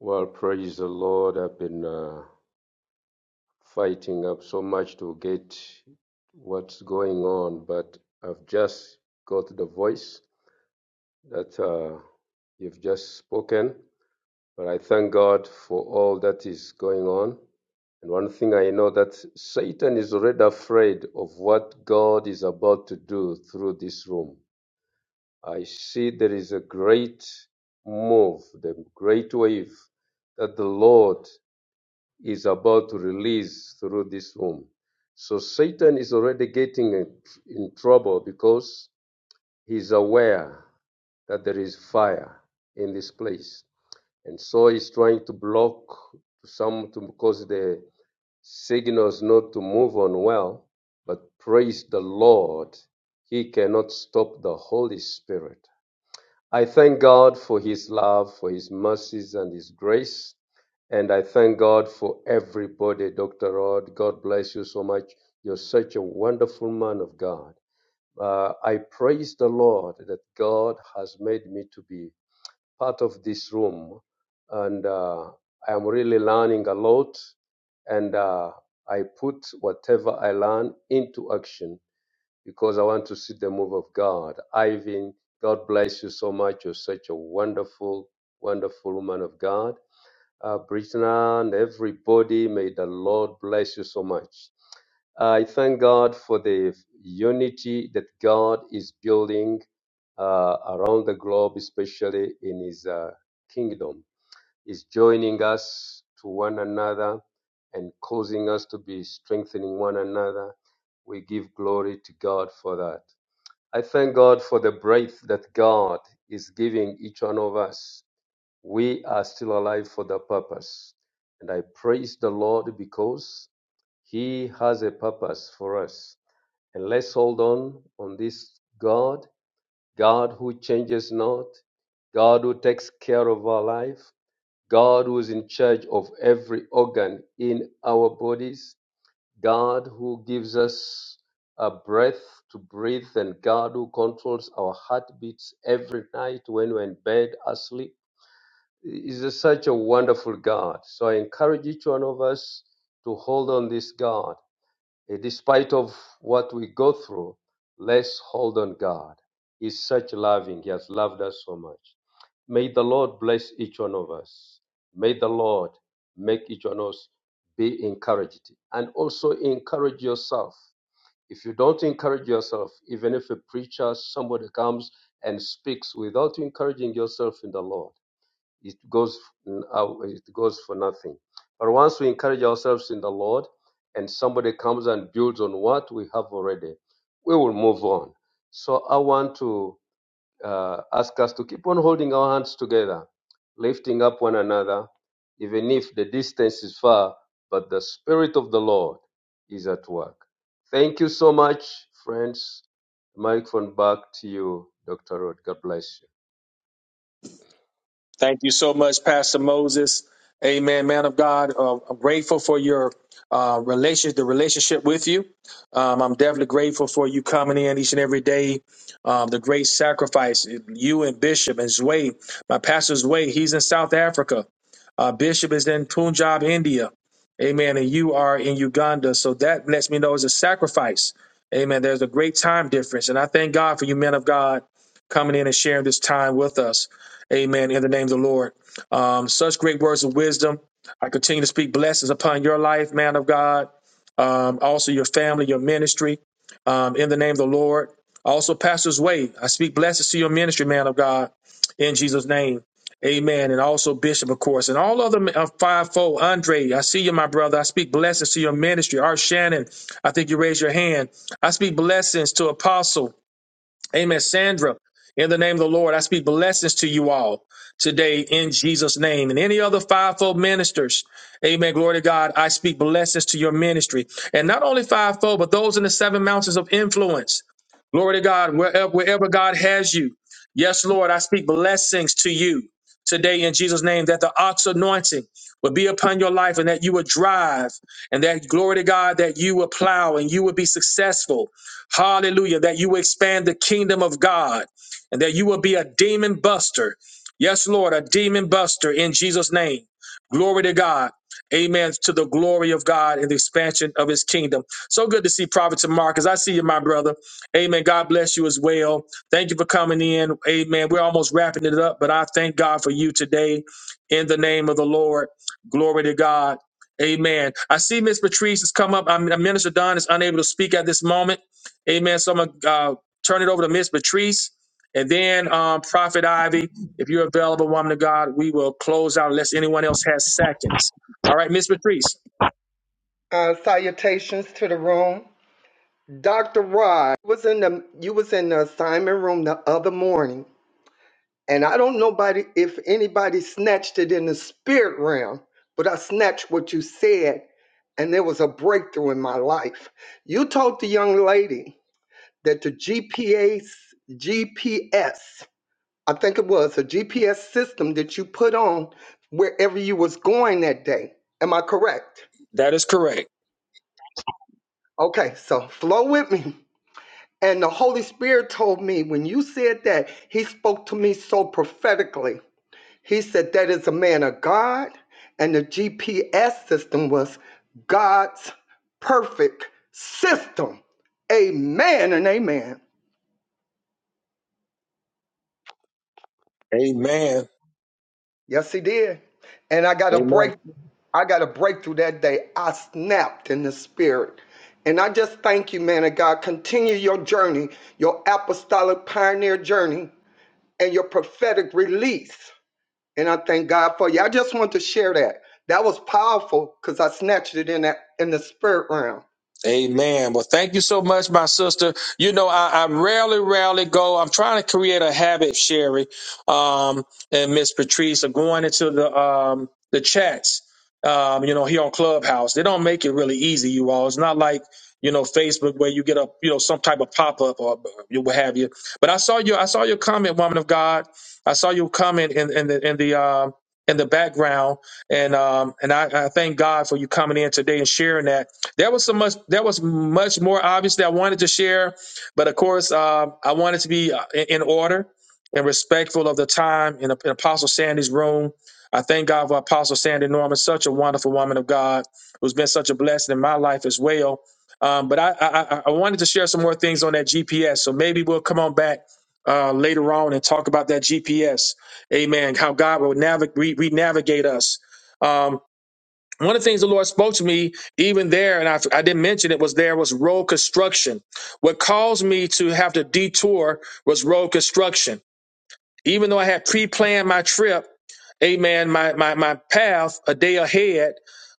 Speaker 6: Well, praise the Lord. I've been uh, fighting up so much to get what's going on, but I've just got the voice that uh, you've just spoken. But I thank God for all that is going on. And one thing I know that Satan is already afraid of what God is about to do through this room. I see there is a great move, the great wave that the Lord is about to release through this room. So Satan is already getting in in trouble because he's aware that there is fire in this place. And so he's trying to block some to cause the signals not to move on well. But praise the Lord, he cannot stop the Holy Spirit. I thank God for His love, for His mercies, and His grace. And I thank God for everybody, Dr. Rod. God bless you so much. You're such a wonderful man of God. Uh, I praise the Lord that God has made me to be part of this room. And uh, I am really learning a lot. And uh, I put whatever I learn into action because I want to see the move of God. Ivan, God bless you so much. You're such a wonderful, wonderful woman of God. Uh, Brittany and everybody, may the Lord bless you so much. I thank God for the unity that God is building uh, around the globe, especially in His uh, kingdom. He's joining us to one another and causing us to be strengthening one another. We give glory to God for that. I thank God for the breath that God is giving each one of us. We are still alive for the purpose. And I praise the Lord because He has a purpose for us. And let's hold on on this God, God who changes not, God who takes care of our life, God who is in charge of every organ in our bodies, God who gives us a breath to breathe, and God who controls our heartbeats every night when we're in bed asleep. Is a- such a wonderful God. So I encourage each one of us to hold on this God. Eh, Despite of what we go through, let's hold on God. He's such loving. He has loved us so much. May the Lord bless each one of us. May the Lord make each one of us be encouraged. And also encourage yourself. If you don't encourage yourself, even if a preacher, somebody comes and speaks without encouraging yourself in the Lord, it goes it goes for nothing. But once we encourage ourselves in the Lord, and somebody comes and builds on what we have already, we will move on. So I want to uh, ask us to keep on holding our hands together, lifting up one another, even if the distance is far. But the Spirit of the Lord is at work. Thank you so much, friends. Microphone back to you, Dr. Rod. God bless you.
Speaker 1: Thank you so much, Pastor Moses. Amen, man of God. Uh, I'm grateful for your uh, relationship, the relationship with you. Um, I'm definitely grateful for you coming in each and every day. Um, the great sacrifice, you and Bishop and Zway, my pastor Zway, he's in South Africa. Uh, Bishop is in Punjab, India. Amen. And you are in Uganda. So that lets me know it's a sacrifice. Amen. There's a great time difference. And I thank God for you, men of God, coming in and sharing this time with us. Amen. In the name of the Lord. Um, such great words of wisdom. I continue to speak blessings upon your life, man of God. Um, also your family, your ministry. Um, in the name of the Lord. Also, Pastor's Way. I speak blessings to your ministry, man of God. In Jesus' name. Amen. And also Bishop, of course, and all other uh, fivefold. Andre, I see you, my brother. I speak blessings to your ministry. Art Shannon, I think you raised your hand. I speak blessings to Apostle. Amen. Sandra, in the name of the Lord, I speak blessings to you all today in Jesus' name. And any other fivefold ministers, amen. Glory to God. I speak blessings to your ministry. And not only fivefold, but those in the seven mountains of influence. Glory to God, wherever, wherever God has you. Yes, Lord, I speak blessings to you today in Jesus' name that the ox anointing will be upon your life and that you will drive and that glory to God that you will plow and you will be successful Hallelujah. That you expand the kingdom of God and that you will be a demon buster. Yes, Lord, a demon buster in Jesus' name. Glory to God. Amen to the glory of God and the expansion of his kingdom. So good to see Prophet Marcus. I see you, my brother. Amen. God bless you as well. Thank you for coming in. Amen. We're almost wrapping it up, but I thank God for you today in the name of the Lord. Glory to God. Amen. I see Miss Patrice has come up. i Minister Don is unable to speak at this moment. Amen. So I'm going to uh, turn it over to Miss Patrice and then um, Prophet Ivy. If you're available, woman of God, we will close out unless anyone else has seconds. All right, Miss Patrice.
Speaker 7: Uh, salutations to the room. Dr. Rod was in the you was in the assignment room the other morning, and I don't nobody if anybody snatched it in the spirit realm, but I snatched what you said, and there was a breakthrough in my life. You told the young lady that the GPS GPS, I think it was a GPS system that you put on wherever you was going that day. Am I correct?
Speaker 1: That is correct.
Speaker 7: Okay, so flow with me. And the Holy Spirit told me when you said that, He spoke to me so prophetically. He said, That is a man of God. And the GPS system was God's perfect system. Amen and amen.
Speaker 1: Amen.
Speaker 7: Yes, He did. And I got a
Speaker 1: Amen.
Speaker 7: break. I got a breakthrough that day. I snapped in the spirit. And I just thank you, man of God. Continue your journey, your apostolic pioneer journey, and your prophetic release. And I thank God for you. I just wanted to share that. That was powerful because I snatched it in that in the spirit realm.
Speaker 1: Amen. Well, thank you so much, my sister. You know, I, I rarely, rarely go. I'm trying to create a habit, Sherry, um, and Miss Patrice of going into the um the chats. Um, you know, here on Clubhouse. They don't make it really easy, you all. It's not like, you know, Facebook where you get a you know, some type of pop-up or you what have you. But I saw your I saw your comment, woman of God. I saw your comment in, in the in the um in the background. And um and I, I thank God for you coming in today and sharing that there was so much. There was much more obviously I wanted to share, but of course uh, I wanted to be uh, in in order and respectful of the time in, in Apostle Sandy's room. I thank God for Apostle Sandy Norman, such a wonderful woman of God who's been such a blessing in my life as well. Um, but I, I, I I wanted to share some more things on that GPS, so maybe we'll come on back uh, later on and talk about that GPS. Amen. How God will navigate, re- navigate us. Um, one of the things the Lord spoke to me even there, and I, I didn't mention it, was there was road construction. What caused me to have to detour was road construction even though I had pre-planned my trip, amen, my, my, my path a day ahead,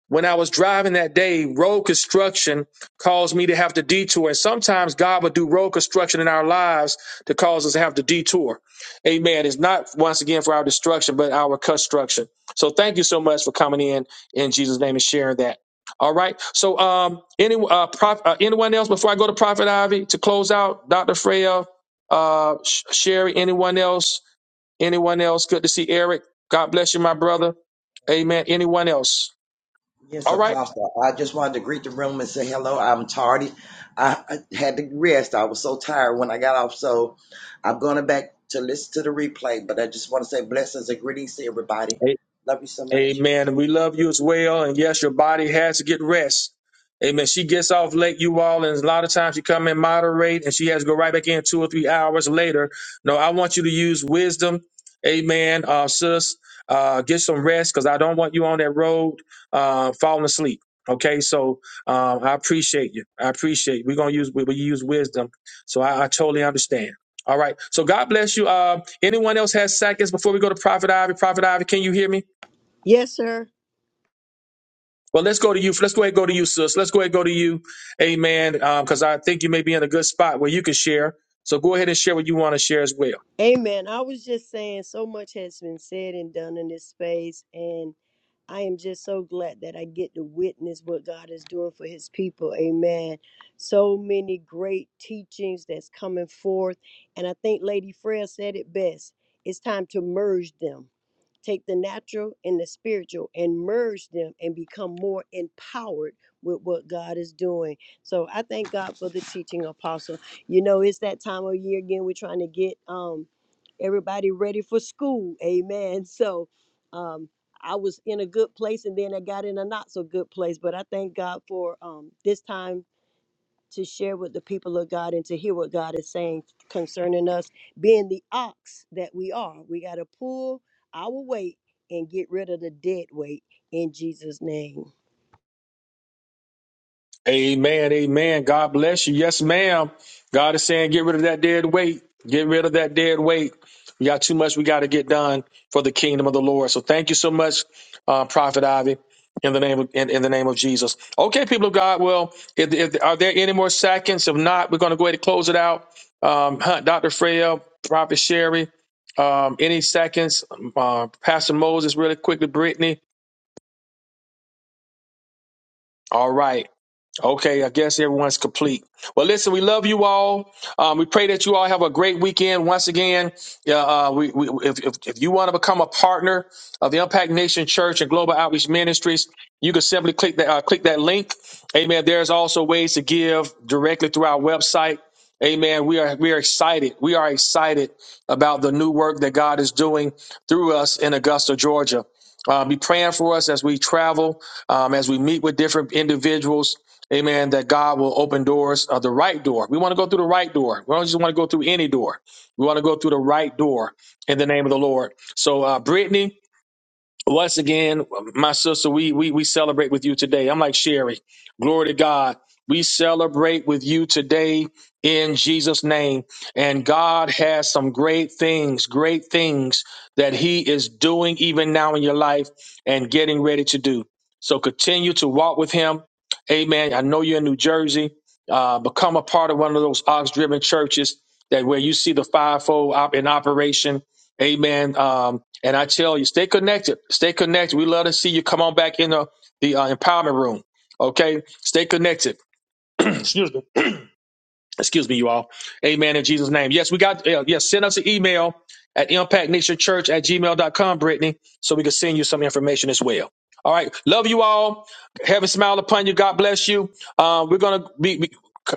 Speaker 1: when I was driving that day, road construction caused me to have to detour. And sometimes God will do road construction in our lives to cause us to have to detour. Amen. It's not once again for our destruction, but our construction. So thank you so much for coming in in Jesus' name and sharing that. All right. So um any uh, prof, uh anyone else before I go to Prophet Ivy to close out, Dr. Freya, uh Sh- Sherry, anyone else Anyone else? Good to see Eric. God bless you, my brother. Amen. Anyone else?
Speaker 8: Yes,
Speaker 1: All right.
Speaker 8: Apostle. I just wanted to greet the room and say hello. I'm tardy. I, I had to rest. I was so tired when I got off. So I'm going back to listen to the replay, but I just want to say blessings and greetings to everybody. Love you so much.
Speaker 1: Amen. And we love you as well. And yes, your body has to get rest. Amen. She gets off late, you all, and a lot of times she come and moderate, and she has to go right back in two or three hours later. No, I want you to use wisdom. Amen, uh, sis. Uh, get some rest because I don't want you on that road uh, falling asleep. Okay, so um, I appreciate you. I appreciate you. We're gonna use we, we use wisdom, so I, I totally understand. All right, so God bless you. Uh, anyone else has seconds before we go to Prophet Ivy? Prophet Ivy, can you hear me?
Speaker 2: Yes, sir.
Speaker 1: Well, let's go to you. Let's go ahead and go to you, sis. Let's go ahead and go to you. Amen. Because I think you may be in a good spot where you can share. So go ahead and share what you want to share as well.
Speaker 2: Amen. I was just saying so much has been said and done in this space, and I am just so glad that I get to witness what God is doing for his people. Amen. So many great teachings that's coming forth, and I think Lady Freya said it best. It's time to merge them. Take the natural and the spiritual and merge them and become more empowered with what God is doing. So I thank God for the teaching apostle. You know, it's that time of year again. We're trying to get um everybody ready for school. Amen. So um I was in a good place and then I got in a not so good place. But I thank God for um this time to share with the people of God and to hear what God is saying concerning us, being the ox that we are. We got to pull our weight and get rid of the dead weight in Jesus' name.
Speaker 1: Amen. Amen. God bless you. Yes, ma'am. God is saying, get rid of that dead weight. Get rid of that dead weight. We got too much we got to get done for the kingdom of the Lord. So thank you so much, uh, Prophet Ivy, in the name of in, in the name of Jesus. Okay, people of God. Well, if, if, are there any more seconds? If not, we're going to go ahead and close it out. Um, Hunt, Dr. Freya, Prophet Sherry, um, any seconds? Um, Uh, Pastor Moses, really quickly, Brittany. All right. Okay, I guess everyone's complete. Well, listen, we love you all. Um, we pray that you all have a great weekend. Once again, yeah, uh, we, we, if, if, if you want to become a partner of the Impact Nation Church and Global Outreach Ministries, you can simply click that uh, click that link. Amen. There's also ways to give directly through our website. Amen. We are we are excited. We are excited about the new work that God is doing through us in Augusta, Georgia. Uh, be praying for us as we travel, um, as we meet with different individuals. Amen. That God will open doors, uh, the right door. We want to go through the right door. We don't just want to go through any door. We want to go through the right door in the name of the Lord. So, uh, Brittany, once again, my sister, we we we celebrate with you today. I'm like Sherry. Glory to God. We celebrate with you today in Jesus' name. And God has some great things, great things that He is doing even now in your life and getting ready to do. So continue to walk with Him. Amen. I know you're in New Jersey. Uh, become a part of one of those ox driven churches that where you see the fivefold op- in operation. Amen. Um, and I tell you, stay connected. Stay connected. We love to see you come on back in the, the uh, empowerment room. Okay? Stay connected. Excuse me excuse me, you all. Amen in Jesus' name. Yes, we got, yeah, yes, send us an email at impactnationchurch at gmail dot com, Brittany, so we can send you some information as well. All right. Love you all. Heaven smile upon you. God bless you. Uh, we're going to be, be-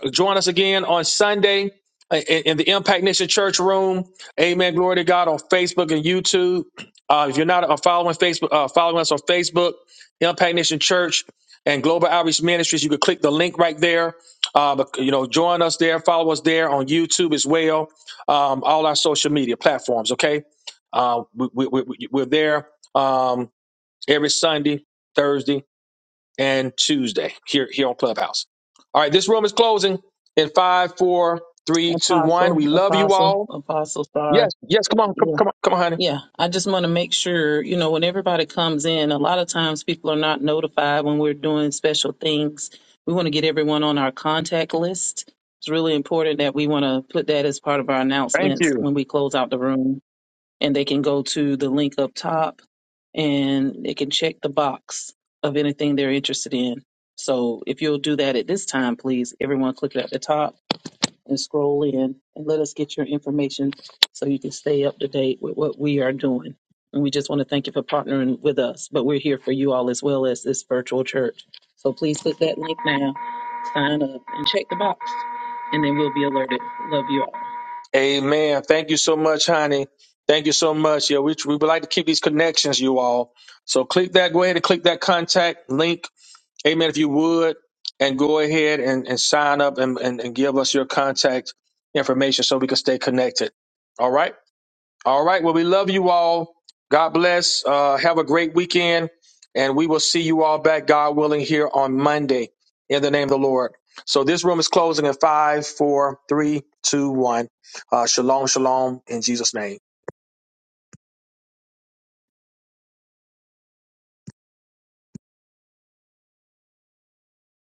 Speaker 1: join us again on Sunday in, in the Impact Nation Church room. Amen. Glory to God on Facebook and YouTube. Uh, if you're not uh, following Facebook, uh, following us on Facebook, Impact Nation Church and Global Outreach Ministries, you can click the link right there um, you know, join us there, follow us there on YouTube as well, um, all our social media platforms. Okay, uh, we, we, we, we're there um, every Sunday, Thursday, and Tuesday here here on Clubhouse. All right, this room is closing in five, four, three, two, one.
Speaker 4: Apostle,
Speaker 1: We love you
Speaker 4: apostle,
Speaker 1: all.
Speaker 4: Apostle, sorry.
Speaker 1: Yes, yes. Come on,
Speaker 4: Yeah.
Speaker 1: come, come on, come on, honey.
Speaker 4: Yeah, I just want to make sure, you know, when everybody comes in, a lot of times people are not notified when we're doing special things. We want to get everyone on our contact list. It's really important that we want to put that as part of our
Speaker 1: Thank
Speaker 4: announcements
Speaker 1: you.
Speaker 4: when we close out the room. And they can go to the link up top and they can check the box of anything they're interested in. So if you'll do that at this time, please, everyone click it at the top and scroll in and let us get your information so you can stay up to date with what we are doing. And we just want to thank you for partnering with us, but we're here for you all as well as this virtual church. So please click that link now, sign up, and check the box, and then we'll be alerted. Love you all.
Speaker 1: Amen. Thank you so much, honey. Thank you so much. Yeah, we, we would like to keep these connections, you all. So click that. Go ahead and click that contact link Amen. If you would, and go ahead and, and sign up and, and, and give us your contact information so we can stay connected. All right. All right. Well, we love you all. God bless. Uh, have a great weekend. And we will see you all back, God willing, here on Monday in the name of the Lord. So this room is closing in five, four, three, two, one. Uh, shalom, shalom in Jesus' name.